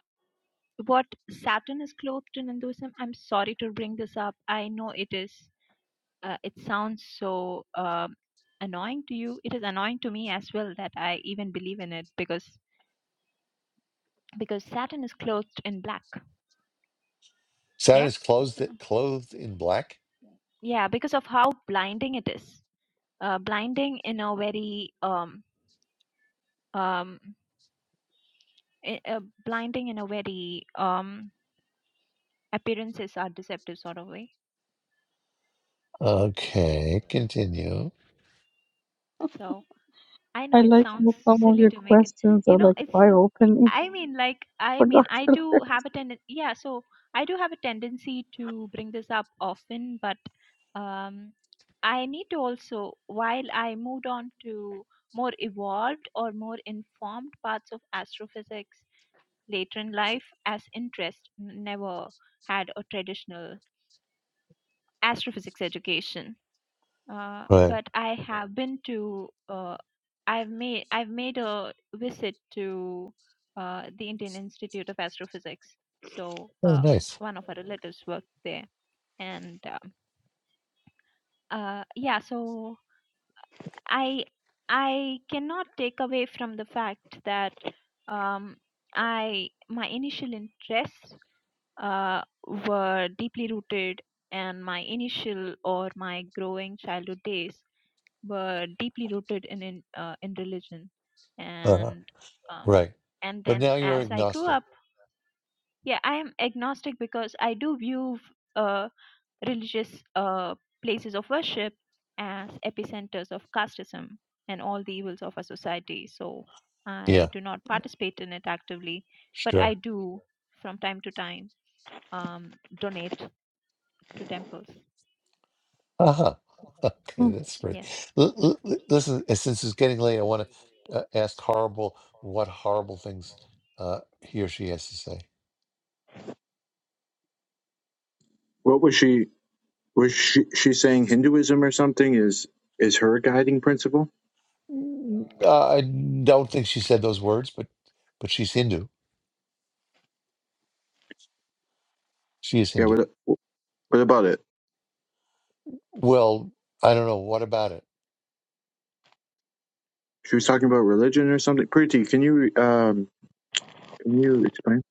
Speaker 3: what Saturn is clothed in Hinduism. I'm sorry to bring this up. I know it is. Uh, it sounds so um, annoying to you. It is annoying to me as well that I even believe in it because because Saturn is clothed in black.
Speaker 1: Saturn
Speaker 3: Yeah,
Speaker 1: is clothed clothed in black.
Speaker 3: yeah, because of how blinding it is. Uh, blinding in a very um um i- uh, blinding in a very um appearances are deceptive sort of way.
Speaker 1: Okay, continue.
Speaker 3: So. I know
Speaker 4: I
Speaker 3: it
Speaker 4: like
Speaker 3: sounds
Speaker 4: how some of
Speaker 3: silly
Speaker 4: your
Speaker 3: to make it.
Speaker 4: questions
Speaker 3: You
Speaker 4: are
Speaker 3: know,
Speaker 4: like
Speaker 3: it's.
Speaker 4: eye-opening
Speaker 3: I mean, like, I
Speaker 4: for
Speaker 3: mean, I
Speaker 4: Dr.
Speaker 3: do have a tendency. Yeah, so I do have a tendency to bring this up often, but um, I need to also, while I moved on to more evolved or more informed parts of astrophysics later in life, as interest n- never had a traditional astrophysics education uh,
Speaker 1: Right.
Speaker 3: but I have been to uh, I've made I've made a visit to uh, the Indian Institute of Astrophysics. So
Speaker 1: Oh,
Speaker 3: uh,
Speaker 1: nice.
Speaker 3: one of our relatives worked there, and um, uh, yeah, so I I cannot take away from the fact that um, I my initial interests uh, were deeply rooted, and my initial or my growing childhood days were deeply rooted in in, uh, in religion
Speaker 1: Uh,
Speaker 3: and um,
Speaker 1: right.
Speaker 3: and
Speaker 1: But
Speaker 3: then
Speaker 1: now you're
Speaker 3: as i grew
Speaker 1: agnostic.
Speaker 3: up yeah i am agnostic because i do view uh, religious uh, places of worship as epicenters of casteism and all the evils of our society so
Speaker 1: Yeah.
Speaker 3: i do not participate in it actively but
Speaker 1: Sure.
Speaker 3: i do from time to time um, donate to temples
Speaker 1: Uh-huh. Okay, that's great.
Speaker 3: yes
Speaker 1: L- l- l- Listen, uh, since it's getting late, I want to uh, ask horrible what horrible things uh, he or she has to say.
Speaker 5: What was she? Was she, she saying Hinduism or something? Is is her guiding principle?
Speaker 1: Mm, Uh, I don't think she said those words, but but she's Hindu. She is
Speaker 5: Yeah.
Speaker 1: Hindu.
Speaker 5: What, what about it?
Speaker 1: Well, I don't know. What about it?
Speaker 5: She was talking about religion or something. Pretty. Can you um? Can you explain?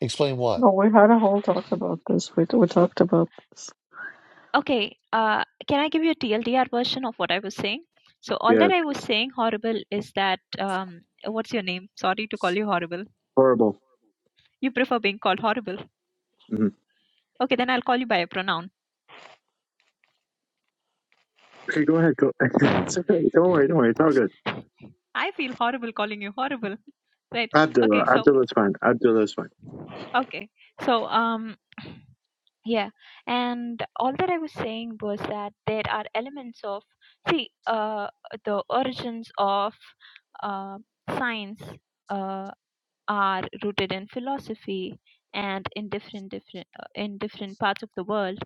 Speaker 1: Explain what.
Speaker 4: No, we had a whole talk about this. We we talked about this.
Speaker 3: Okay, uh, can I give you a TLDR version of what I was saying? So all
Speaker 5: Yeah.
Speaker 3: that
Speaker 5: It's
Speaker 3: I was saying horrible is that um, what's your name? Sorry to call you horrible.
Speaker 5: horrible.
Speaker 3: You prefer being called horrible.
Speaker 5: hmm
Speaker 3: Okay, then I'll call you by a pronoun.
Speaker 5: Okay. Go ahead. Go. it's okay. Don't worry. Don't worry. It's all good.
Speaker 3: I feel horrible calling you horrible. Right.
Speaker 5: Abdullah.
Speaker 3: Okay, so
Speaker 5: Abdullah's fine. Abdullah's fine.
Speaker 3: okay. So um yeah. And all that I was saying was that there are elements of see uh the origins of uh science. Uh, are rooted in philosophy and in different different uh, in different parts of the world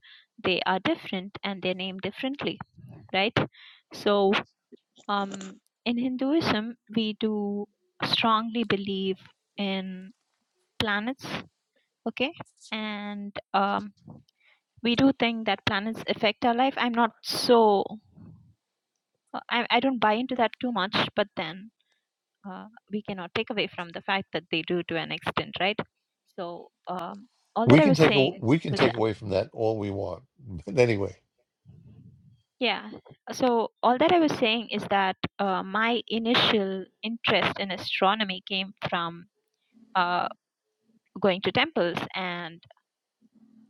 Speaker 3: they are different and they're named differently right so um in hinduism we do strongly believe in planets okay and um we do think that planets affect our life i'm not so uh, I, I don't buy into that too much but then uh, we cannot take away from the fact that they do to an extent, right? So, um, all
Speaker 1: We
Speaker 3: that I
Speaker 1: can
Speaker 3: was
Speaker 1: take a,
Speaker 3: saying
Speaker 1: we can
Speaker 3: was
Speaker 1: take
Speaker 3: that,
Speaker 1: away from that all we want. But anyway,
Speaker 3: yeah. So, all that I was saying is that uh, my initial interest in astronomy came from uh, going to temples and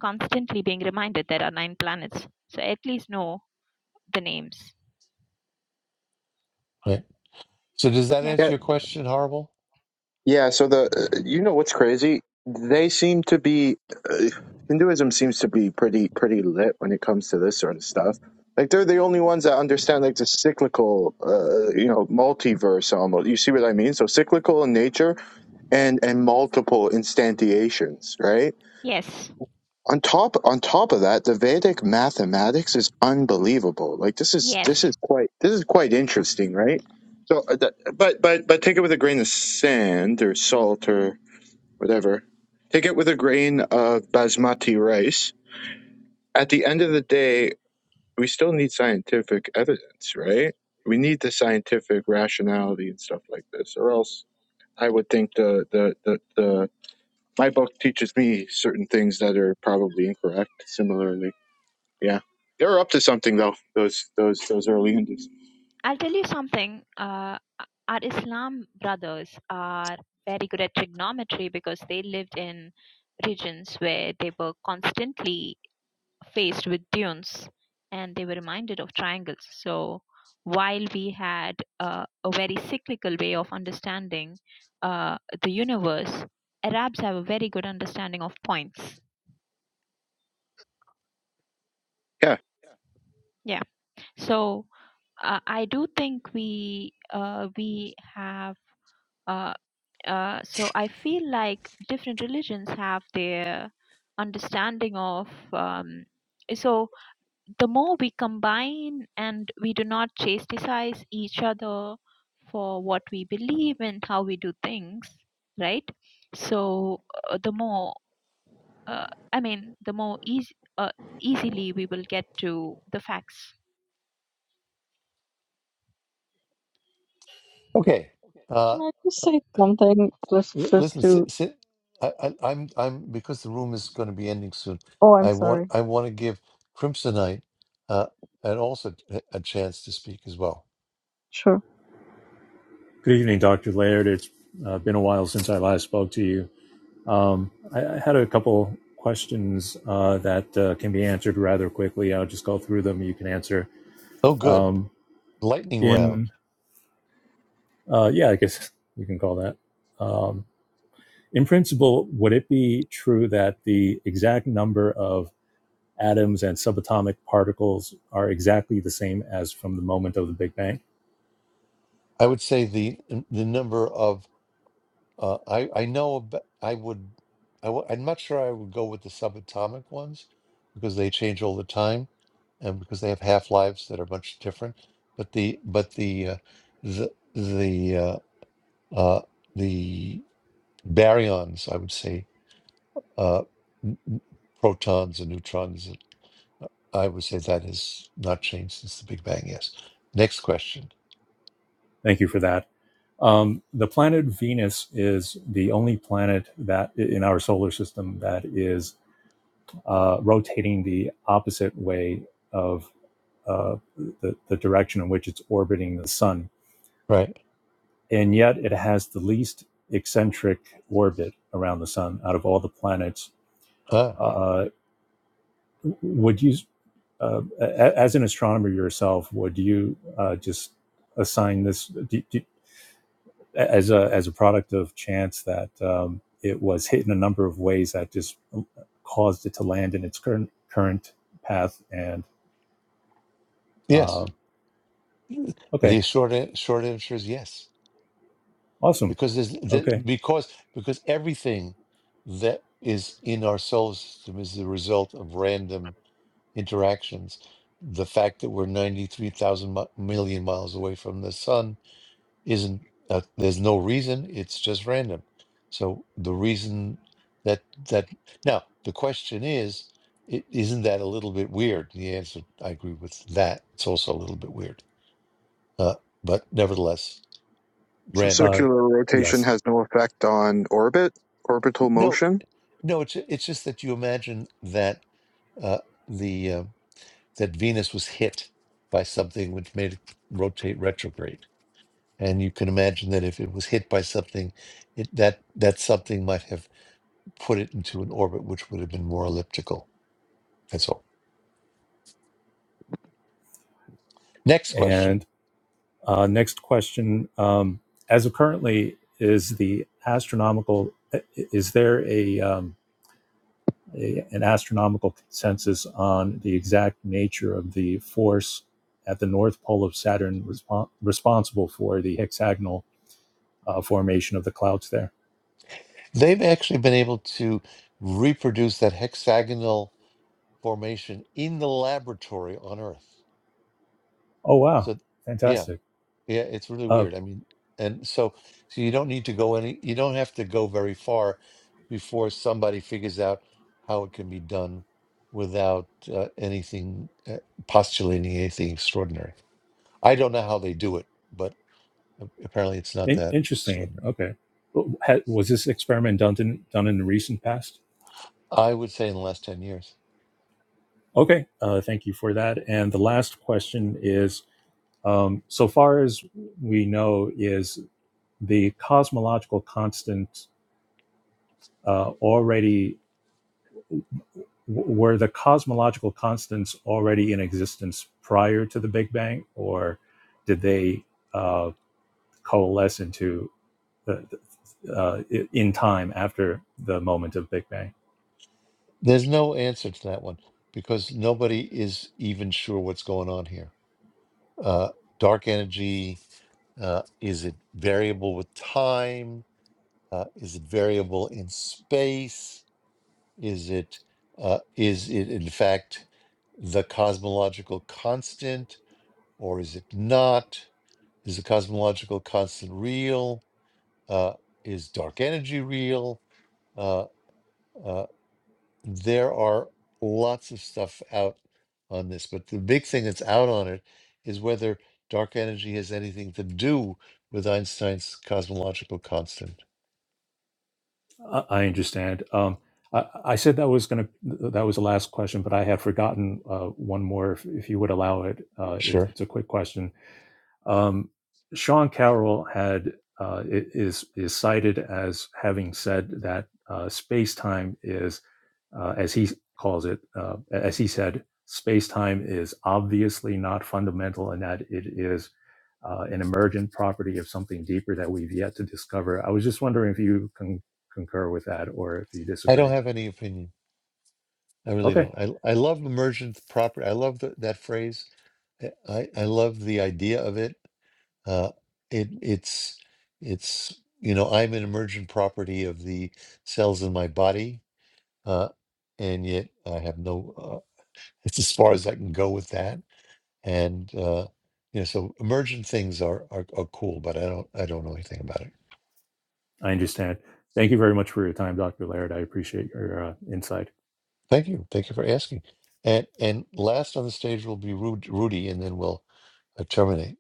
Speaker 3: constantly being reminded there are nine planets. So, I at least know the names.
Speaker 1: right. So does that
Speaker 3: Yeah.
Speaker 5: Yeah,
Speaker 1: answer your question, horrible?
Speaker 5: Yeah, so the uh, you know what's crazy? They seem to be uh, Hinduism seems to be pretty pretty lit when it comes to this sort of stuff. Like they're the only ones that understand like the cyclical, uh, you know, multiverse almost. You see what I mean? So cyclical in nature and and multiple instantiations, right?
Speaker 3: Yes.
Speaker 5: On top on top of that, the Vedic mathematics is unbelievable. Like this is this
Speaker 3: Yes.
Speaker 5: is quite this is quite interesting, right? So, uh, th- but but but take it with a grain of sand or salt or whatever. Take it with a grain of basmati rice. At the end of the day, we still need scientific evidence, right? We need the scientific rationality and stuff like this, or else I would think the the the, the my book teaches me certain things that are probably incorrect. Similarly, yeah, they're up to something though. Those those those early Hindus,
Speaker 3: I'll tell you something. Uh, our Islam brothers are very good at trigonometry because they lived in regions where they were constantly faced with dunes and they were reminded of triangles. So while we had uh, a very cyclical way of understanding uh, the universe, Arabs have a very good understanding of points.
Speaker 5: yeah.
Speaker 3: Yeah. So uh, I do think we uh, we have. uh, Uh, so I feel like different religions have their understanding of. Um, so the more we combine and we do not chastise each other for what we believe and how we do things, right? So uh, the more, uh, I mean, the more easy, uh, easily we will get to the facts
Speaker 1: Okay. uh,
Speaker 4: Can I just say something? Just
Speaker 1: L-
Speaker 4: just
Speaker 1: Listen,
Speaker 4: to.
Speaker 1: sit, sit. I, I, I'm, I'm because the room is going to be ending soon.
Speaker 4: Oh, I'm
Speaker 1: I want,
Speaker 4: sorry.
Speaker 1: I want to give Crimsonite uh, and also a a chance to speak as well.
Speaker 4: Sure.
Speaker 6: Good evening, Dr. Laird. It's uh, been a while since I last spoke to you. Um, I, I had a couple questions uh, that uh, can be answered rather quickly. I'll just go through them. You can answer.
Speaker 1: Oh, good,
Speaker 6: Um,
Speaker 1: lightning round.
Speaker 6: in uh, yeah, I guess you can call that. Um, in principle, would it be true that the exact number of atoms and subatomic particles are exactly the same as from the moment of the Big Bang?
Speaker 1: I would say the the number of uh, I I know, ab- I would, I w- I'm not sure I would go with the subatomic ones because they change all the time and because they have half lives that are much different. But the but the uh, the the uh, uh, the baryons, I would say, uh, n- protons and neutrons. I would say that has not changed since the Big Bang. Yes. Next question.
Speaker 6: Thank you for that. Um, the planet Venus is the only planet that in our solar system that is uh, rotating the opposite way of uh, the, the direction in which it's orbiting the sun.
Speaker 1: Right.
Speaker 6: And yet it has the least eccentric orbit around the sun out of all the planets.
Speaker 1: Ah,
Speaker 6: Uh, Would you, uh, as an astronomer yourself, would you uh, just assign this do, do, as a as a product of chance that um, it was hit in a number of ways that just um, caused it to land in its current current path? And
Speaker 1: yes.
Speaker 6: uh,
Speaker 1: The
Speaker 6: okay,
Speaker 1: short an- short answer is yes,
Speaker 6: awesome.
Speaker 1: because there's the,
Speaker 6: Okay,
Speaker 1: because because everything that is in our solar system is the result of random interactions. The fact that we're ninety three thousand mi- million miles away from the sun isn't uh, there's no reason it's just random so the reason that that now the question is is isn't that a little bit weird the answer i agree with that it's also a little bit weird uh, but nevertheless
Speaker 5: So
Speaker 1: random
Speaker 6: uh,
Speaker 5: circular rotation
Speaker 6: yes.
Speaker 5: has no effect on orbit, orbital
Speaker 1: no
Speaker 5: motion
Speaker 1: no it's it's just that you imagine that uh, the uh, that venus was hit by something which made it rotate retrograde and you can imagine that if it was hit by something it, that that something might have put it into an orbit which would have been more elliptical. That's all. Next question.
Speaker 6: And uh, next question: um, As of currently, is the astronomical is there a um, a, an astronomical consensus on the exact nature of the force at the north pole of Saturn respon responsible for the hexagonal uh, formation of the clouds there.
Speaker 1: They've actually been able to reproduce that hexagonal formation in the laboratory on Earth.
Speaker 6: Oh, wow.
Speaker 1: So, yeah,
Speaker 6: Fantastic.
Speaker 1: yeah, it's really
Speaker 6: Uh,
Speaker 1: weird. I mean, and so, so you don't need to go any, you don't have to go very far before somebody figures out how it can be done without uh, anything uh, postulating anything extraordinary. I don't know how they do it, but a- apparently it's not
Speaker 6: in-
Speaker 1: that
Speaker 6: interesting.
Speaker 1: extraordinary.
Speaker 6: Okay. W- was this experiment done in, done in the recent past?
Speaker 1: I would say in the last 10 years.
Speaker 6: Okay. Uh, thank you for that. And the last question is um, so far as we know, is the cosmological constant uh, already were the cosmological constants already in existence prior to the Big Bang, or did they uh, coalesce into the, uh, in time after the moment of Big Bang?
Speaker 1: There's no answer to that one because nobody is even sure what's going on here. Uh, dark energy, uh, is it variable with time? Uh, is it variable in space? Is it, uh, is it in fact the cosmological constant or is it not? Is the cosmological constant real? Uh, is dark energy real? Uh, uh, there are lots of stuff out on this, but the big thing that's out on it is whether dark energy has anything to do with Einstein's cosmological constant.
Speaker 6: I, I understand. Um, I, I said that was going to that was the last question, but I had forgotten uh, one more. If, if you would allow it, uh, it,
Speaker 1: Sure.
Speaker 6: it's a quick question Um, Sean Carroll had uh, is is cited as having said that uh, space time is, uh, as he calls it, uh, as he said, space time is obviously not fundamental, and that it is uh, an emergent property of something deeper that we've yet to discover. I was just wondering if you con- concur with that or if you
Speaker 1: I don't
Speaker 6: disagree.
Speaker 1: have any opinion. I really
Speaker 6: Okay,
Speaker 1: don't. I, I love emergent property. I love the, that phrase. I, I I love the idea of it. Uh, it it's it's you know I'm an emergent property of the cells in my body, uh, and yet I have no. Uh, it's as far as I can go with that and uh, you know, so emergent things are, are are cool, but I don't I don't know anything about it.
Speaker 6: I understand. Thank you very much for your time, Dr. Laird. I appreciate your uh, insight.
Speaker 1: Thank you, thank you for asking. And and last on the stage will be Ru- Rudy, and then we'll uh, terminate.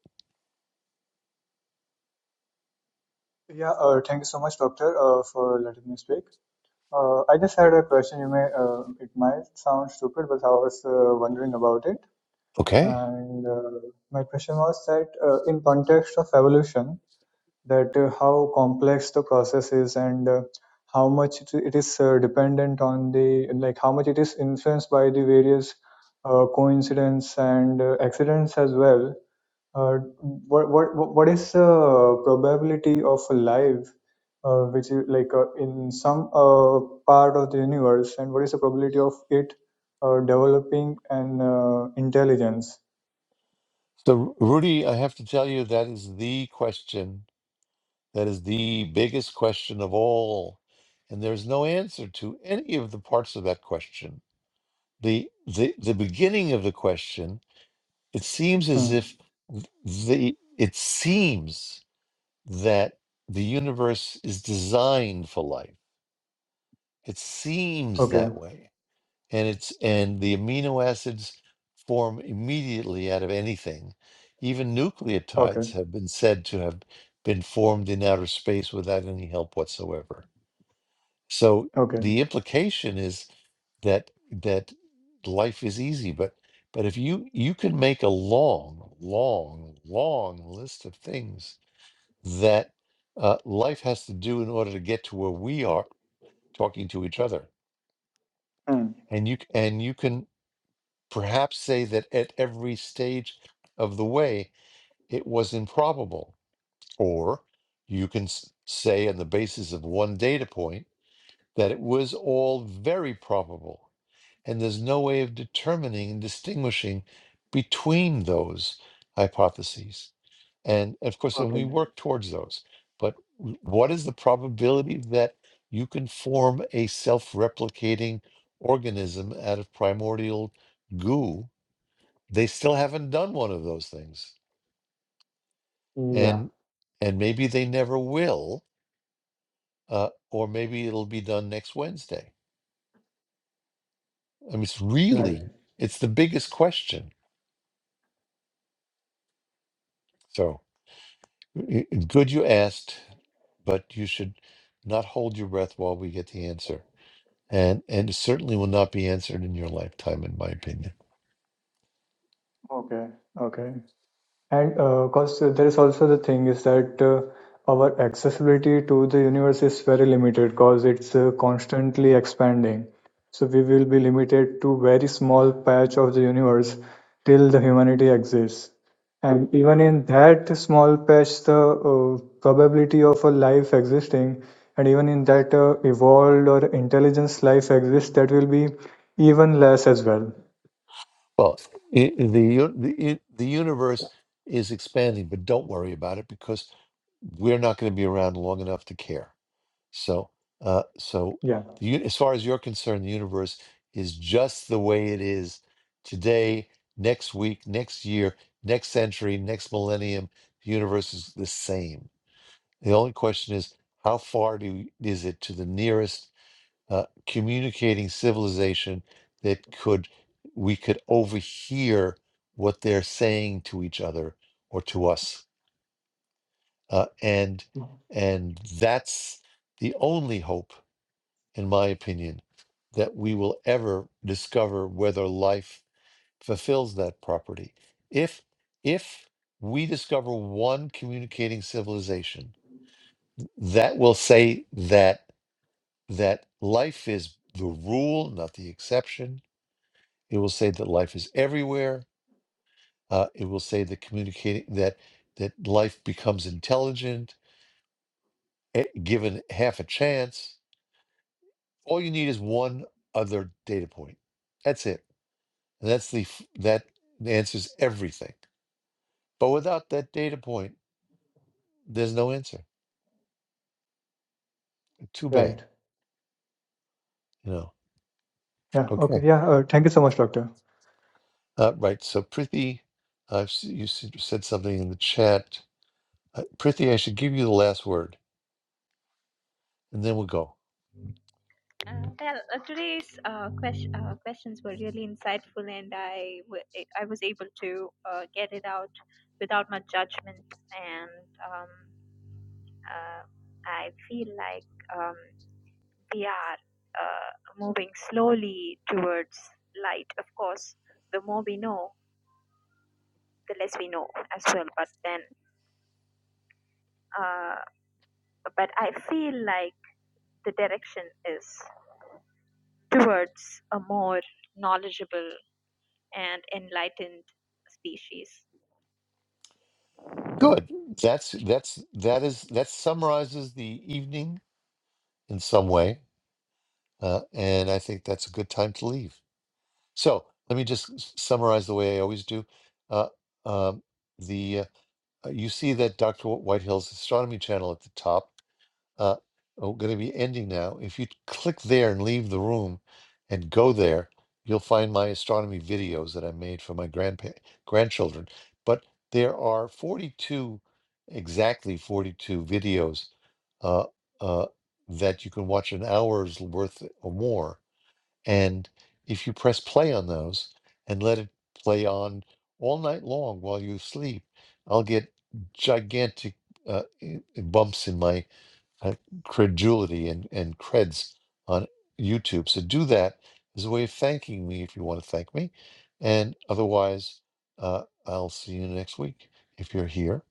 Speaker 7: Yeah, uh, thank you so much, doctor, uh, for letting me speak. Uh, I just had a question. You may, uh, it might sound stupid, but I was uh, wondering about it.
Speaker 1: Okay,
Speaker 7: And uh, my question was that, uh, in context of evolution, that uh, how complex the process is and uh, how much it, it is uh, dependent on the, like how much it is influenced by the various uh, coincidence and uh, accidents as well uh, what what what is the probability of a life uh, which is like uh, in some uh, part of the universe and what is the probability of it uh, developing an uh, intelligence
Speaker 1: so Ru- Rudy, I have to tell you that is the question that is the biggest question of all, and there's no answer to any of the parts of that question. The the the beginning of the question, it seems as
Speaker 7: hmm.
Speaker 1: if th- the it seems that the universe is designed for life. It seems
Speaker 7: okay
Speaker 1: that way. And it's and the amino acids form immediately out of anything. Even
Speaker 7: okay
Speaker 1: nucleotides have been said to have been formed in outer space without any help whatsoever. So
Speaker 7: okay
Speaker 1: the implication is that that life is easy, but but if you you can make a long, long, long list of things that uh, life has to do in order to get to where we are talking to each other.
Speaker 7: hmm.
Speaker 1: And you and you can perhaps say that at every stage of the way it was improbable, or you can s- say on the basis of one data point that it was all very probable. and there's no way of determining and distinguishing between those hypotheses. And of course, and
Speaker 7: okay
Speaker 1: we work towards those. But w- what is the probability that you can form a self replicating organism out of primordial goo? They still haven't done one of those things.
Speaker 7: yeah
Speaker 1: And and maybe they never will, uh, or maybe it'll be done next Wednesday. I mean, it's
Speaker 7: right
Speaker 1: really, it's the biggest question. So. I- i- Good you asked, but you should not hold your breath while we get the answer. And and it certainly will not be answered in your lifetime, in my opinion.
Speaker 7: okay okay And uh, cause there is also the thing is that uh, our accessibility to the universe is very limited because it's uh, constantly expanding. So we will be limited to very small patch of the universe till the humanity exists. And even in that small patch, the uh, probability of a life existing, and even in that uh, evolved or intelligence life exists, that will be even less as well.
Speaker 1: Well, i the u- the u- the universe is expanding, but don't worry about it because we're not going to be around long enough to care. So, uh, so
Speaker 7: Yeah,
Speaker 1: the, uni- as far as you're concerned, the universe is just the way it is today, next week, next year, next century, next millennium. The universe is the same. The only question is how far do is it to the nearest uh, communicating civilization that could we could overhear what they're saying to each other or to us, uh, and and that's the only hope in my opinion, that we will ever discover whether life fulfills that property. If if we discover one communicating civilization that will say that that life is the rule, not the exception. It will say that life is everywhere. Uh, it will say that communicating that that life becomes intelligent eh, given half a chance. All you need is one other data point. That's it That's the f- that answers everything. But without that data point, there's no answer. Too bad,
Speaker 7: right.
Speaker 1: you know.
Speaker 7: Yeah, okay.
Speaker 1: Okay.
Speaker 7: Yeah, uh, thank you so much, Doctor.
Speaker 1: Uh, right. So Prithi, I've s- you s- said something in the chat. Uh, Prithi, I should give you the last word, and then we'll go.
Speaker 3: Uh, well, uh, today's uh, question, uh, questions were really insightful, and I, w- I was able to uh, get it out without much judgment. And um, uh, I feel like um, we are uh, moving slowly towards light. Of course, the more we know, the less we know as well. But then, uh, but I feel like the direction is towards a more knowledgeable and enlightened species.
Speaker 1: Good. That's that's that is that summarizes the evening in some way, uh, and I think that's a good time to leave. So let me just s- summarize the way I always do. Uh, um, the uh, uh, you see that Dr. Whitehill's astronomy channel at the top. Uh, i going to be ending now. If you click there and leave the room and go there, you'll find my astronomy videos that I made for my grandpa- grandchildren. But there are 42, exactly 42 videos uh, uh, that you can watch an hour's worth or more and if you press play on those and let it play on all night long while you sleep, I'll get gigantic uh, i- bumps in my uh, credulity and, and creds on YouTube. So do that as a way of thanking me if you want to thank me. And otherwise, uh, I'll see you next week if you're here.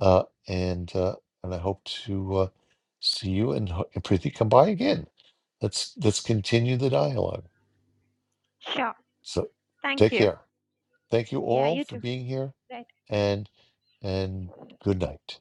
Speaker 1: Uh, and uh, and I hope to uh, see you and, ho- and Preeti come by again. Let's let's continue the dialogue.
Speaker 3: Sure.
Speaker 1: So
Speaker 3: Thank
Speaker 1: take
Speaker 3: you.
Speaker 1: care. Thank you
Speaker 3: Yeah,
Speaker 1: all
Speaker 3: you
Speaker 1: for
Speaker 3: too.
Speaker 1: being here
Speaker 3: Bye.
Speaker 1: and and good night.